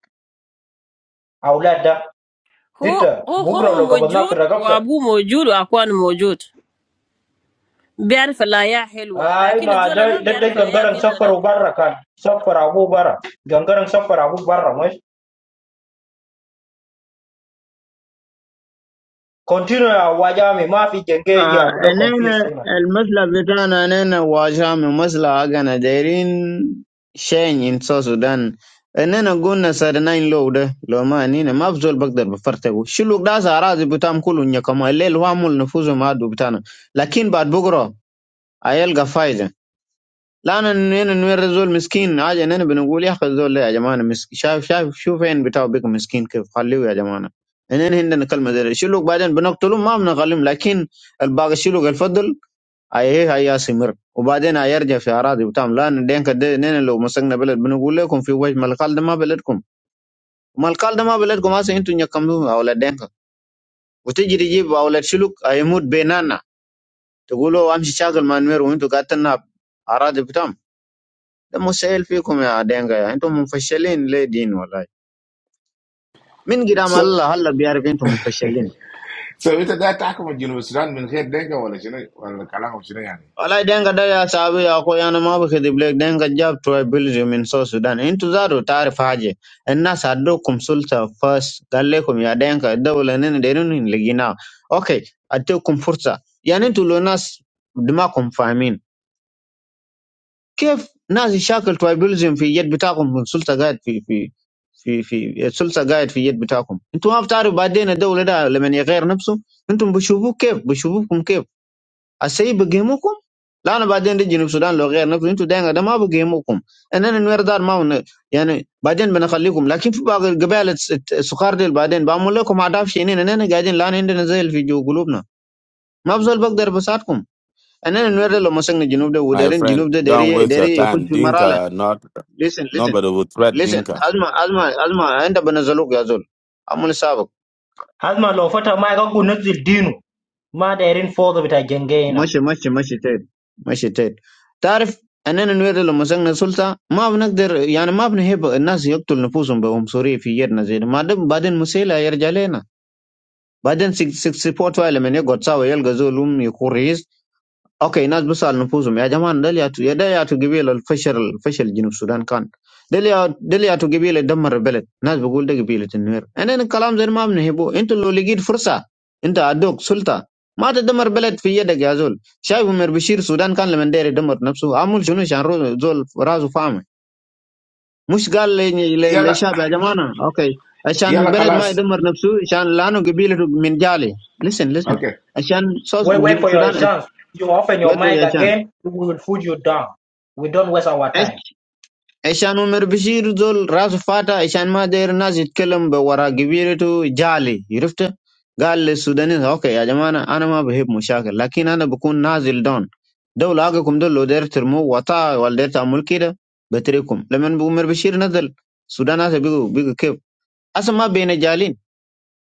[SPEAKER 3] I will add that.
[SPEAKER 1] هو
[SPEAKER 3] Ita.
[SPEAKER 1] هو
[SPEAKER 3] Bugra
[SPEAKER 1] هو
[SPEAKER 3] loga badna fi
[SPEAKER 1] موجود
[SPEAKER 3] ragabta.
[SPEAKER 1] وابوه موجود واخوانه موجود بيعرف الحياة حلوة لكن
[SPEAKER 3] Aima,
[SPEAKER 1] الزول اللي ما
[SPEAKER 3] jai. Dede
[SPEAKER 1] بيعرف الحياة
[SPEAKER 3] jangkarang
[SPEAKER 1] حلوة
[SPEAKER 3] sopper
[SPEAKER 1] ده
[SPEAKER 3] ubara kan. Sopper abu ubara. Jangkarang sopper abu ubara. Continue. A wajah mimah fi jengke
[SPEAKER 8] آه
[SPEAKER 3] jambulak
[SPEAKER 8] انينا
[SPEAKER 3] confused.
[SPEAKER 8] المثل بتاعنا انينا واجهة من مثل اغانا دايرين شين ان سو سودان انينا قلنا سرناين لو ده لو ما انينا ما بزول بقدر بفرتكو شلوك داس اراضي بتاعهم كله نيكما الليل وامل نفوسهم عدو بتاعنا لكن بعد بكره هيلقى فايده لان انينا نوير زول مسكين حاجه انينا بنقول يا اخي الزول ده يا جماعه مسكين شايف شايف شوف فين بتاعه بيك مسكين كيف خليه يا جماعه انينا عندنا كلمه زي ده. شلوك بعدين بنقتلهم ما بنغلم لكن الباقي شلوك الفضل اي هاي يستمر وبعدين هيرجع في اراضي وتام لان دينك ده نين لو مسكنا بلد بنقول لكم في وجه ملقال ده ما بلدكم ملقال ده ما بلدكم هسه انتوا نكملوا اولاد دينك وتجي تجيب اولاد شلوك هيموت بيننا تقولوا امشي شاغل مع نمير وانتوا قاعد تنهب اراضي بتام ده مسائل فيكم يا دينك يا انتم منفشلين ليه دين والله من قدام
[SPEAKER 14] so,
[SPEAKER 8] الله هلا بيعرف انتم منفشلين
[SPEAKER 14] so ita da takuma jinu Sudan min khair denka wala shinu, wala kalanga shinu yani.
[SPEAKER 8] Walai denga dada ya sahabu ya ko yana ma ba kidi blek denga jab tribalism in South Sudan. Intu zaro taarif haje. Enna saddukum sulta first gallekum ya denga dawla nene derun in ligina. Okay, atukum fursa. Yani tu lo nas dimakum fahamin. كيف ناس يشاكل tribalism في يد بتاعكم من سلطة قاعد في في في في السلطة قاعد في يد بتاعكم. انتوا ما بتعرفوا بعدين الدولة ده لمن يغير نفسه انتم بتشوفوه كيف بتشوفوكم كيف السيء بيقيموكم لأن بعدين دي جنوب السودان لو غير نفسه انتوا دايما ده ما بيقيموكم اننا نوير دار ما ون... يعني بعدين بنخليكم لكن في بعض القبائل الس- الت- السكار دي بعدين بعمل لكم عداف شينين اننا قاعدين الان عندنا زي في جو قلوبنا ما بزول بقدر بساعدكم اننا نوير ده لو مسكنا جنوب ده
[SPEAKER 7] my
[SPEAKER 8] ودارين
[SPEAKER 7] friend.
[SPEAKER 8] جنوب ده
[SPEAKER 7] Don't
[SPEAKER 8] داري
[SPEAKER 7] waste your
[SPEAKER 8] داري يخش
[SPEAKER 7] time.
[SPEAKER 8] في مرحله
[SPEAKER 7] Dinka, not
[SPEAKER 8] listen listen
[SPEAKER 7] nobody will threat
[SPEAKER 8] listen
[SPEAKER 7] Dinka.
[SPEAKER 8] ازمه ازمه ازمه انت بنزلوك يا زول عمل سابق
[SPEAKER 3] Hazma lo fata ma ga gu nazil dinu ma da irin fodo bita gengeina.
[SPEAKER 8] مشي مشي مشي تيت مشي تيت تعرف اننا نريد لما مسكنا السلطه ما بنقدر يعني ما بنهيب الناس يقتل نفوسهم بعنصريه في يدنا زي ده. ما دام بعدين مسيلة يرجع لنا بعدين 64 لما يقعد سوا يلقى زول يكون رئيس اوكي ناس بس على نفوسهم يا جماعه ده اللي يعتو- يا ده ياتو قبيله الفشل الفشل جنوب السودان كان ده اللي يا- ده اللي ياتو قبيله دمر البلد ناس بقول ده قبيله النوير انا الكلام زي ما بنهبه انتوا لو لقيت فرصه انت عندك سلطه ما تدمر بلد في يدك يا زول شايف عمر بشير السودان كان لما داير يدمر نفسه عمل شنو عشان رو- زول راسه فاهمه مش قال لي- لي-
[SPEAKER 14] Yala,
[SPEAKER 8] للشعب يا جماعه اوكي عشان
[SPEAKER 14] yala
[SPEAKER 8] بلد ما
[SPEAKER 14] kalas.
[SPEAKER 8] يدمر نفسه عشان لانه قبيلته من جالي listen listen
[SPEAKER 14] Okay.
[SPEAKER 8] عشان صوص-
[SPEAKER 3] Wait, wait
[SPEAKER 8] جنوب
[SPEAKER 3] for your
[SPEAKER 8] السودان
[SPEAKER 3] chance. You open your
[SPEAKER 8] wait for
[SPEAKER 3] mic
[SPEAKER 8] your chance
[SPEAKER 3] again, we will food you down. We don't waste our time.
[SPEAKER 8] عشان عمر بشير زول راسه فاتح عشان ما داير الناس يتكلم بورا قبيلته جالي عرفت قال للسودانيين اوكي يا جماعه انا أنا ما بهيب مشاكل لكن انا بكون نازل دون دولة حقكم دول لو داير ترموا وطا ولا داير تعمل كده بتريكم لما عمر بشير نزل السودان هسه بيجوا بيجوا كيف اصلا ما بين جالين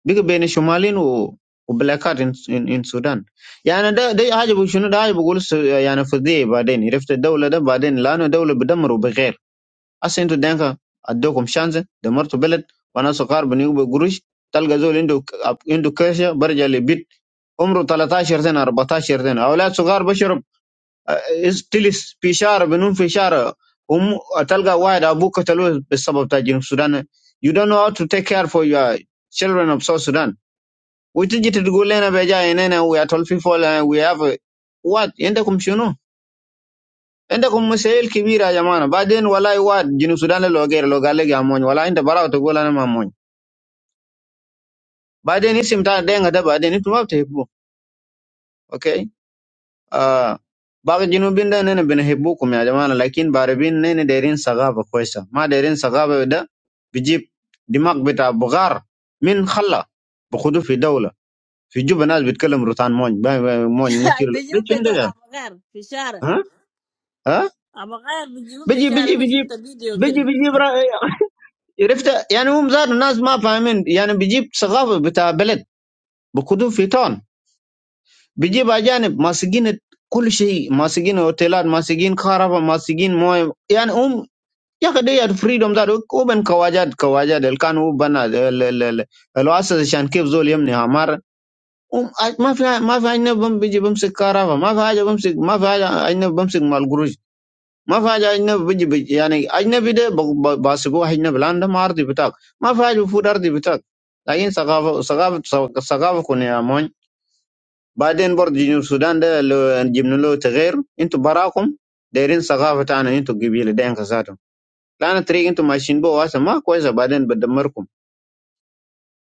[SPEAKER 8] بيجوا بين شمالين و وبلاكات ان ان إن السودان يعني ده ده حاجه شنو ده حاجه بقول يعني فضيه بعدين عرفت الدوله ده بعدين لانه دوله بدمر وبغير Hasa intu denka addokum shanse damartu beled wana sukar bani ube gurush talga zol indu indu kesha barja le bit umru 13 سنه 14 سنه اولاد صغار بشرب تلس في شارع بنوم في شارع هم تلقى واحد ابوك قتلوه بسبب تاع جنوب السودان you don't know how to take care for your children of South Sudan وتجي تقول لنا بجاي هنا we are tall people and we have a, what عندكم شنو عندكم مسائل كبيره يا جماعه بعدين والله واد جنوب السودان لو غير لو قال لك يا مون والله انت براو تقول انا ما مون بعدين اسم تاع دين ده بعدين انتم ما بتحبوه اوكي آه باقي الجنوبين ده نحن بنحبوكم يا جماعه لكن باربين نحن دايرين ثقافه كويسه ما دايرين ثقافه ده بيجيب دماغ بتاع بغار من خلا بخدوه في دوله في جوبا ناس بيتكلم روتان مون با- با- مون موتير
[SPEAKER 1] [laughs]
[SPEAKER 8] ده
[SPEAKER 1] بيجيبوا في
[SPEAKER 8] شنو
[SPEAKER 1] دور
[SPEAKER 8] ده
[SPEAKER 1] أبغار في الشارع
[SPEAKER 8] ها ها
[SPEAKER 1] أبغار بيجيبوا في
[SPEAKER 8] بيجي
[SPEAKER 1] الشارع
[SPEAKER 8] بيجي
[SPEAKER 1] أنا
[SPEAKER 8] بيجي
[SPEAKER 1] شفت فيديو
[SPEAKER 8] بيجي
[SPEAKER 1] كده
[SPEAKER 8] بيجيب عرفت يعني هم زاد الناس ما فاهمين يعني بيجيب ثقافه بتاع بلد بكتب في تون بيجيب اجانب ماسكين كل شيء ماسكين اوتيلات ماسكين خرافه ماسكين مويه يعني هم يا اخي دي الفريدوم ذات وبن كواجات كواجات اللي كانوا بنا ال- ال- ال- الواسطه عشان كيف زول يمني عمار هم ما في ما في اجنبي بيجي بمسك خرافه ما في حاجه بمسك ما في حاجه اجنبي بمسك مال قروش ما في حاجه اجنبي بيجي بيجي يعني اجنبي ده ب- ب- بحسبوه اجنبي لان ده ما ارضي بتاعك ما في حاجه المفروض ارضي بتاعك لكن ثقافه ثقافه ثقافه كون يا مون بعدين برضه جنوب السودان ده لو جبنا له تغير انتوا براكم دايرين ثقافه تاعنا انتوا قبيله ده انكساتهم لان الطريق انتوا ماشيين بو اصلا ما كويسه بعدين بدمركم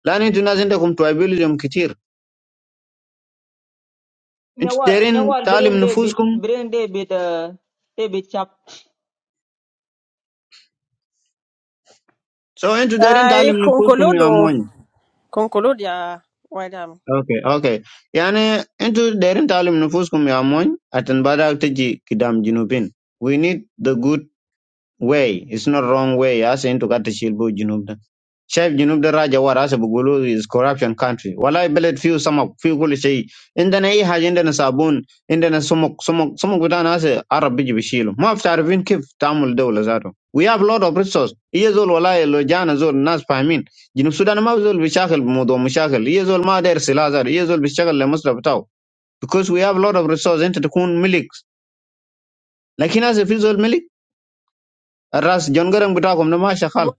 [SPEAKER 8] لان انتوا ناس عندكم توابيلزم كتير انتوا
[SPEAKER 15] nyawal
[SPEAKER 8] دايرين
[SPEAKER 15] nyawal
[SPEAKER 8] تعلم
[SPEAKER 15] brain dey bit
[SPEAKER 8] نفوسكم
[SPEAKER 15] brain dey bit uh dey bit chap
[SPEAKER 8] سو انتوا دايرين
[SPEAKER 1] أي
[SPEAKER 8] تعلم نفوسكم
[SPEAKER 1] كونكولود
[SPEAKER 8] يا
[SPEAKER 1] و-
[SPEAKER 8] مون
[SPEAKER 1] كونكولود يا ويلام
[SPEAKER 8] Okay, okay. I mean, into different talim nufus kumi amon atenbadak teji kdam jinubin. We need the good way. It's not wrong way. I say into kate silbo jinubda. شايف جنوب ده راجع ورا هسه بيقولوا از كوربشن كانتري والله بلد فيه سمك فيه كل شيء عندنا اي حاجه عندنا صابون عندنا سمك سمك سمك بتاعنا هسه عرب بيجي بيشيله ما بتعرفين كيف تعمل دوله ذاته we have lot of resources هي زول والله لو جانا زول الناس فاهمين جنوب السودان ما زول بيشاغل بموضوع مشاغل هي زول ما داير سلاح ذاته هي زول بيشتغل لمصلحه بتاعه because we have lot of resources انت تكون ملك لكن هسه في زول ملك الراس جنجرن بتاعكم ده ما شغال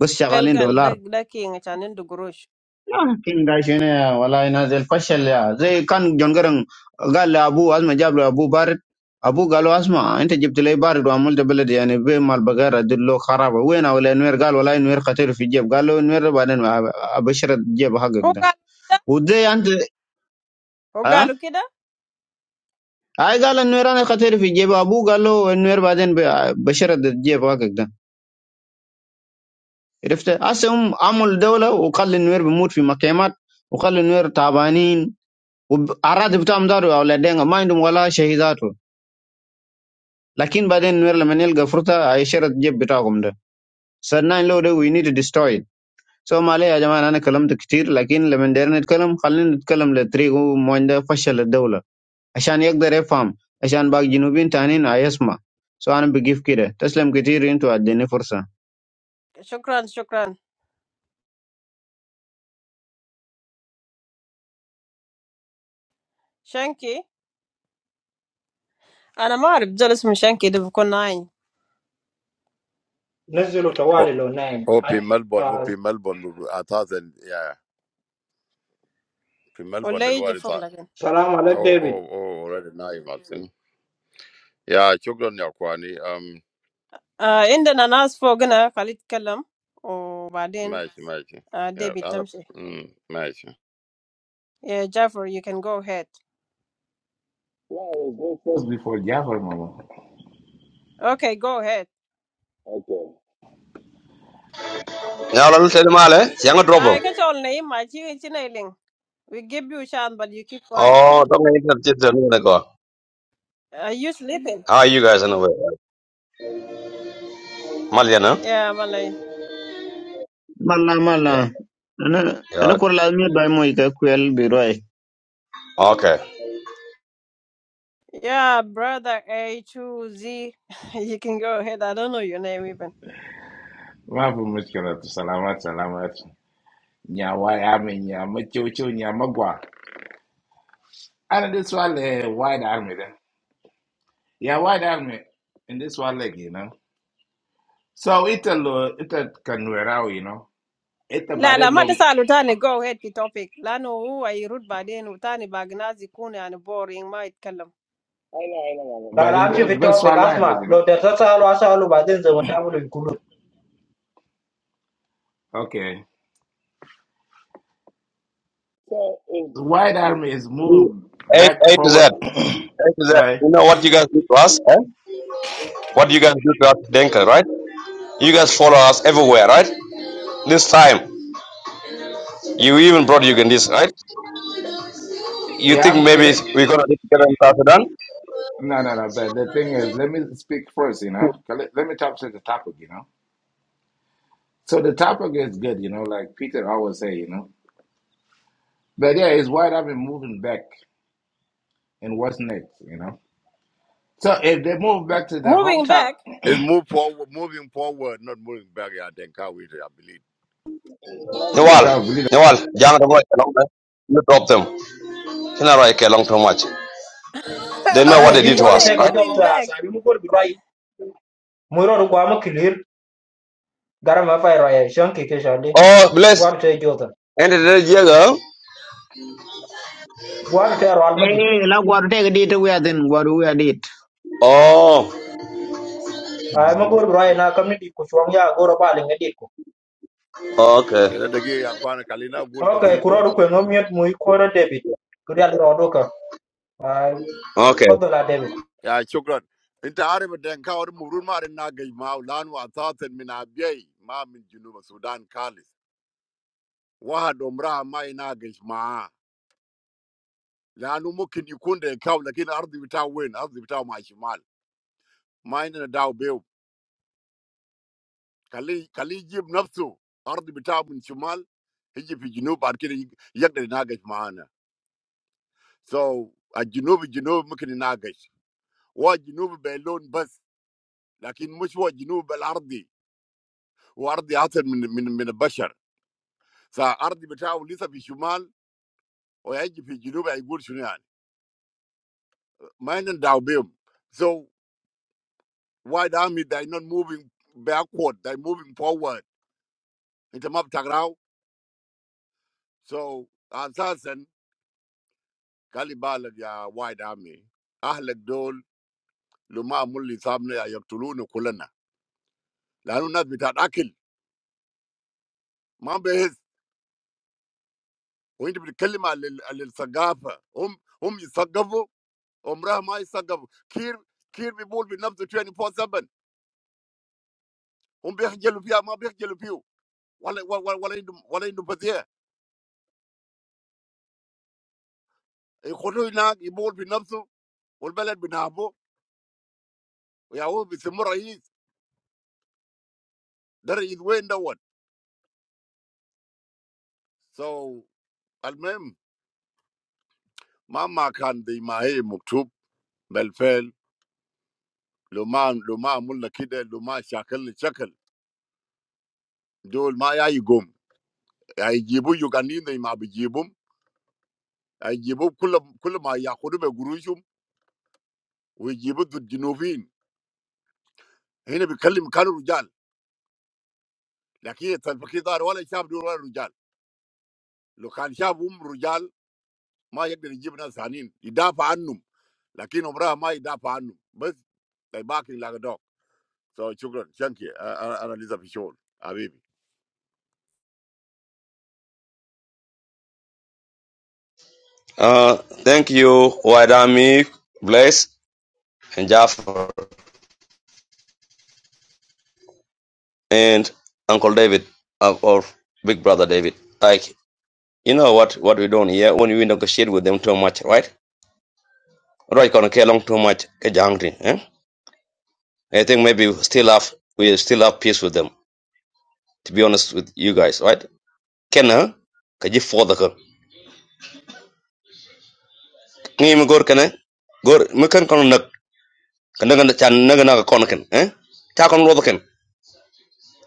[SPEAKER 8] بس شغالين
[SPEAKER 1] بلغال ده
[SPEAKER 8] دولار
[SPEAKER 1] ده كين عشان عنده قروش
[SPEAKER 8] Pinga shine wallahi nazil fashal ya zai kan jongaran gal abu asma jablo abu barit abu galo asma انت جبت لي بارد وعملت بلد يعني بي مال بقرة دلو خرابة وين ولا نوير قال والله نوير قتل في جيب قال له نوير بعدين ابشر جيب حقك
[SPEAKER 1] هو
[SPEAKER 8] ده
[SPEAKER 1] قال كده
[SPEAKER 8] وده انت
[SPEAKER 1] هو
[SPEAKER 8] ها
[SPEAKER 1] قالوا كده
[SPEAKER 8] هاي قال النوير انا قتل في جيب ابو قال له النوير بعدين بشر جيب حقك ده عرفت هسه هم عمل دولة وخلي النوير بيموت في مخيمات وخلي النوير تعبانين والعراضي بتاعهم داروا يا اولاد دينغ ما عندهم ولا شهيداته لكن بعدين نور لما نلقى فرصه هيشرد الجيب بتاعكم ده سناين لو ده وي نيد ديستروي سو ما عليه يا جماعه انا كلمت كتير لكن لما دايرين نتكلم خلينا نتكلم للطريق هو موين ده فشل الدوله عشان يقدر يفهم عشان باقي جنوبين تانيين هيسمع سو انا بقيف كده تسلم كتير انتوا اديني فرصه
[SPEAKER 1] شكرا شكرا شنكي انا ما اعرف زول اسمه شنكي ده بكون ناين
[SPEAKER 3] Nazil
[SPEAKER 16] Oh,
[SPEAKER 3] utawali lo name.
[SPEAKER 16] oh, في
[SPEAKER 3] At-
[SPEAKER 16] ملبورن oh,
[SPEAKER 3] ah,
[SPEAKER 16] في ملبورن اساسا يا في ملبورن
[SPEAKER 1] ولا يجي
[SPEAKER 16] دلوقتي
[SPEAKER 1] فوق
[SPEAKER 16] صار
[SPEAKER 1] لكن
[SPEAKER 3] Salamu alaikum
[SPEAKER 16] oh
[SPEAKER 3] David.
[SPEAKER 16] oh oh already نايم اصلا يا شكرا يا اخواني um
[SPEAKER 1] آه عندنا ناس فوقنا خلي يتكلم وبعدين
[SPEAKER 16] ماشي ماشي
[SPEAKER 1] آه
[SPEAKER 16] Yeah,
[SPEAKER 1] ديبي
[SPEAKER 16] انا
[SPEAKER 1] تمشي
[SPEAKER 16] mm, ماشي
[SPEAKER 1] yeah Jaffer you can go ahead
[SPEAKER 14] Well, go first before Jafar, mama.
[SPEAKER 1] okay go ahead
[SPEAKER 14] Okay.
[SPEAKER 12] ya lo tede male yang drop
[SPEAKER 1] I catch all name my chicken we give you a chance but you keep quiet
[SPEAKER 12] oh to ngi ta jit de ko
[SPEAKER 1] are you sleeping
[SPEAKER 12] how are you guys in a way malian huh?
[SPEAKER 1] yeah Malay
[SPEAKER 8] مالا مالا
[SPEAKER 12] yeah
[SPEAKER 8] انا انا
[SPEAKER 12] yeah
[SPEAKER 8] كور لازم باي موي كويل بيروي
[SPEAKER 12] okay
[SPEAKER 1] yeah brother A to Z [laughs] you can go ahead I don't know your name even
[SPEAKER 14] ما في مشكلة سلامات سلامات يا واي عمي يا متشوشو يا And this one, سؤال eh, army, then yeah, يا army. And this one, like you know so it a, لو إنت كنويراو you know إنت بعدين
[SPEAKER 1] Lala,
[SPEAKER 14] لو
[SPEAKER 1] madam,
[SPEAKER 14] I
[SPEAKER 1] tani go ahead. The topic. Lano, who I root, badeen, tani bagnazi, kune an boring. Madam,
[SPEAKER 14] know, I know, I know. But
[SPEAKER 3] La la
[SPEAKER 14] بعدين
[SPEAKER 3] amshi
[SPEAKER 14] ده
[SPEAKER 3] fi
[SPEAKER 14] بس
[SPEAKER 3] topic
[SPEAKER 14] سؤال واحد بس
[SPEAKER 3] Asma.
[SPEAKER 14] you know
[SPEAKER 3] Lo da sasa lo asa lo badin zaman tamu lo ikulu.
[SPEAKER 14] okay So, if, the white army is moving
[SPEAKER 12] A,
[SPEAKER 14] back
[SPEAKER 12] A to
[SPEAKER 14] forward [coughs]
[SPEAKER 12] Z.
[SPEAKER 14] [clears throat]
[SPEAKER 12] Exactly.
[SPEAKER 14] uh,
[SPEAKER 12] You know what you guys do to us? Eh? What you guys do to us, Denka, right? You guys follow us everywhere, right? This time, you even brought Ugandese, right? You
[SPEAKER 14] yeah
[SPEAKER 12] think
[SPEAKER 14] I'm
[SPEAKER 12] maybe
[SPEAKER 14] gonna
[SPEAKER 12] we're going to get together in South Sudan?
[SPEAKER 14] no no no but the thing is let me speak first you know 'Cause let, let me talk to the topic you know So the topic is good, you know, like Peter always say, you know. But yeah, it's why I've been moving back and what's next, you know. So if they move back to their
[SPEAKER 1] moving
[SPEAKER 14] hometown,
[SPEAKER 1] back.
[SPEAKER 16] It move forward, moving forward, not moving back. Yeah, then can we? I believe.
[SPEAKER 12] Nawal, Nawal, young Ramo, you drop them. You know, like, long too much.
[SPEAKER 1] [laughs]
[SPEAKER 12] They know
[SPEAKER 1] How
[SPEAKER 12] what
[SPEAKER 3] Asma
[SPEAKER 12] they
[SPEAKER 1] do
[SPEAKER 3] jin
[SPEAKER 12] did
[SPEAKER 1] you
[SPEAKER 12] to
[SPEAKER 3] gwadu
[SPEAKER 1] say
[SPEAKER 12] us,
[SPEAKER 3] ta ga
[SPEAKER 12] right?
[SPEAKER 3] jaw
[SPEAKER 1] moving
[SPEAKER 3] ta
[SPEAKER 1] back?
[SPEAKER 3] sabi mu gol birai. Mu ro ro gwa mu clear garam ma fai raya shanki ke shande.
[SPEAKER 12] Oh, bless.
[SPEAKER 3] Gwadu ta jaw ta.
[SPEAKER 12] And the Jaga.
[SPEAKER 3] Gwadu ta ro almadi.
[SPEAKER 8] ايه لا غوار تيك ديت ويا دين غوار ويا ديت
[SPEAKER 12] Oh,
[SPEAKER 3] Ai mu gol birai na kamni di ku shwang ya goro ba linga
[SPEAKER 16] Kaya
[SPEAKER 12] okay.
[SPEAKER 16] dagi ya kwa na kalina gul
[SPEAKER 3] اوكي
[SPEAKER 16] basit bas.
[SPEAKER 3] كرة كوين وميت مو كورة ديفيد كورة اللي رودوكا
[SPEAKER 12] Okay.
[SPEAKER 3] تفضل يا ديفيد
[SPEAKER 16] Ya shukran. Inta arif den ka or murun ma arin na gay ma ulan wa tasen min abiyay ma min junuba Sudan kalis. Waha domra ma ina They are not making you come there. But the earth is turning. The earth is turning towards the south. Mainly in the south belt. Because if you give north, the earth is turning towards the south. He is going to the south, but he is going to be able to reach there. So at the south, the south can be reached. What the south is alone, but but the south is not alone. The south is different from the human. So the earth is turning towards the south. He is going to the south and he is going to reach there. Mainly in the south belt. So white army they are not moving backward. They are moving forward. Inte ma btaqrau, so ansaasen khalibal el ya wa'id ame, ahl el dol lumaa mulli sabne ya yaktulunu kullna. Lahun nafs bithad akil, ma behiz. Inte bide kli ma al al sagafa. Hum hum isagabu, umrah ma isagabu. Kir kir bivol binabso twenty four seven. Hum bihijelu biya ma bihijelu biu. Wal wal wal walayn walayn ibadiah. Ikhudo inaq ibol binabso. Wal belad binabu. Ya wu bithmurahiz dar idway indaw. So al mam. مهما كان دي ما هي مكتوب بالفعل لو ما لو ما عملنا كده لو ما شكلنا شكل دول ما يقوم هيجيبوا يوغانيين زي ما بيجيبهم هيجيبوا كل كل ما ياخذوا بقروشهم ويجيبوا ضد الجنوبيين هنا بيتكلم كانوا رجال لكن الفقير دار ولا شاب دول ولا رجال لو كان شابهم رجال ما يقدر يجيب ناس ثانيين يدافع عنهم لكن عمرها ما يدافع عنهم بس they barking like a dog so شكرا شانكي انا أنا لسه في شغل حبيبي
[SPEAKER 12] Uh, thank you, Waidami, Bless, and Jaffa. and Uncle David of or Big Brother David. Like you know what what we do here when we negotiate with them too much, right? Right, gonna care long too much. get you angry, Eh? I think maybe we still have we still have peace with them. To be honest with you guys, right? Can huh? Can you for the can? Can you go can? eh? Go me can can nak can naga chan naga naga kon can eh? Cha kon ro can.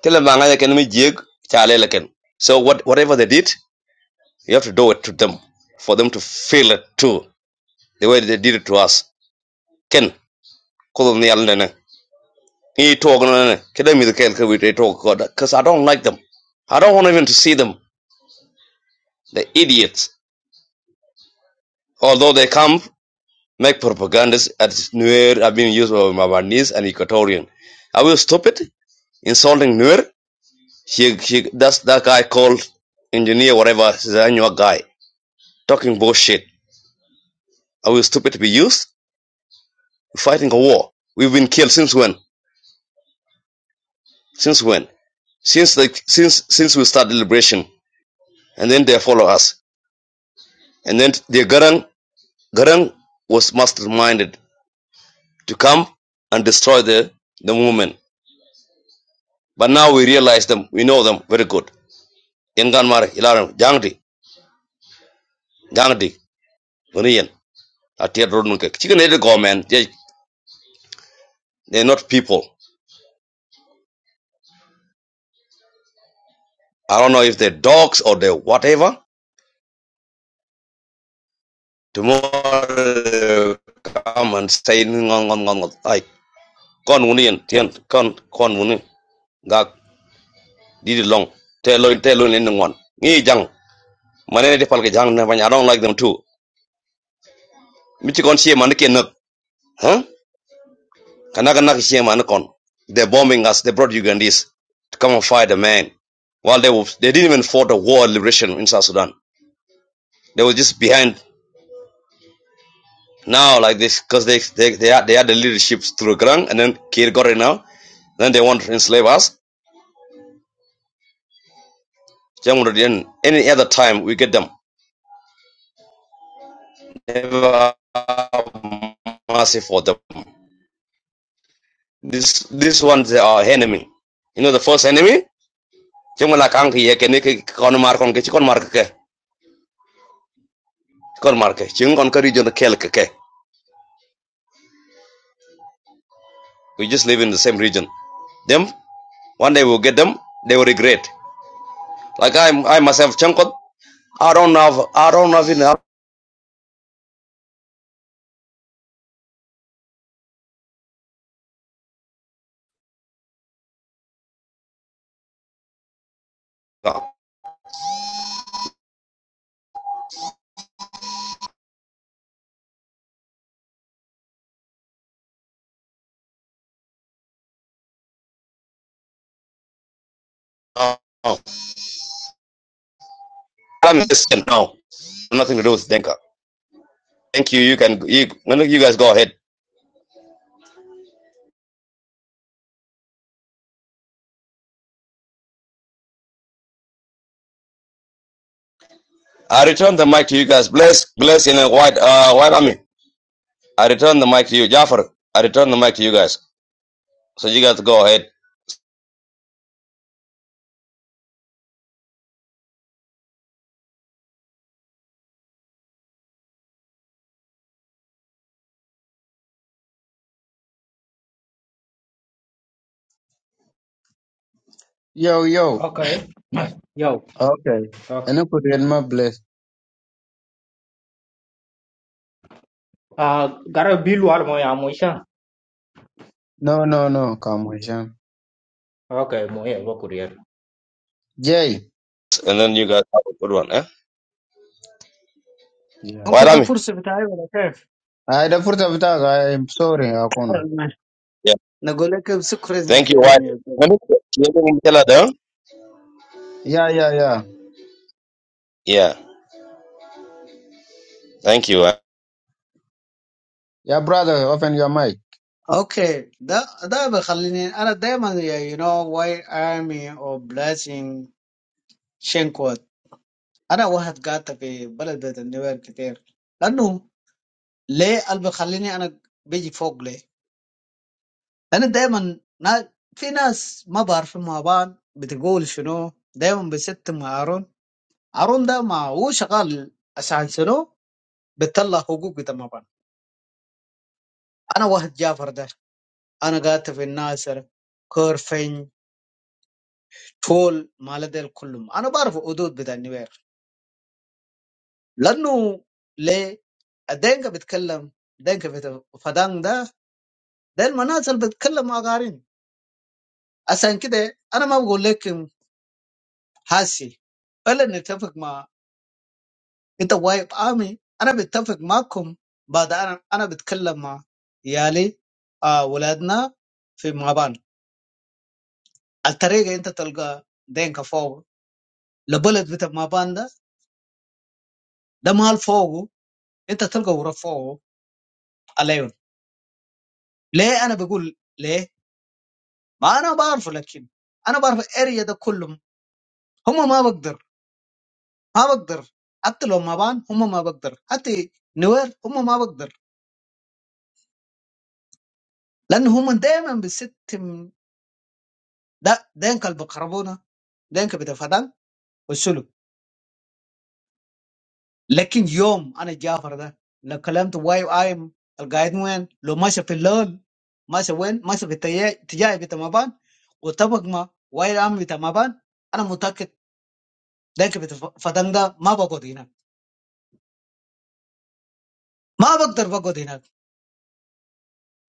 [SPEAKER 12] Tell them banga can me jig cha le la can. So what whatever they did, you have to do it to them for them to feel it too. the way they did it to us. Ken, call them the Alana. He talk on Kedem with the Kelka with talk God, because I don't like them. I don't want even to see them. The idiots. Although they come, make propagandas at Nuer are being used by Mabanese and Equatorian. Are we stupid? Insulting Nuer? He, he, that's that guy called engineer, whatever, he's a annual guy. Talking bullshit. Are we stupid to be used? We're fighting a war. We've been killed since when? Since when? Since like since since we started liberation. and then they follow us. And then the Garang, Garang was masterminded to come and destroy the, the movement. But now we realize them, we know them very good. Yangan Mara, Ilaram, Jangdi, Jangdi, Gunian, Atia Rodnunke. Chicken headed government, they, they're not people. I don't know if they're dogs or they're whatever. Tomorrow come and say, like, Con Union, Tian, Con, Con Union, Gag, Didi Long, Tell Lun, Tell Union, Ngon, Ni Jang. manene de palke jang na bany i don't like them too michi kon sie man ke nak huh kana kana ke sie man kon they bombing us they brought ugandese to come and fight the man while they were, they didn't even fought a war liberation in south sudan they were just behind now like this because they they they had, they had the leadership through grang and then kir got it now then they want to enslave us Then any other time we get them never mercy for them this this one's our enemy you know the first enemy chung la kang ki ye ke ni ki kon mar kon ke chi kon mar ke ke, chi kon mar ke chung kon ka region kel ke ke we just live in the same region them one day we'll get them they will regret like i i myself chung i don't have, i don't know in Africa. No, no, i'm just no nothing to do with denka thank you you can you, no, no, you guys go ahead i return the mic to you guys bless bless in a white uh white army i return the mic to you jafar i return the mic to you guys so you guys go ahead
[SPEAKER 8] يو يو
[SPEAKER 3] Okay. Yo.
[SPEAKER 8] Okay.
[SPEAKER 3] اوكي
[SPEAKER 8] Ana kuriyan ma bless.
[SPEAKER 3] Uh, gara bill war mo ya mo isha.
[SPEAKER 8] No, no, no, Kamwishan.
[SPEAKER 3] اوكي مو هي كوريا
[SPEAKER 8] Jay.
[SPEAKER 12] and then you guys have a good one eh
[SPEAKER 8] Yeah.
[SPEAKER 12] white
[SPEAKER 17] ممكن ده
[SPEAKER 12] army
[SPEAKER 17] فرصة بتاعي ولا كيف؟
[SPEAKER 8] I the furta vita I'm sorry, Akuna.
[SPEAKER 17] ماشي. نقول لك بسكر
[SPEAKER 12] Thank you, wife.
[SPEAKER 17] زلزلني يا زلمة.
[SPEAKER 12] Let me- let me get her down.
[SPEAKER 8] Yeah, yeah, yeah.
[SPEAKER 12] Yeah. Thank you.
[SPEAKER 8] Yeah, brother, open your mic.
[SPEAKER 17] اوكي ده ده بيخليني انا دايما يو نو واي ارمي او بلاسين شينكوت انا واحد قاعد في بلد بيت النوير كتير لانه ليه اللي بيخليني انا بيجي فوق ليه؟ لان دايما نا في ناس ما بعرفين مع بعض بتقول شنو دايما بيستم هارون هارون ده ما هو شغال عشان شنو بتطلع حقوق بتاع مع بعض انا واحد جافر ده أنا قاعد في الناصر كورفين تول مالديل كلهم أنا بعرف حدود بتاع النوير لأنه ليه الدينكا بيتكلم دينكا بيت فدان ده ده المناصر بيتكلم مع غارين عشان كده أنا ما بقول لكم هاسي ولا نتفق مع أنت وايب آمي أنا بتفق معكم بعد أنا أنا بتكلم مع يالي آه ولادنا في مابان الطريقة أنت تلقى دينكا فوق لبلد بتاع مابان ده ده مال فوقه انت تلقى ورفعه على عيون ليه انا بقول ليه ما انا بعرفه لكن انا بعرف الاريا ده كلهم هم ما بقدر ما بقدر حتى لو ما بان هم ما بقدر حتى نوير هم ما بقدر لان هم دائما بستم ده دينك البقربونه دينك بتفدان والسلو لكن يوم انا جافر ده لو كلمت واي ايم القايد وين لو ماشي في اللول ماشي وين ماشي في التجاه بتاع مبان وطبق ما واي عام بتاع مبان انا متاكد ده فدان ده ما بقعد هناك ما بقدر بقعد هناك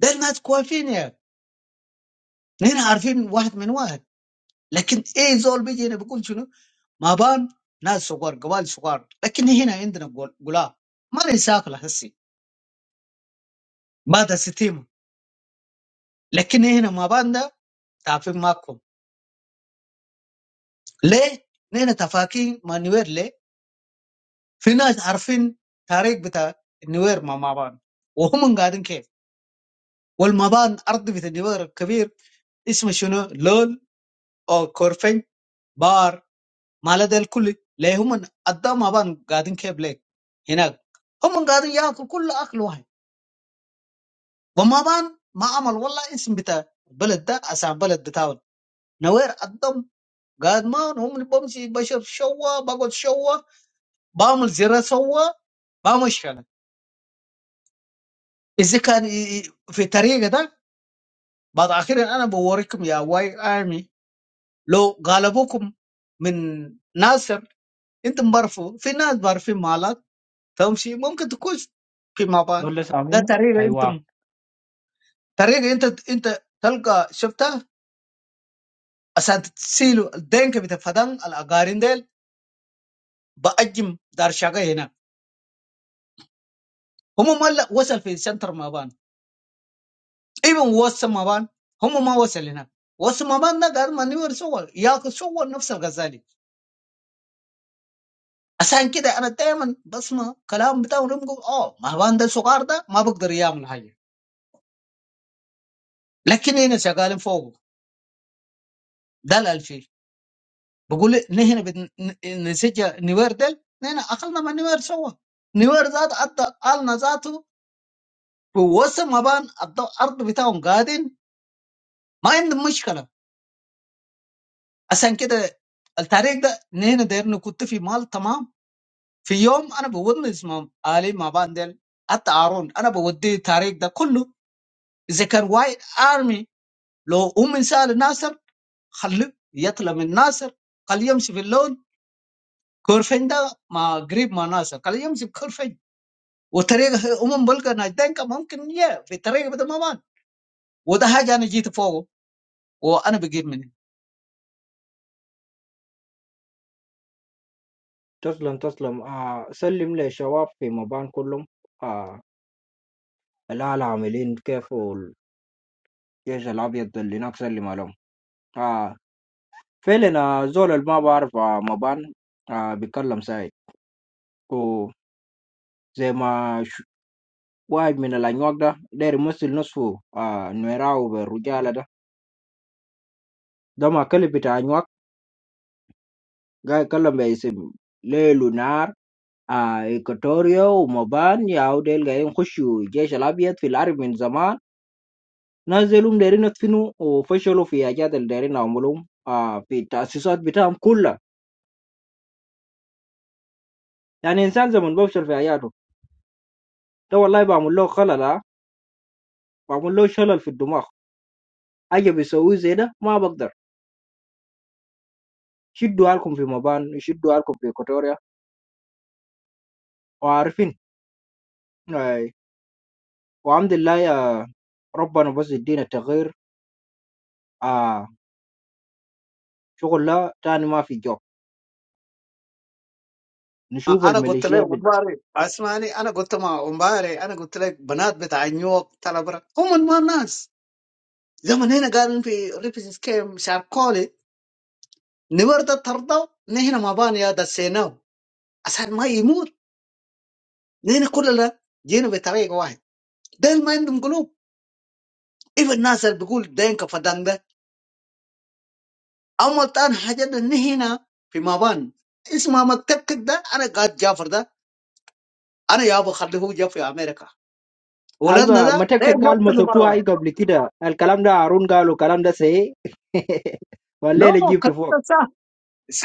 [SPEAKER 17] ده الناس كويسين يا نحن عارفين واحد من واحد لكن ايه زول بيجي هنا بيقول شنو ما بان ناس صغار قبائل صغار لكن هنا عندنا قل- قلاب ما نساكل هسي بعد الستيمة لكن هنا ما بان ده تعرفين معكم ليه؟ نحن تفاكين مع نوير ليه؟ في ناس عارفين تاريخ بتاع النوير مع ما بان وهم قاعدين كيف؟ والمبان ارض بتاع النوير الكبير اسمه شنو؟ لول او كورفنج بار مال ده الكل ليه هم قدام ابان قاعدين كيبليك هناك هم قاعدين ياكل كل اكل واحد وما بان ما عمل والله اسم بتاع البلد ده اسع بلد بتاعه نوير قدام قاعد ما هم بمشي بشرب شوا بقعد شوا بعمل زر سوا ما مشكله اذا كان ي- ي- في طريقه ده بعد اخيرا انا بوريكم يا واي ارمي لو غلبوكم من ناصر انتم بعرفوا في ناس بعرفين مالك تمشي ممكن تكون فيما بعد
[SPEAKER 3] Dolle
[SPEAKER 17] ده
[SPEAKER 3] samin.
[SPEAKER 17] طريقه
[SPEAKER 3] Aiwa.
[SPEAKER 17] انت طريقه انت انت تلقى شفتها عشان تسيلوا الدينك بتاع فدان الاقارن ديل باجم دار شقه هنا هم ما لا وصل في سنتر ما بان ايفن وصل ما بان هم ما وصل هنا وصل ما بان ده قال ما نيور سوى ياكل سوى نفس الغزالي عشان كده انا دايما بسمع كلام بتاعهم رمقوا اه ما بان ده صغار ده ما بقدر يعمل حاجه لكن هنا شغالين فوقه ده الألفي بقول نحن بنسجل نوير ديل نحن اقلنا ما نوير سوا نوير ذات أدى قالنا ذاته في وسط ما بان أدى الارض بتاعهم قاعدين ما عندهم مشكله عشان كده التاريخ ده نحن دايرين كنت في مال تمام في يوم انا بودني اسمه علي ما بان ديل حتى هارون انا بودي التاريخ ده كله اذا كان وايد ارمي لو ام انسان ناصر خليه يطلع من ناصر خليه يمشي في اللون كورفين ده ما قريب ما ناصر خليه يمشي وطريقه هم بلقى ناس دنكا ممكن يا في طريقه بدل ما مان وده حاجه انا جيت فوقه وانا بجيب منه
[SPEAKER 3] تسلم تسلم آه سلم للشباب في مبان كلهم آه الآلة عاملين كيف والجيش الأبيض اللي هناك سلم عليهم آه فعلا آه، زول اللي ما بعرف آه مبان آه بيتكلم ساي وزي ما واحد من الأنواع ده داير يمثل نصفه آه نويراو بالرجالة ده ده ما كلب بتاع أنواع قاعد يتكلم باسم ليل ونهار آه إيكوتوريا ومبان ياو ديل قاعدين يخشوا الجيش الأبيض في العرب من زمان ناس ديلهم دايرين يدفنوا وفشلوا في حاجات اللي دايرين يعملوهم آه في التأسيسات بتاعهم كلها يعني إنسان زمن بفشل في حياته ده والله بعمل له خلل آه. بعمل له شلل في الدماغ حاجة بيسويه زي ده ما بقدر شدوا حالكم في مبان شدوا حالكم في إيكوتوريا وعارفين آه، وعمد الله يا ربنا بس يدينا التغيير آه شغل لا تاني ما في جوب نشوف
[SPEAKER 17] انا قلت لك
[SPEAKER 3] الميليشيا بال
[SPEAKER 17] امبارح اسمعني انا قلت ما امبارح انا قلت لك بنات بتاع نيويورك تلبرة هم ما ناس زمن هنا قالوا في ريفيس كيم شاركولي نورد ترضى نحن ما بان يا دسيناو عشان ما يموت نحن كلنا جينا بطريقه واحد دين ما عندهم قلوب ايه الناس اللي بيقول دينك فدان اول تاني حاجه ده نهينا في مابان اسمه ما التكك ده انا قاعد جافر ده انا يابا خليه هو جاف في امريكا
[SPEAKER 3] ألبا
[SPEAKER 17] ولادنا
[SPEAKER 3] ما
[SPEAKER 17] ده غير
[SPEAKER 3] تكتك قال
[SPEAKER 17] يقتلوا مره
[SPEAKER 3] مسكتوها أي
[SPEAKER 17] واحده
[SPEAKER 3] قبل كده الكلام ده هارون قال والكلام ده سي [laughs] والليلة
[SPEAKER 17] لا
[SPEAKER 3] جبت
[SPEAKER 17] الكلام
[SPEAKER 3] فوق
[SPEAKER 17] ده صح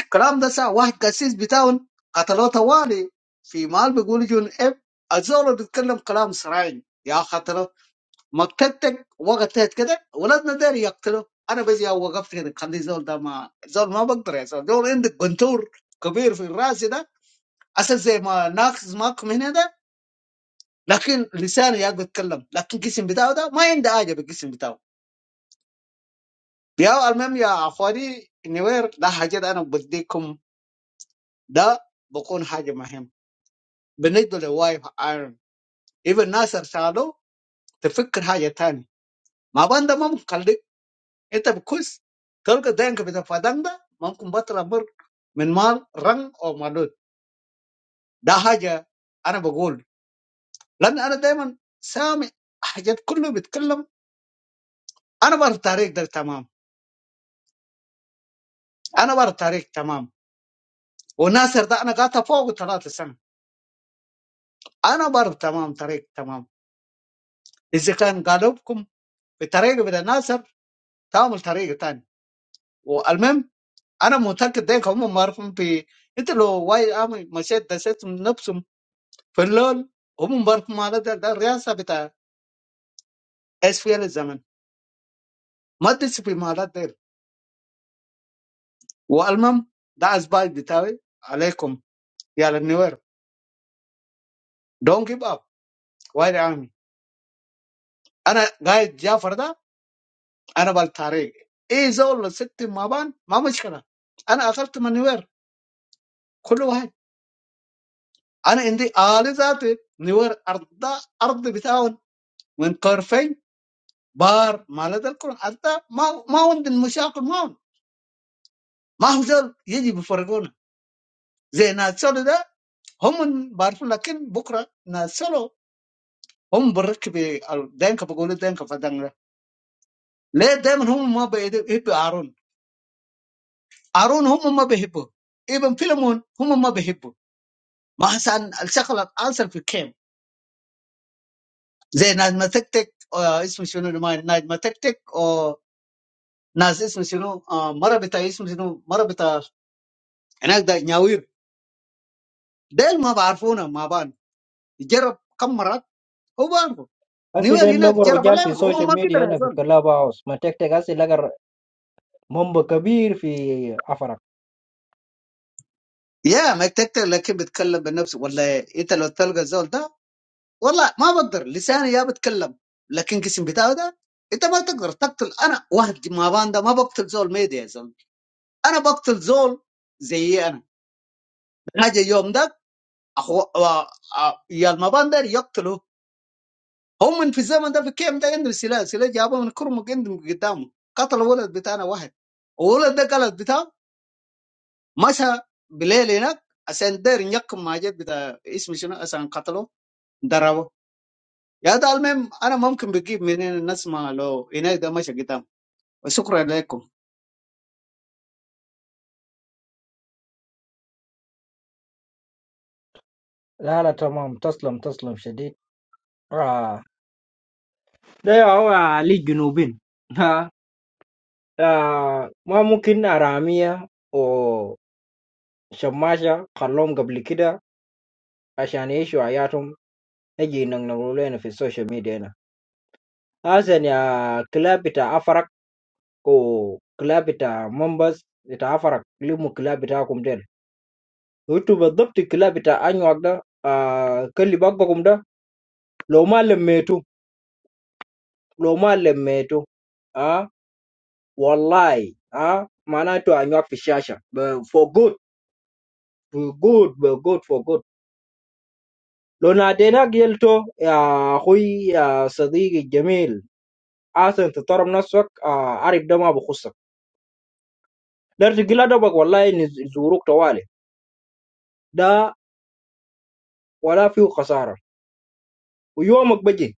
[SPEAKER 17] الكلام ده صح واحد قسيس بتاعهم قتلوه طوالي في مال بيقولوا جون اف الزول بيتكلم كلام صراعي يا خطره مكتتك وقتت كده ولادنا ده يقتلوا انا بس يا وقفت كده خلي زول ده ما زول ما بقدر يا زول زول عندك جنتور كبير في الراس ده اساس زي ما ناقص ماكم هنا ده لكن لساني يا بيتكلم لكن الجسم بتاعه ده ما عنده حاجه بالجسم بتاعه يا المهم يا اخواني نوير ده حاجات انا بديكم ده بكون حاجه مهم بالنسبه لوايف ايرون ابن ناصر سالو تفكر حاجه تاني ما بنده ما مخليك انت بكوس تلقى دينك بتاع فدان ده ممكن بطل مر من مال رن او مالود ده حاجه انا بقول لان انا دايما سامع حاجات كله بيتكلم انا بره التاريخ ده تمام انا بره التاريخ تمام والناصر ده انا قاطع فوق 3 سنه انا برضه تمام طريق تمام اذا كان قالبكم بطريقه بتاع الناصر تعمل طريقه تانية والمهم انا متاكد ديك هم معرفين في انت لو واي عامل مشيت دسيت من نفسهم في اللول هم برضه مالات ده, ده الرئاسه بتاع اس في الزمن ما تدس في مالات ديل والمهم ده اسباب بتاعي عليكم يا النوير دونت جيف اب واي عامي انا قاعد جافر ده انا بالطريق ايه زول ست مبان ما مشكله انا اكلت من نوير كل واحد انا عندي آلة ذاتي نوير ارض ارض بتاعون من طرفين بار مال ده الكل حتى ما ما عندي مشاكل معهم ما هو زول يجي بيفرقونا زي ناس سولو ده هم بعرفوا لكن بكره ناس سولو هم بركب الدينك بقولوا دينك فدان ده ليه دايما هم ما بيحبوا هارون هارون هم ما بيحبوه ابن فيلمون هم ما بيحبوه ما عشان الشغله انسر في كيم زي ناس ما تكتك آه، اسمه شنو ما ناس ما تكتك او ناس اسمه شنو آه، مره بتاع اسمه شنو مره بتاع هناك ده نياوير ديل ما بعرفونا ما بان جرب كم مرات هو بعرفه
[SPEAKER 3] هسي
[SPEAKER 17] نيوير
[SPEAKER 3] ده
[SPEAKER 17] هناك
[SPEAKER 3] لقوا
[SPEAKER 17] جرب
[SPEAKER 3] الرجال في
[SPEAKER 17] عليهم هم ما
[SPEAKER 3] السوشيال
[SPEAKER 17] قدر
[SPEAKER 3] ميديا
[SPEAKER 17] يا
[SPEAKER 3] هنا في
[SPEAKER 17] زول
[SPEAKER 3] كلاب هاوس ما تكتك هسي لقى منبع كبير في أفرق
[SPEAKER 17] يا ما تكتك لكن بيتكلم بنفسه والله انت لو تلقى الزول ده والله ما بقدر لساني يا بتكلم لكن جسم بتاعه ده انت ما تقدر تقتل انا واحد ما بان ده ما بقتل زول ميديا يا زول انا بقتل زول زي اجى يوم ده أخو... و- آه، يا المبان ده يقتلوا هم من في الزمن ده في كيم ده عندهم سلاح سلاح جابوه من كرمك عندهم قدامه قتل ولد بتاعنا واحد وولد ده قلت بتاعه مشى بالليل هناك عشان داير يقم ماجد بتاع اسمه شنو عشان قتله ضربه يا ده المهم انا ممكن بجيب منين الناس ما لو هناك ده مشى قدام وشكرا لكم
[SPEAKER 3] لا لا تمام تسلم تسلم شديد آه ده هو علي جنوبين [laughs] ها آه ما ممكن أرامية Shamash Kalom gablikida عشان يعيشوا حياتهم نجي نقولوا لنا في السوشيال ميديا هنا حسن يا كلاب بتاع أفرق وكلاب بتاع منبس بتاع أفرق لموا كلاب بتاعكم ديل وانتوا بالضبط الكلاب بتاع أنيوك ده آه كل بقكم ده لو ما لميتوا لو ما لميتوا آه والله آه معناته أنيوك في الشاشة ب- for good for good for good for good لو ناديناك يلتو يا أخوي يا صديقي الجميل عسى ان تحترم نفسك آه عارف ده ما بخصك دار تقول ادبك والله ان زوروك طوالي ده ولا فيه خساره ويومك بجي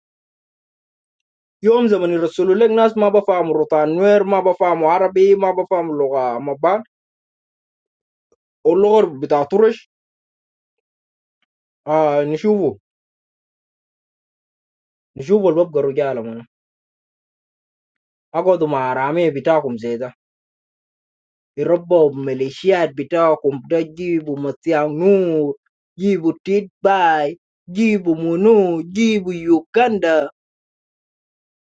[SPEAKER 3] يوم زمن يرسلوا لك ناس ما بفهموا روتان نوير ما بفهموا عربي ما بفهموا لغه مبان واللغه بتاع طرش آه نشوفه نشوفه اللي ببقى الرجال من اقعدوا مع عراميه بتاعكم زي ده يربوا بميليشيات بتاعكم ده جيبوا متيع نور جيبوا تيت باي جيبوا منو جيبوا يوكندا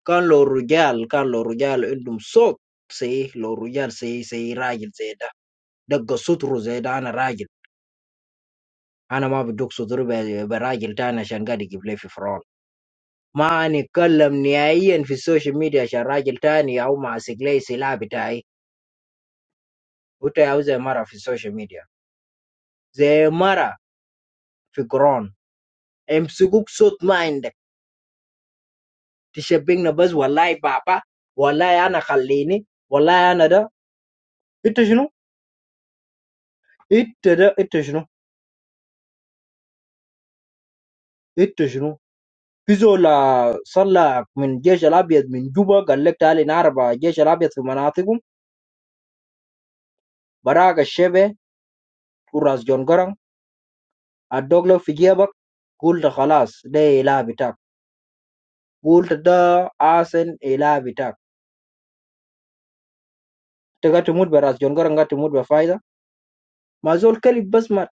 [SPEAKER 3] كان لو الرجال كان لو الرجال عندهم صوت سي لو الرجال سي سي راجل زي ده دق سطره زي ده انا راجل انا ما بدق سطري ب- براجل تاني عشان قاعد يجيب لي في فرعون ما نتكلم نهائيا في السوشيال ميديا عشان راجل تاني او ماسك لي سلاح بتاعي وانت يا هو زي مرة في السوشيال ميديا زي مرة في قرآن امسكوك صوت ما عندك تشبهنا بس والله بابا والله انا خليني والله انا ده انت شنو انت ده انت شنو انت شنو فيزو لا صلى من جيش الأبيض من جوبا قال لك تعالي نعرف جيش الأبيض في مناطقهم براك الشبه وراس جون قرن الدوغلو في جيبك قلت خلاص ده إله بتاعك قلت ده آسن إله بتاعك تقدر تموت براس جون قرن قد تموت بفايدة ما زول كلب بس مات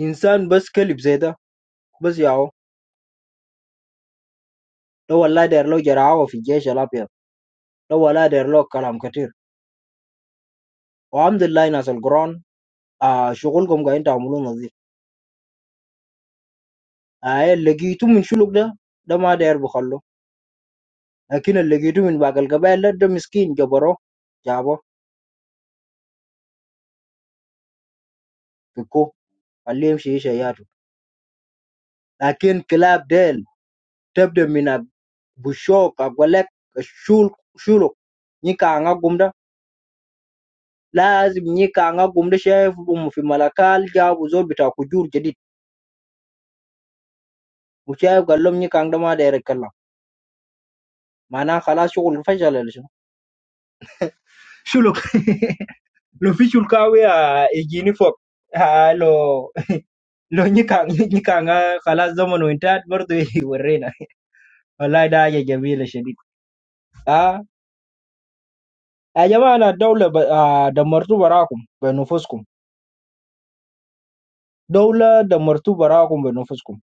[SPEAKER 3] إنسان بس كلب زي ده بس ياهو لو والله دير له جرعاوة في الجيش الأبيض لو والله دير له كلام كتير والحمد لله ناس القرآن آه شغلكم قاعدين تعملوه نظيف أي لقيتو من شلوك ده ده ما داير بخلو لكن اللي لقيتو من باقي القبائل ده, ده مسكين جبروه جابه فكوه خليه يمشي يعيش حياته لكن كلاب ديل تبدا من بوشوك اقول لك الشول شلوك نيكا عناقهم ده لازم نيكا عناقهم ده شايف أم في ملكال جابوا زول بتاع كجور جديد وشايف قال لهم نيكا عن ده ما داير يتكلم معناه خلاص شغل فشل ولا شنو شلوك [laughs] Luffy sulka awe a ejini fok, halo, lo [laughs] ni kang ni kang ngah kalas zaman orang terat murtu ibu reina, lai dah je jambil esok. Ah, a jaman dola ah dambat tu berakum, bernofus kum. Dola dambat tu berakum bernofus kum.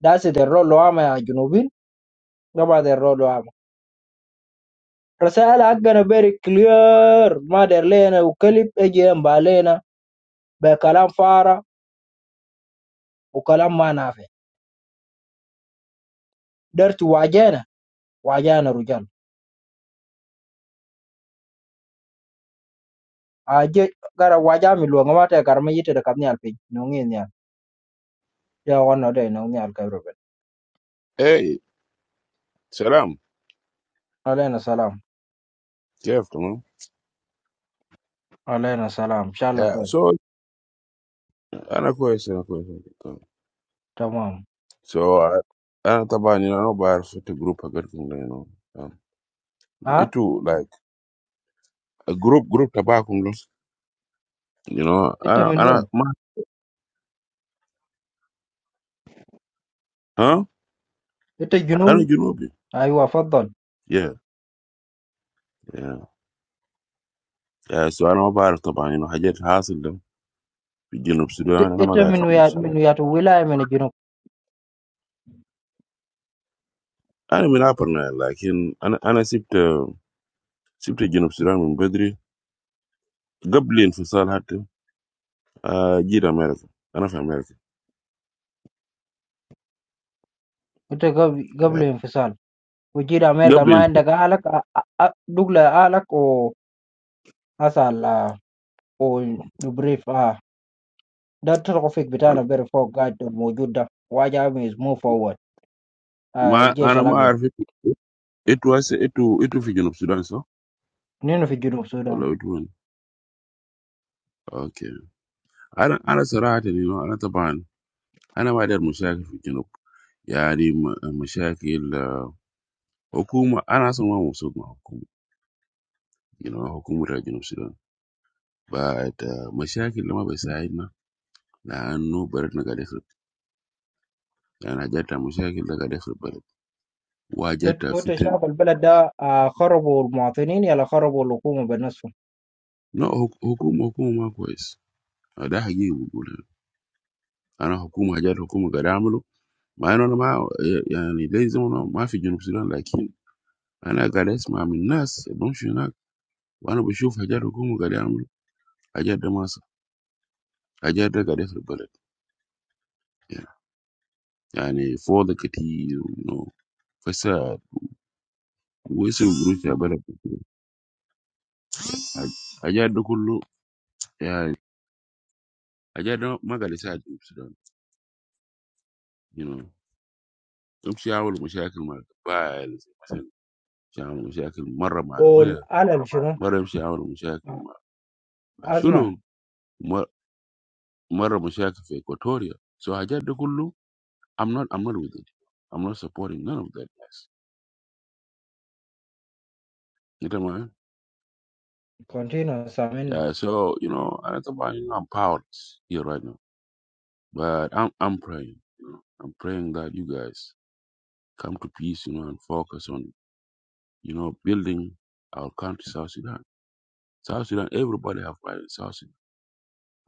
[SPEAKER 3] Das teror lo ame a junubin, ramad teror lo amu. Rasanya agaknya very clear, mader lena u kulip ejen balen a berkalam fara, u kalam mana afe. Dertu wajana, wajana rujam. aje gara waja miluongo matek kar miyite to kamiel piny nong'i niel jawan node nong'iel ka ruben
[SPEAKER 18] Hey, salam.
[SPEAKER 3] alena salam
[SPEAKER 18] Good afternoon.
[SPEAKER 3] alena salam shalom
[SPEAKER 18] Yeah, so ana question, ana question.
[SPEAKER 3] tamam
[SPEAKER 18] So uh, ana taba ni ana bar fit group agar kung you know. Um, it
[SPEAKER 3] ha
[SPEAKER 18] like a group group taba kung you know.
[SPEAKER 3] ite
[SPEAKER 18] Ana
[SPEAKER 3] min
[SPEAKER 18] ana
[SPEAKER 3] wen
[SPEAKER 18] ma huh?
[SPEAKER 3] ite junub
[SPEAKER 18] Ana junubi.
[SPEAKER 3] aywa faddal
[SPEAKER 18] Yeah, yeah. Yeah, so ana bar taba you know hajat hasil dam fi junub Sudan
[SPEAKER 3] ite
[SPEAKER 18] ana
[SPEAKER 3] ite
[SPEAKER 18] magar fi
[SPEAKER 3] min
[SPEAKER 18] junub
[SPEAKER 3] wiya
[SPEAKER 18] Sudan.
[SPEAKER 3] min wiya to wilaya min e junub
[SPEAKER 18] Ana min aparna lakin ana ana sibta sibta junub Sudan min badri قبل انفصال حتى آه، جيت امريكا انا في امريكا
[SPEAKER 3] ite gab- gabla infisal وجيل امريكا ما
[SPEAKER 18] Yeah.
[SPEAKER 3] عندك اهلك دقلة اهلك و اسال و نبريف اه ده التوفيق بتاعنا بير فوق قاعد موجود ده واجه از موف فورورد
[SPEAKER 18] Ma
[SPEAKER 3] الجيش
[SPEAKER 18] anama
[SPEAKER 3] الابيض
[SPEAKER 18] arfi etu asetu etu fijenopsi dano,
[SPEAKER 3] نينو في جنوب السودان
[SPEAKER 18] hello etu one okay. Ananasa rahatini no anata bahan anawa der mushaki fijenop ya ni mushaki il hukum anasonga musud ma hukum you know hukumu rajenopsi dano ba etu mushaki il ma besahe ma la ano barat nagadesho la najata mushaki il nagadesho barat
[SPEAKER 3] انت-
[SPEAKER 18] wajata
[SPEAKER 3] انتوا
[SPEAKER 18] fite
[SPEAKER 3] شعب البلد ده آه، خربوا المواطنين يلا خربوا الحكومة بنفسهم
[SPEAKER 18] no hukum hukum ma ku es da higi wugule anahukum hajar hukum garamlo. Ma inon ma, yani dey zomu ma fi jenub Sudan, lakini ana kades ma amil nas. Bunchi na wana beshuf ajer ukumu kade amlo ajer damasa ajer da kades rubale. Yani for the kiti, you know, fessar wesi uburu shabale. Ajer do kullo, yeah, ajer don ma kades saj jenub Sudan, you know. Bunchi awolo musyakil ma. Waal, shanu musyakil mara maal. Waa
[SPEAKER 3] والعلل شنو
[SPEAKER 18] mara musyakil ma.
[SPEAKER 3] أزمة
[SPEAKER 18] Shulo mar. Mara Mushaka for Equatoria. So Hajat de Kulu, I'm not I'm not with it. I'm not supporting none of that mess. You know what I mean?
[SPEAKER 3] كونتينو سامعنا
[SPEAKER 18] Yeah, so you know, I don't know, you know, I'm powerless here right now. But I'm I'm praying, you know. I'm praying that you guys come to peace, you know, and focus on, you know, building our country, South Sudan. South Sudan, everybody have right in South Sudan.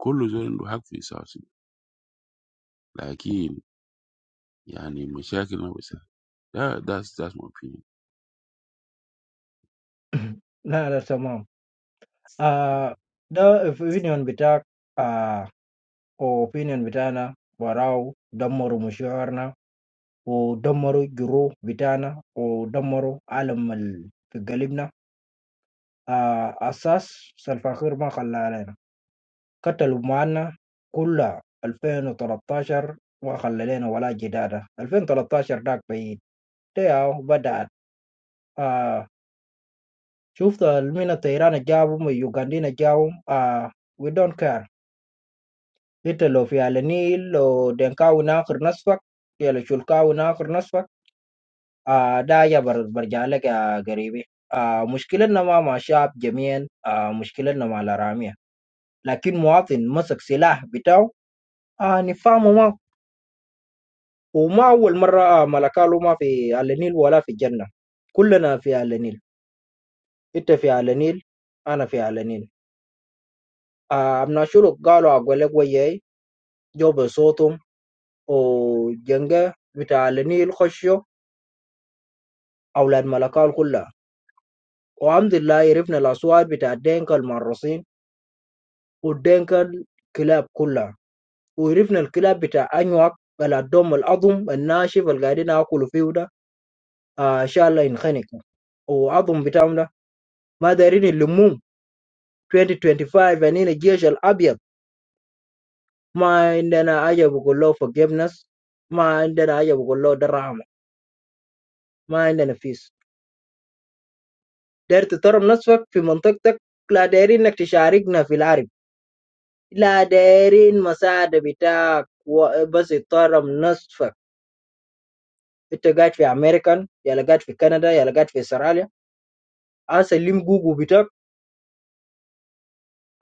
[SPEAKER 18] Kulu Zorin do have for South Sudan. Like in Yani Mushaka, you know, we say. that that's that's my opinion.
[SPEAKER 3] [coughs] لا لا تمام آه ده opinion بتاعك آه opinion بتاعنا وراو دمروا مشاعرنا ودمروا جروح بتاعنا ودمروا علم ال- في قلبنا آه أساس سلفاخير ما خلانا كتلوا معانا كلها 2013 ما خلى لنا ولا جدال 2013 داك بعيد تياو بدأت آه شفت من الطيران جابوا من يوغندينا جابوا آه we don't care انت لو في على النيل لو دنكاو ناخر نصفك يلا شلكاو ناخر نصفك آه دا يا بر- برجع لك يا قريبي آه مشكلتنا ما مع شعب جميعا آه مشكلتنا مع الارامية لكن مواطن مسك سلاح بتاعه آه نفهمه وما أول مرة ملكالو ما في على النيل ولا في الجنة كلنا في على النيل أنت في على النيل أنا في على النيل آه، أبناء شلوك قالوا أقول لك وياي جو بصوتهم وجنجة بتاع على النيل خشوا أولاد ملكال كلها والحمد لله عرفنا الأصوات بتاع الدينكا المعرصين والدينكا الكلاب كلها وعرفنا الكلاب بتاع أنواع الدم الأضم الناشف اللي قاعدين ناكلوا فيه ده آه، إن شاء الله ينخنق وعظم بتاعهم ده ما دايرين يلموه 2025 يعني الجيش الأبيض ما عندنا حاجة بقول له forgiveness ما عندنا حاجة بقول له ده رحمة ما عندنا فيس داير تترم نفسك في منطقتك لا دايرين انك تشاركنا في العرب لا دايرين مساعدة بتاعك و- بس تترم نفسك انت قاعد في امريكان يلا قاعد في كندا يلا قاعد في استراليا اسلم جوجو بتاعك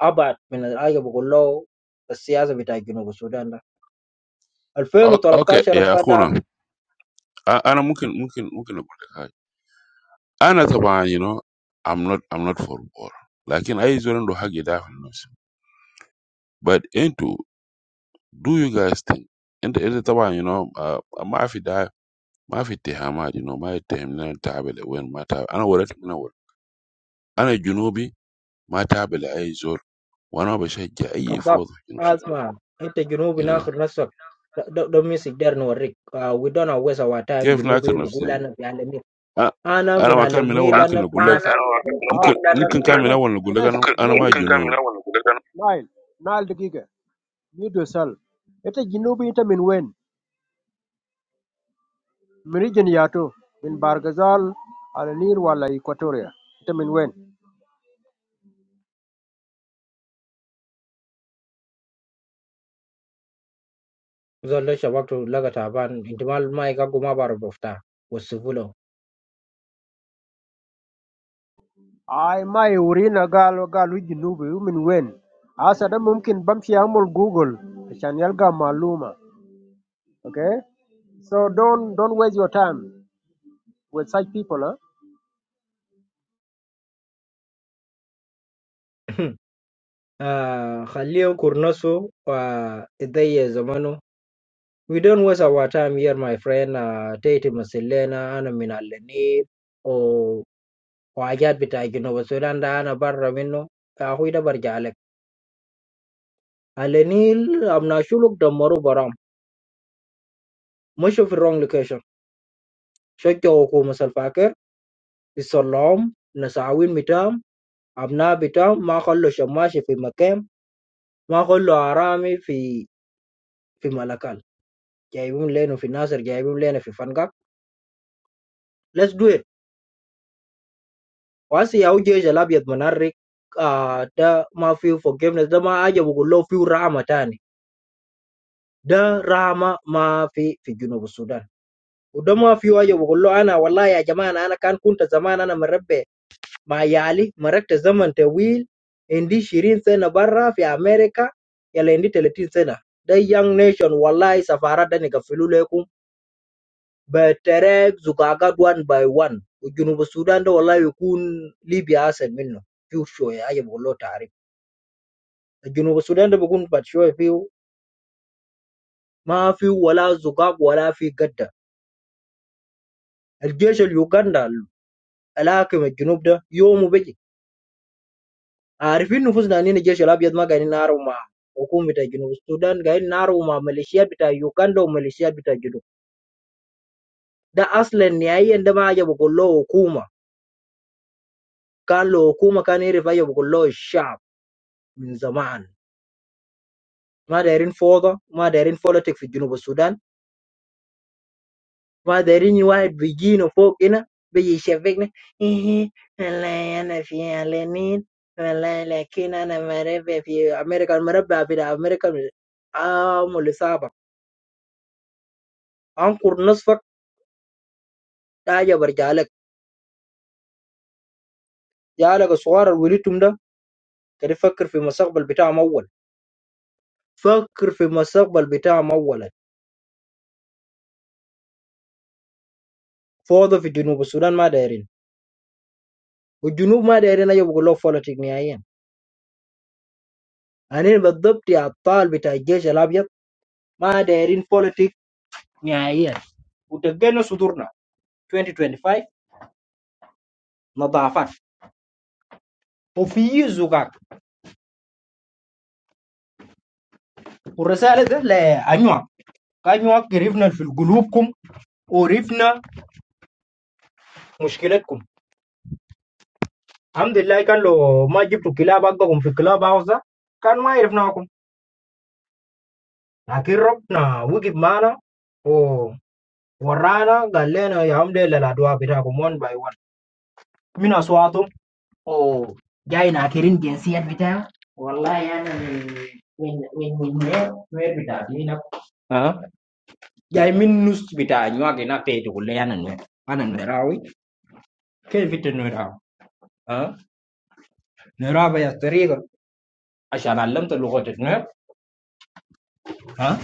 [SPEAKER 3] ابعد من الحاجة بقول له السياسة بتاع جنوب السودان ده
[SPEAKER 18] Okay, okay.
[SPEAKER 3] 2013
[SPEAKER 18] yeah,
[SPEAKER 3] بعد
[SPEAKER 18] Khuna. I, and I'm mungkin mungkin mungkin aku dekat. Ana taban, you know, I'm not I'm not for war. Like in I zoran do hagi da nos. But into do you guys think? Into into taban, you know, uh, ma fi da ma fi tihamad, you know, ma tihem na tabele wen ma tab. Ana warat mina war. Ana junubi my tabele ay zor. Wana bashajja ay
[SPEAKER 3] Khabar,
[SPEAKER 18] fawd fi junub Sudan.
[SPEAKER 3] asma. Inte
[SPEAKER 18] You
[SPEAKER 3] Junubina
[SPEAKER 18] know,
[SPEAKER 3] kurnasak. Don't miss it there no Rick. Uh, We don't waste our time
[SPEAKER 18] كيف
[SPEAKER 3] Junubie.
[SPEAKER 18] ناكر نفسي
[SPEAKER 3] Buku
[SPEAKER 18] I,
[SPEAKER 3] lanjut alamik.
[SPEAKER 18] أنا
[SPEAKER 3] Anu
[SPEAKER 18] أنا
[SPEAKER 3] min
[SPEAKER 18] ما كان من أول
[SPEAKER 3] alamik.
[SPEAKER 10] Uh,
[SPEAKER 18] ممكن
[SPEAKER 3] Anu
[SPEAKER 18] أقول لك
[SPEAKER 3] kurnasak.
[SPEAKER 10] دقيقة
[SPEAKER 18] ممكن ممكن كان من
[SPEAKER 10] بلس
[SPEAKER 18] أول أقول لك
[SPEAKER 10] بلس
[SPEAKER 18] I'm
[SPEAKER 10] بلس
[SPEAKER 18] a جنوب
[SPEAKER 10] دقيقة. نايل نايل دقيقة. ميدو سال. أنت جنوبي أنت من وين؟ من ريجن ياتو. من بارغزال على نير ولا إيكواتوريا؟ أنت من وين؟
[SPEAKER 3] Zalusha waktu lagatapan. Intimal muka guma baru bofta. Bosibuloh.
[SPEAKER 10] I might ring a girl or girl who is new. I mean, when? Asada, mungkin bampsi amol Google. Channel gal maluma. Okay. So don't don't waste your time with such people, lah.
[SPEAKER 3] Ah, kalian kurnasu. Ah, idee zamanu. [clears throat] We don't waste our time here my friend. Ah, tadi masih leh. Anu min alamik. Oh, wajar betul Junubie. Selanda anu barra mino. Dia hui dah baraja lek. النيل أبناء شلوك دمروا برام مشوا في الرونج لوكيشن شجعوا حكومة سلفاكر يصلعوهم نساوين بتاعهم أبناء بتاعهم ما خلوا شماشي في مكان ما خلوا عرامي في في ملكال جايبين لينو في ناصر جايبين لينو في فنقاك let's do it واسي ياو جيش الأبيض منرك آه ده ما فيه forgiveness ده ما أجي بقول له فيه رحمة تاني ده رحمة ما في في جنوب السودان وده ما فيه أجي بقول له أنا والله يا جماعة أنا كان كنت زمان أنا مربي ما يعالي مرقّت الزمن طويل، عندي شرين سنابرة في أمريكا، يا لعندي تلاتين سنة. ذا يانغ نيشن والله يسافر ده نيجا فلولكم بترقّ زقاقاً واحداً واحداً. جنوب السودان ده والله يكُون ليبيا أسمينه. فيشوه يا أيه والله تعرف. جنوب السودان ده بكون فيشوه فيه ما فيه ولا زقاق ولا فيه جدة. الجزائر يوغاندا، لكن جنوب ده يوم مبيجي. عارفين نفوسنا اننا الجيش الابيض ما قاعدين نعرف مع حكومة جنوب السودان قاعدين نعرف مع ميليشيات بتاع يوغندا وميليشيات بتاع الجنوب ده اصلا نهائيا ده ما عجبه بقول له حكومة كان له حكومة كان يعرف ايه بقول له الشعب من زمان ما دايرين فوضى ما دايرين فوليتيك في جنوب السودان ما دايرين واحد بيجينا فوق هنا بيجي يشبكنا ايه والله انا في اعلانين والله لكن انا مربع في امريكا المربع في امريكا عام اللي صعبة انقر نصفك ده حاجة برجع لك دي علقة صغيرة لوليتهم ده كان يفكر في المستقبل بتاعهم أول فكر في المستقبل بتاعهم أولا فوضى في جنوب السودان ما دايرين والجنوب ما دايرين أيوة بيقولوا بوليتيك نهائيا يعني بالضبط يا عطال بتاع الجيش الأبيض ما دايرين بوليتيك نهائيا ودقينا صدورنا 2025 نظافات وفي زقاق والرسالة ده لأنواع أنواع قريبنا في قلوبكم قريبنا مشكلتكم Alhamdulillah kan lo majib to kelabak tak umfi kelabauza kan lo ayah fna aku nakir rob na wujud mana oh orang na galena ya Alhamdulillah ada apa betul um one by one mina suatu oh jai nakirin genciat betul, wallah ya na when when when when betul mina ah jai minus betul ni wakina teh tu kena anan na anan nerawi ke betul nerawi ah nerawi as teriak, asal alam tu luguat anan ah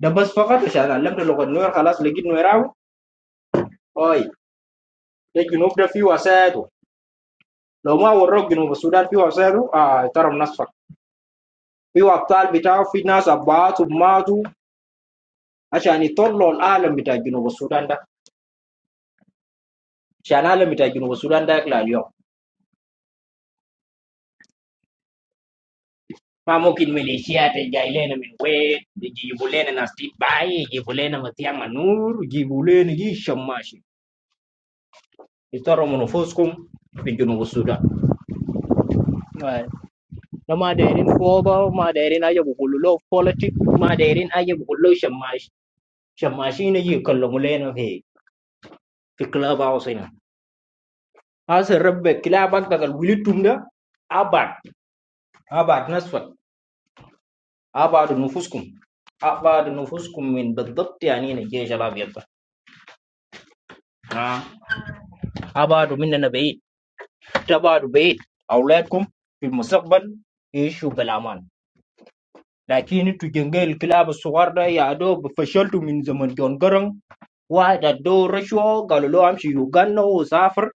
[SPEAKER 3] ده بس فقط عشان علمنا لغة نوير خلاص لقيت نويراوي هاي ده الجنوب ده فيه وسايده لو ما وروك جنوب السودان فيه وسايده آه ترى نصفك فيه أبطال بتاعه في ناس أبعات وماتوا عشان يطلعوا العالم بتاع جنوب السودان ده عشان العالم بتاع جنوب السودان ده يطلع اليوم ما ممكن ميليشيات جاي لنا من وين يجيبوا لنا ناس تتباعي يجيبوا لنا مطيع منور يجيبوا لنا جيش شماشي يضطروا من نفوسكم في جنوب السودان na madairin boba madairin aje bu kullo politic madairin aje bu kullo shamash shamashi ne yi kallo muleno he fi club house ina asa rabbe club ak dagal wilitum da abad abad nasfat abad nufuskum abad nufuskum min بالضبط يعني هنا الجيش الابيض ده. آه. ابعدوا مننا بعيد تبعدوا بعيد اولادكم في المستقبل يعيشوا بالامان لكن انتوا جنجال الكلاب الصغار ده يا دوب فشلتوا من زمن جون جرن واحد ادوه رشوه قالوا له امشي يوغندا وسافر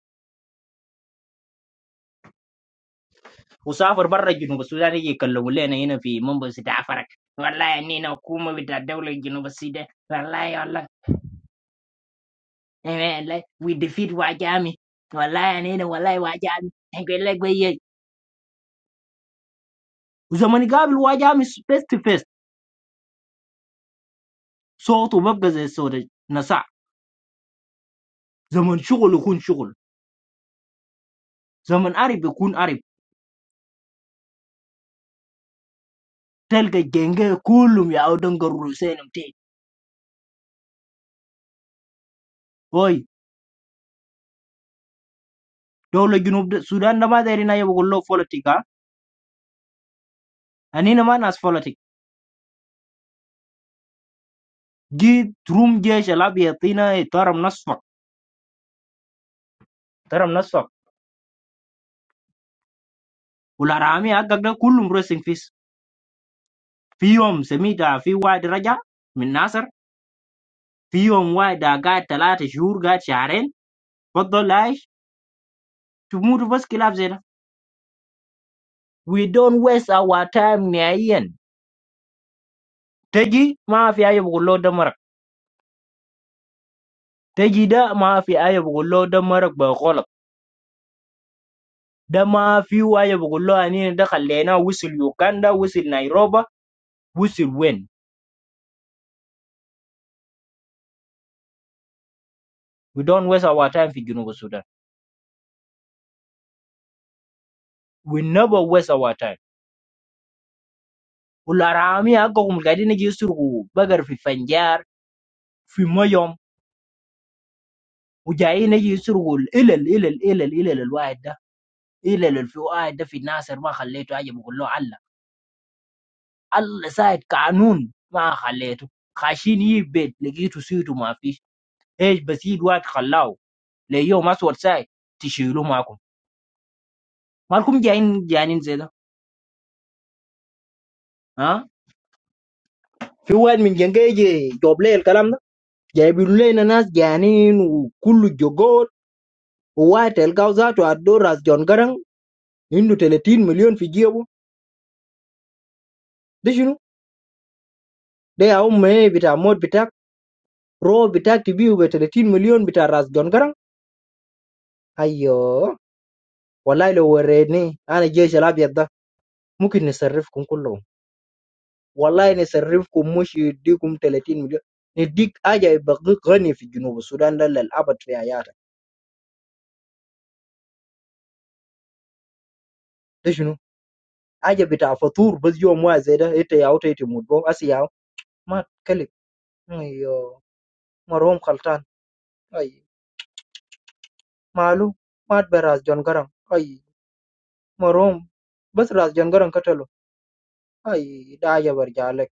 [SPEAKER 3] وسافر برا جنوب السودان يجي يكلموا لنا هنا في منبس بتاع فرق والله اننا حكومه بتاع دوله جنوب السودان والله والله إيه والله وي ديفيد واجامي والله اننا والله واجامي نقول لك بيي وزمن يقابل واجامي فيس تو فيس صوته بيبقى زي صوت نساء زمن شغل يكون شغل زمن عرب يكون عرب تلقى الجنجة كلهم يعودون قروا سينهم تاني هاي دولة جنوب السودان ده ما داري نايا بقول له فولتيكا أنينا ما ناس فلتك جيت روم جيش الأبيض ترم نصفك ترم نصفك والأرامي حقك ده كلهم ريسنج فيس في يوم سميتها في واحد رجع من ناصر في يوم واحد قاعد ثلاثة شهور قاعد شهرين بطل عايش تموت بس كلاب زي ده we don't waste our time نهائيا تجي ما في أي بقول له ده مرق تجي ده ما في أي بقول له ده مرق بغلط ده ما في أي بقول له أنينا ده خلينا وصل يوكندا وصل نيروبا وصل وين We don't waste our time في جنوب السودان. We never waste our time. والأرامي حقهم قاعدين يجي يسرقوا بقر في فنجار في ميم وجايين يجي يسرقوا الإلل الإلل الإلل الإلل الواحد ده إلل في واحد ده في ناصر ما خليته حاجة بقول له الله الله ساعد قانون ما خليته خاشين يجيب بيت لقيته سيته ما فيش ايش بس يد واحد خلاه ليوم أسود ساعد تشيلوه معكم مالكم جايين جايين زي ده ها في واحد من جنجي يجي جوب لي الكلام ده جايبين لينا ناس جعانين وكله جوجول وواحد تلقاه ذاته عدو راس جون قرن عنده 30 مليون في جيبه ده شنو؟ ده يا أم إيه بتاع موت بتاعك رو بتاعك تبيه ب 30 مليون بتاع راس جون قرن أيوه والله لو وريني أنا الجيش الأبيض ده ممكن نصرفكم كلهم والله نصرفكم مش يديكم 30 مليون نديك حاجة يبقى غني في جنوب السودان ده للأبد في حياتك ده شنو؟ حاجة بتاع فطور بس يوم واحد زي ده إنت يا أوتي تموت بو أسي يا ما تكلم Ayo, merom kelantan. Ayi, malu? Mat beraz jon garang. Ayi, merom, bas raz jon garang katelo. Ayi, dah jabar malak.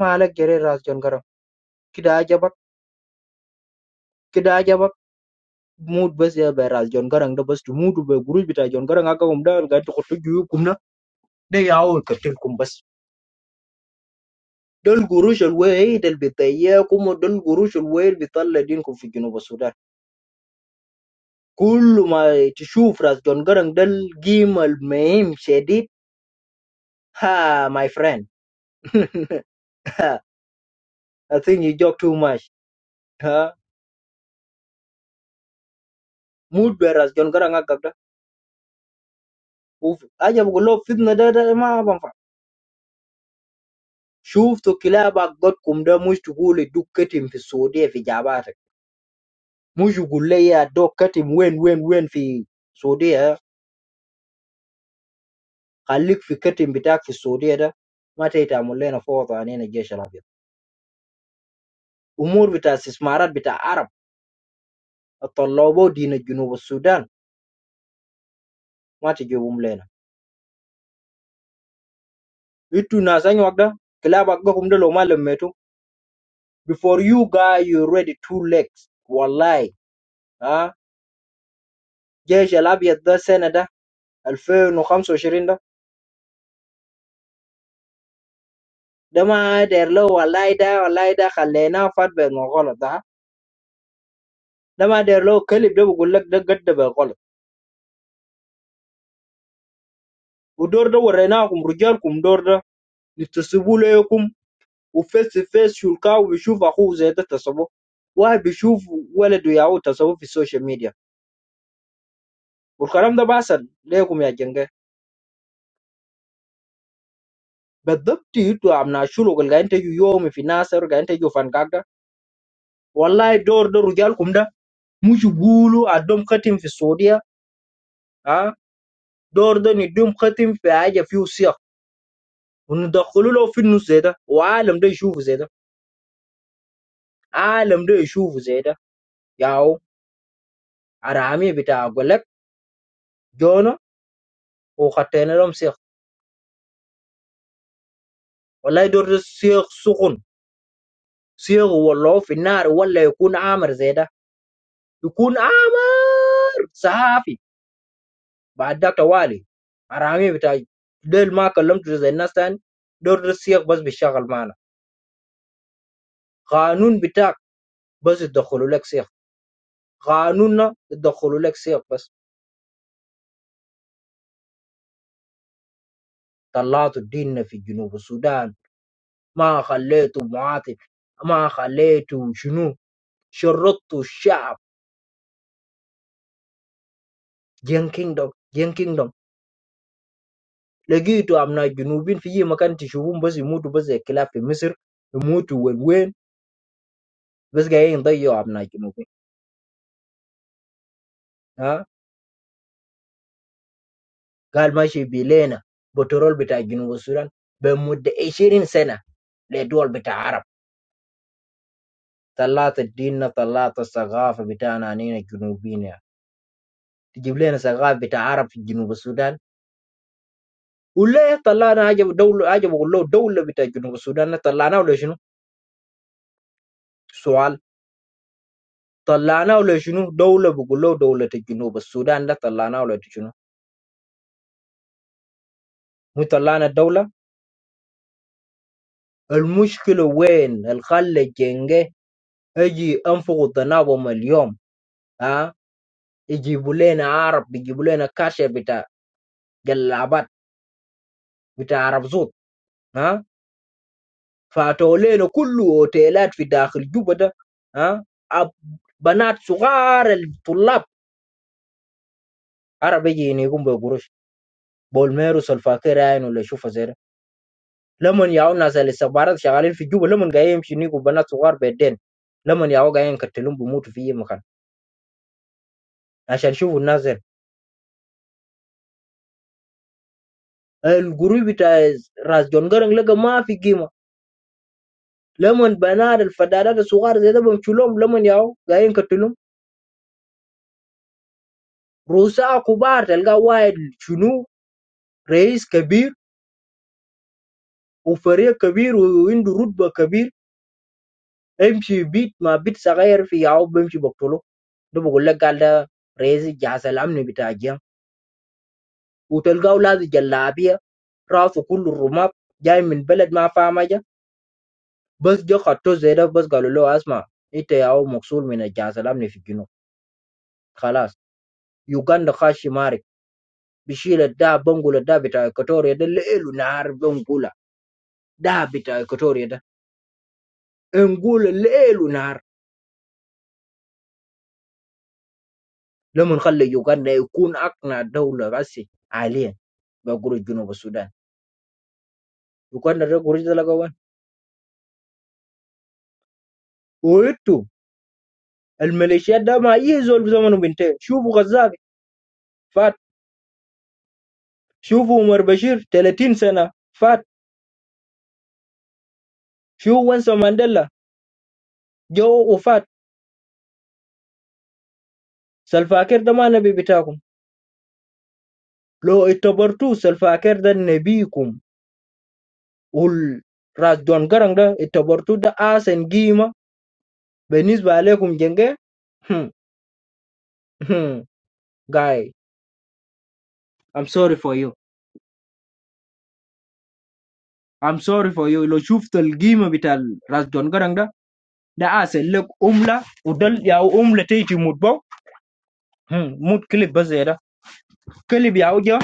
[SPEAKER 3] Malak jere raz jon garang. Kita jabar, kita jabar mood bas jere raz jon garang. Dalam mood ber guru betaz jon garang. Agakum dalam garut kultur jiu kumna. Naya awal kertil kum bas. Dalam guru shallway, dalam betaya kum. Dalam guru shallway betal le dini kufijinu basudar. Kulumai cshufraz jon garang dalam gimal meim sedip. Ha, my friend. [laughs] I think you joke too much. Huh? Mood bearers John Garanga Gagda. Uf, aja bugulo fitna da da ma banfa. Shuf to kilaba god kumda mush tugule dukkatim fi Saudiya fi jabatak. Mush gulle ya dok katim wen wen wen fi Saudiya. Khalik fi katim bitak fi Saudiya da. Ma taita mulle na fawda anina jesh al-Abyad. Umur bita sismarat bita Arab. Atallabo dina junub Sudan. Ma tijibum lena. Itu nasanya wagda. Kilaba gakumda lo malum before you guys you ready two legs والله ها جيش الابيض ده السنه ده 2025 ده ده ما داير له والله ده والله ده خليناه فات بالغلط ده ده ما داير له كلب ده بقول لك ده قد بالغلط ودور ده وريناكم رجالكم دور ده يتسبوا ليكم وفيس تو فيس شلكاو بيشوف اخوه زي ده تسبوه واحد بيشوف ولده ياهو تسبوه في السوشيال ميديا والكلام ده بحصل ليكم يا جنجة بالضبط انتوا عم ناشولوا قال انت يومي في ناصر قال انت فان والله الدور ده رجالكم ده مش يقولوا ادوم ختم في السعوديه ها دور ده ندوم ختم في حاجه فيه صيغ وندخلوا له في النص زي ده وعالم ده يشوفوا زي ده عالم ده يشوفوا زي ده ياو عرامي بتاع قلك جونا وخطينا لهم صيغ والله دور ده صيغ سخن صيغ والله في النار ولا يكون عامر زي ده يكون عامر صحافي بعد ذاك توالي عرامي بتاع ديل ما كلمته زي الناس تاني دور ده الصيغ بس بيشتغل معنا قانون بتاعك بس يدخلوا لك سيف قانوننا يدخلوا لك سيف بس طلعتوا ديننا في جنوب السودان ما خليتوا مواطن ما خليتوا شنو شرطوا الشعب جين كينجدوم جين كينجدوم لقيتوا أبناء جنوبين في أي مكان تشوفون بس يموتوا بس زي الكلاب في مصر يموتوا وين وين بس جايين يضيعوا أبناء جنوبين ها قال ماشي بيلينا بترول بتاع جنوب السودان بمدة 20 سنة لدول بتاع عرب طلعت ديننا طلعت الثقافة بتاعنا عنينا الجنوبيين يعني. تجيب لنا ثقافة بتاع عرب في جنوب السودان ولا طلعنا حاجة دولة حاجة بقول له دولة بتاع جنوب السودان طلعناه ولا شنو؟ سؤال طلعناه ولا شنو؟ دولة بقول له دولة جنوب السودان ده طلعناه ولا شنو؟ مو طلعنا الدولة؟ المشكلة وين؟ الخلة جنجة اجي انفقوا تناوم اليوم ها يجيبوا لنا عرب يجيبوا لنا كاشف بتاع جلابات بتاع عرب زوت ها فاتولينا كله اوتيلات في داخل جوبا ده ها أب- بنات صغار الطلاب عرب يجي يقوم بقروش بولميروس الفاكر عين ولا يشوفها زي ده لمن ياو ناس الاستخبارات شغالين في جوبا لمن جايين يمشي يجوا بنات صغار بيدين لمن ياو جايين يقتلون بموتوا في أي مكان عشان شوفوا الناس دي. الجروب بتاع راس جون جرن لقى ما في قيمه لمن بنات الفدادات الصغار زي ده بمشوا لهم لمن ياو جايين يقتلون رؤساء كبار تلقى واحد شنو رئيس كبير وفريق كبير وعنده رتبه كبير امشي بيت مع بيت صغير في ياو بمشي بقتله ده بقول لك قال ده رئيس جهاز الامن بتاع الجيم وتلقاه لابس جلابيه راسه كله رماد جاي من بلد ما فاهم حاجه بس جا خطوه زي ده بس قالوا له اسمع انت يا هو مقصول من الجهاز الامني في الجنوب خلاص يوغندا خاش مارك بشيل الدهب بنقول الدهب بتاع اكواتوريا ده ليل ونهار بنقولها ده بتاع اكواتوريا ده نقول ليل ونهار لما نخلي يوغندا يكون أقنع دولة بس حاليا بقول جنوب السودان يوغندا ده قريش ده لقوان وإنتوا الميليشيات ده ما يهزول بزمنه بنتين شوفوا غزاك فات شوفوا عمر بشير 30 سنة فات شوفوا وانسا مانديلا جو وفات سلفاكر ده ما نبي بتاعكم لو اعتبرتوا سلفاكر ده نبيكم والراس دون قرن ده اعتبرتوا ده آسن قيمة بالنسبة عليكم جنجة [laughs] هم هم guy I'm sorry for you I'm sorry for you. You lost your game, but the Rajon Caranda, the asset, umla, udal ya umleti chimutbo, hum, mutkilebaze era, kilebiya uja,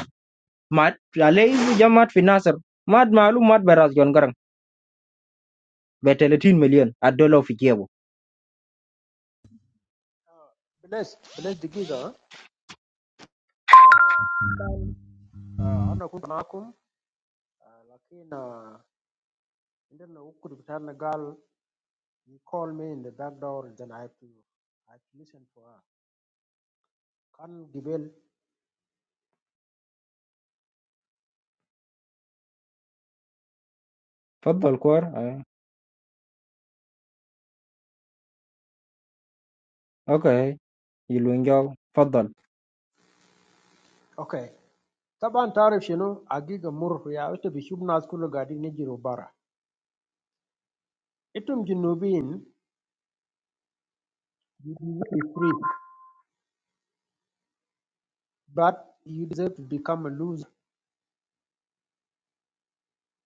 [SPEAKER 3] mad, alayi jamad financier, mad mahalu mad be Rajon Caranda, beleti million a dollar of yebo.
[SPEAKER 10] Bless, bless the giga. I don't know how come. Lakina, in the nook of the turn, a girl. You call me in the dark hours, the IP. I have to listen for her. Can give in.
[SPEAKER 3] Fadhil koar, eh? Okay, yilungelo, fadhil.
[SPEAKER 10] Okay. Tabaan tarif siyono. A gigamurphy. I used to be human. Schoolo gadi nejirobara. Itum ginubin. You will not be free, but you deserve to become a loser,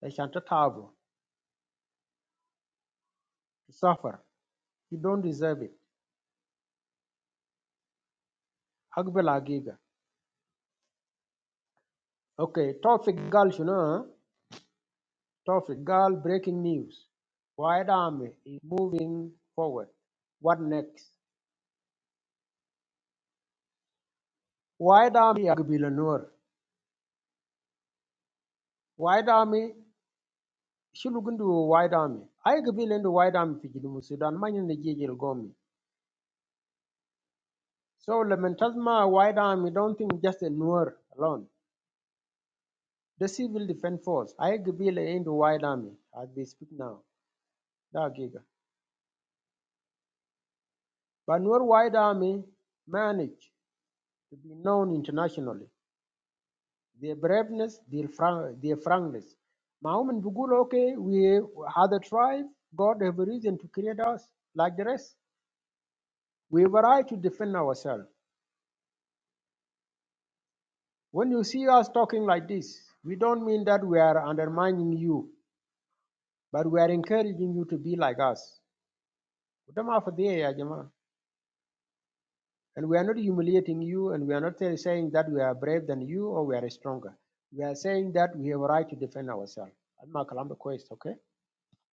[SPEAKER 10] a shantatabo, to suffer. You don't deserve it. Akbel Agiga. Okay, Tawfiq Gal, you know, huh? Tawfiq Gal, breaking news. White Army is moving forward. What next? White Army Agbila Noor. White Army, Shulugundu White Army. I Agbila into White Army Fijidumu Sudan, Manyan the Gigil Gomi. So, Lamentasma White Army don't think just a Noor alone. The civil defense force, I IGPL and the White Army, as we speak now, the Giga. But Nur White Army managed to be known internationally. Their braveness, their, frank, their frankness. Mahuman Bugul, okay, we other tribe, God have a reason to create us like the rest. We were right to defend ourselves. When you see us talking like this, we don't mean that we are undermining you, but we are encouraging you to be like us. What am I for dhiye ya jamaa. And we are not humiliating you, and we are not say- saying that we are brave than you or we are stronger. We are saying that we have a right to defend ourselves. Alma Kalamba Quest, okay?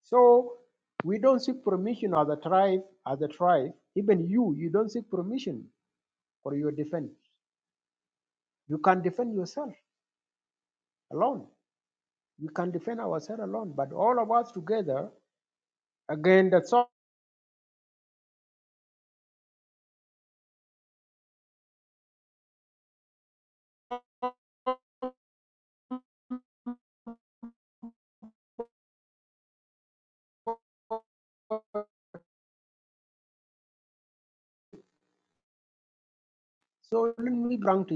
[SPEAKER 10] So we don't seek permission as a tribe, as a tribe. Even you, you don't seek permission for your defense. You can defend yourself alone. We can defend ourselves alone, but all of us together again. That's all. So let me bring to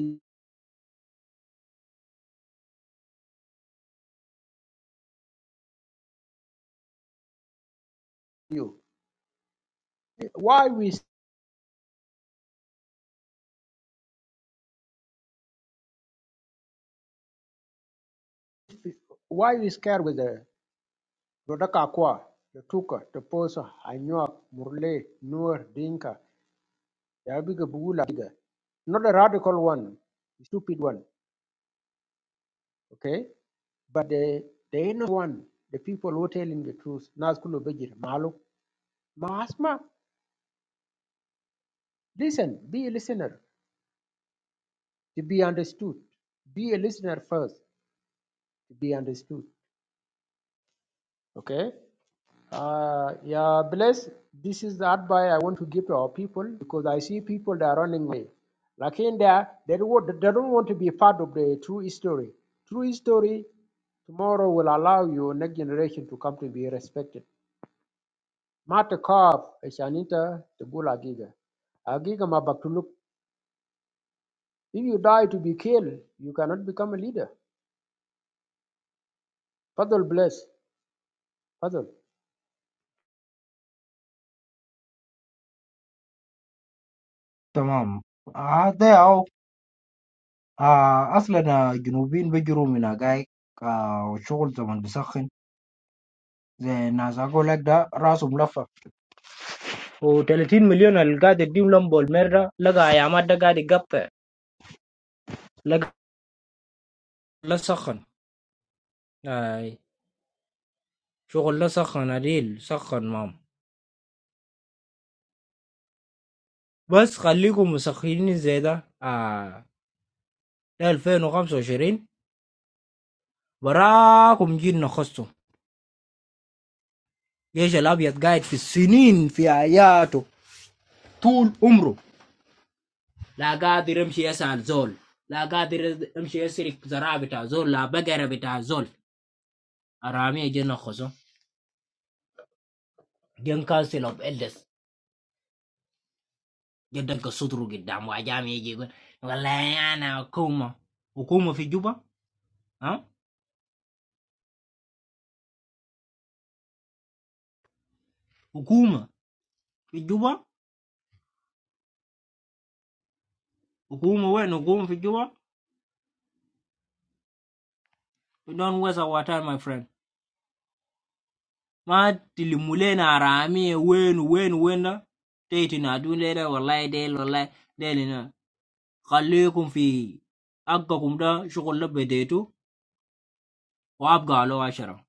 [SPEAKER 10] you why we why we scared with the Dodakakwa, Totuka, Toposa, Anyuak, Murle, Nuer, Dinka, Yabiga Bugula Giga. Not a radical one, a stupid one, okay? But the the inner one, the people who telling the truth, Nazkulu Bejir, Malu, Mahasma, listen, be a listener to be understood. Be a listener first to be understood. Okay? Uh, yeah, bless. This is the advice I want to give to our people because I see people that are running away. Like in there, they don't, want- they don't want to be part of the true history. True history tomorrow will allow your next generation to come to be respected. Mata Kaab, Eshanita, the Gula Giga. Agiga Mabaktuluk. If you die to be killed, you cannot become a leader. Fadal bless. Fadal.
[SPEAKER 3] Tamam. Ah, deyau, ah, asla na jinubin bejuru mina gai, ah, uchol zaman besakhin, zeh nasako legda, rasum lafa. و30 مليون اللي قاعد يديهم لمبو المرة لقى يا عماد ده قاعد يقطع لقى لا سخن آي. شغل لا سخن عديل سخن مام بس خليكم مسخنين زي ده آه. ده 2025 براكم جينا خصتم جيش الابيض قاعد في السنين في حياته طول عمره لا قادر يمشي يسأل زول لا قادر يمشي يسرق زراعة بتاع زول لا بقرة بتاع زول أرامي جينا خصم جن كاسل اوف إلدس جدك صدره قدام وعجام يجي يقول والله انا حكومه حكومه في جوبا ها حكومه في جوبا حكومه وين حكومه في جوبا You don't waste our time my friend ما تلموا لنا رامي وين وين وين ده تيجي تنادون لنا والله ديل والله ديل هنا. خليكم في حقكم ده شغل ده بديتوا وابقى له عشرة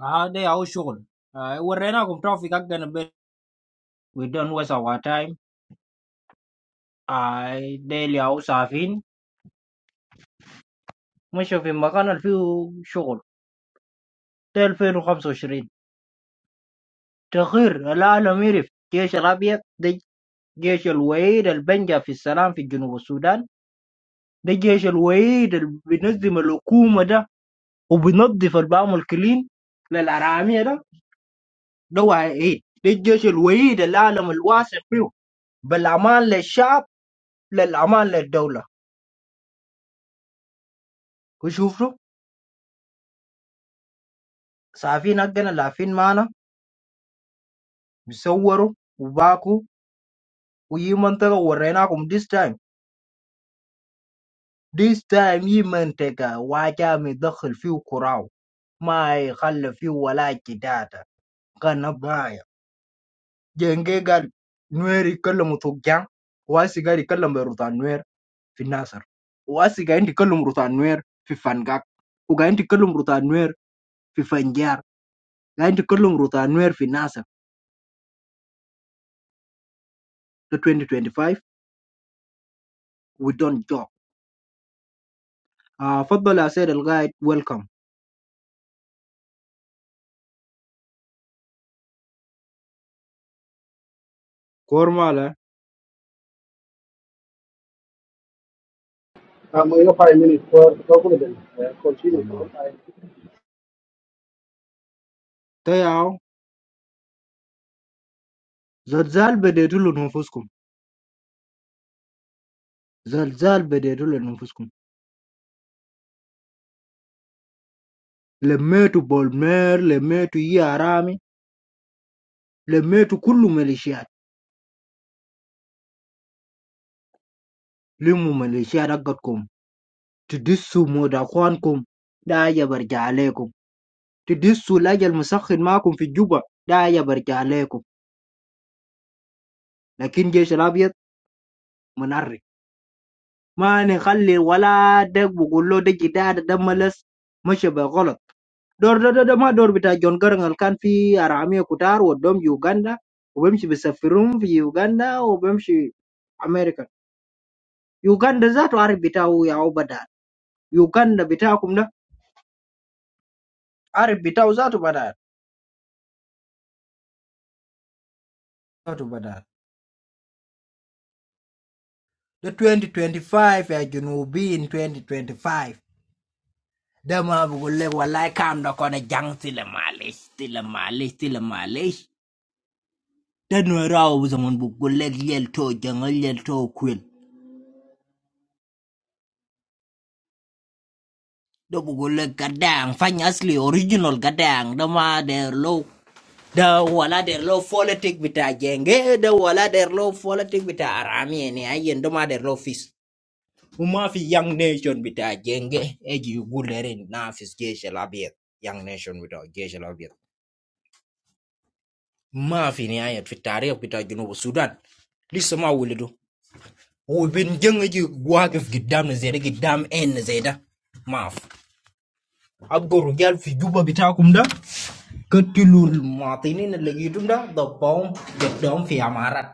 [SPEAKER 3] هذا هو الشغل آه، وريناكم توفيق حقنا بين we don't waste our time آه، ديل يا وسافين مشى في مكان اللي فيه شغل ده 2025 تغيير العالم يعرف جيش الأبيض ده جيش الوحيد اللي بنجا في السلام في جنوب السودان ده جيش الوحيد اللي بينظم الحكومة ده وبينظف البام كلين للأرامية ده ده وحيد ده الجيش الوحيد العالم الواثق فيه بالأمان للشعب للأمان للدولة وشوفوا صحفيين حقنا لافين معنا بيصوروا وباكوا ويجي منطقة وريناكم this time This time he meanteka why kamu dakhel fi ukrao? Ma i khal fi walaki dada kanabaya jenggal nuiri kolum tujiang? Oasi kari kolum burutan nuiri finaser? Oasi kaini kolum burutan nuiri finjang? Oga ini kolum burutan nuiri finjer? Ini kolum burutan nuiri finaser? The 2025 we don't talk. Ah footballer said, "Guide, welcome." Kormala,
[SPEAKER 19] Um, we got five minutes, but we're going to be uh,
[SPEAKER 3] ma.
[SPEAKER 19] continue.
[SPEAKER 3] Teo, zazal bederulo nufuskom. زلزال بديتوا لأنفسكم لميتوا بولمير لميتوا يي عرامي لميتوا كل ميليشيات لموا ميليشيات حقتكم تدسوا مود أخوانكم ده يبرجع عليكم تدسوا الأجل مسخن معكم في الجوبة ده يبرجع عليكم لكن جيش الأبيض منعري ما نخلي ولا دق بقول له دق ده ده ملس مشى بغلط Dor dor dor, mac dor bila John kau ranggalkan di arah Amerika Utara, Wadom Uganda, Obama si besar film di Uganda, Obama si Amerika. Uganda zat lari bila uyaubadat. Uganda bila aku nak, arif bila zat badat. Zat badat. The 2025, John will be in 2025. Dalam bergolek walai kamna kau nejanci le Malay, si le Malay, si le Malay. Dalam rau bukan bergolek yel tojeng, yel to kuel. da bugulle gadang fanya asli original gadang da ma der low da wala der low politic bita jenge da wala der low politic bita arami ne ayen da ma der low fis uma fi young nation bita jenge eji gulerin na fis geshe labiet young nation bita geshe labiet ma fi ne ayat fi tarikh bita junub sudan lisa ma wulido وبين جنجي واقف قدامنا زي ده قدام En زي ده maaf abgo rujal fi juba bitakum da Ketilul matinin legitundaa the bomb jedom fi amarat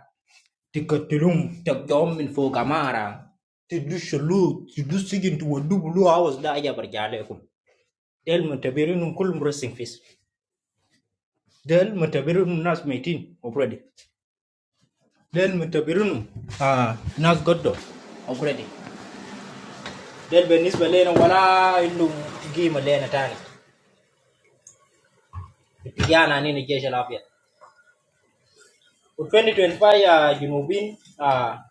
[SPEAKER 3] ti ketilum tekjom min fuka mara ti dushulu ti dusigin tu wadu bulu awas da aja berjalekum del mutabirinum kul murasing fis del mutabirinum nas metin opredi del mutabirinum ah nas goddo opredi del benis belena wala indum gima lena tani vijana nini jeshi la afya U 2025 ya junubin ah,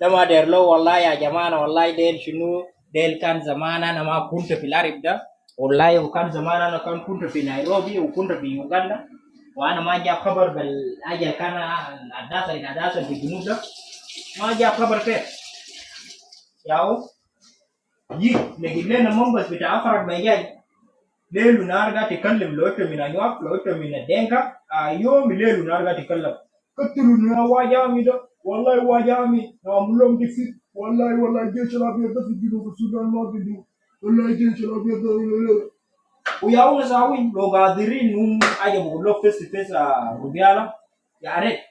[SPEAKER 3] لما دير له والله يا جماعة والله ديل شنو ديل كان زمان أنا ما كنت في العرب ده والله وكان زمان أنا كان كنت في نيروبي وكنت في يوغندا وأنا ما جاب خبر بالأجل كان الأحداث اللي تحدثت في الجنوب ده ما جاب خبر كيف ياو يي لكن لنا منبس بتاع أفرق بيجاي ليل ونهار قاعد تكلم لو أنت من أنواع لو أنت من الدنكا أكلم والله الجيش الابيض o Yahoo não saiu, logo adiante num aí de blog face-to-face rubiala, já é,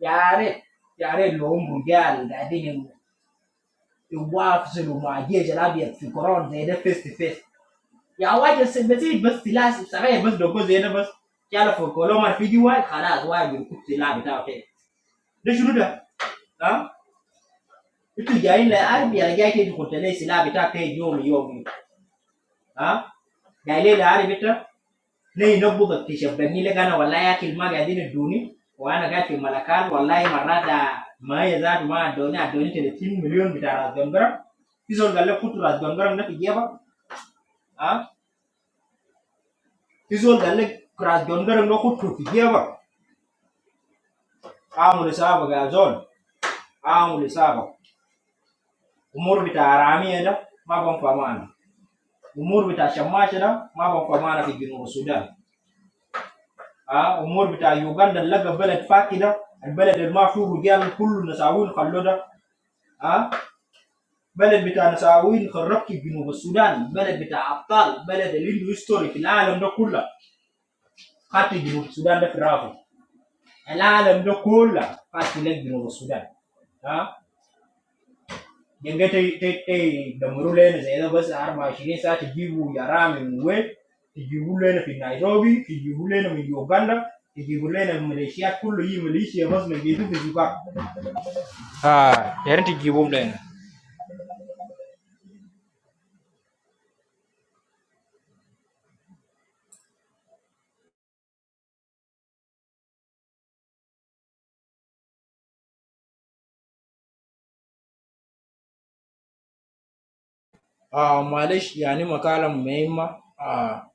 [SPEAKER 3] já é, já é longo rubiala, daí o o WhatsApp o magia lá dentro ficou antes ainda face-to-face, já agora você você vai ter que se lá sabe você logo dentro você já lá ficou, logo mais feio o WhatsApp, o WhatsApp do WhatsApp tá ok, deixa eu lutar, ah, isto já é, ah, já é já é tá ok, jovem jovem, ah, já é lá é tá Hii notebook akishab ile kana wallahi akil ma gadini duni wa ana gati malakal wallahi marada ma ya zat ma doni adoni 30 million bita razdongara izol galle kutu razdongara na tijeba ha izol galle razdongara no kutu tijeba amul saba ga zol amul saba umur bita arami da ma bon famana umur bita shamash da ma bon famana fi jinu sudan ha umur bita uganda laga balad fakida البلد اللي ما فيه رجال كله نساوين خلوده ها بلد بتاع نساوين خربت جنوب السودان بلد بتاع ابطال بلد اللي عنده هيستوري في العالم ده كله خدت جنوب السودان ده في رافه العالم ده كله خدت لك جنوب السودان ها ينجا تي تي تي دمروا لنا زي ده بس 24 ساعه تجيبوا يا رامي من وين تجيبوا لنا في نيروبي تجيبوا لنا من يوغندا تجيبوا لنا من ماليشيا كله هي ماليشيا بس من جيتو في زيبابوي آه يا ريت تجيبهم لنا اه مالي ما اه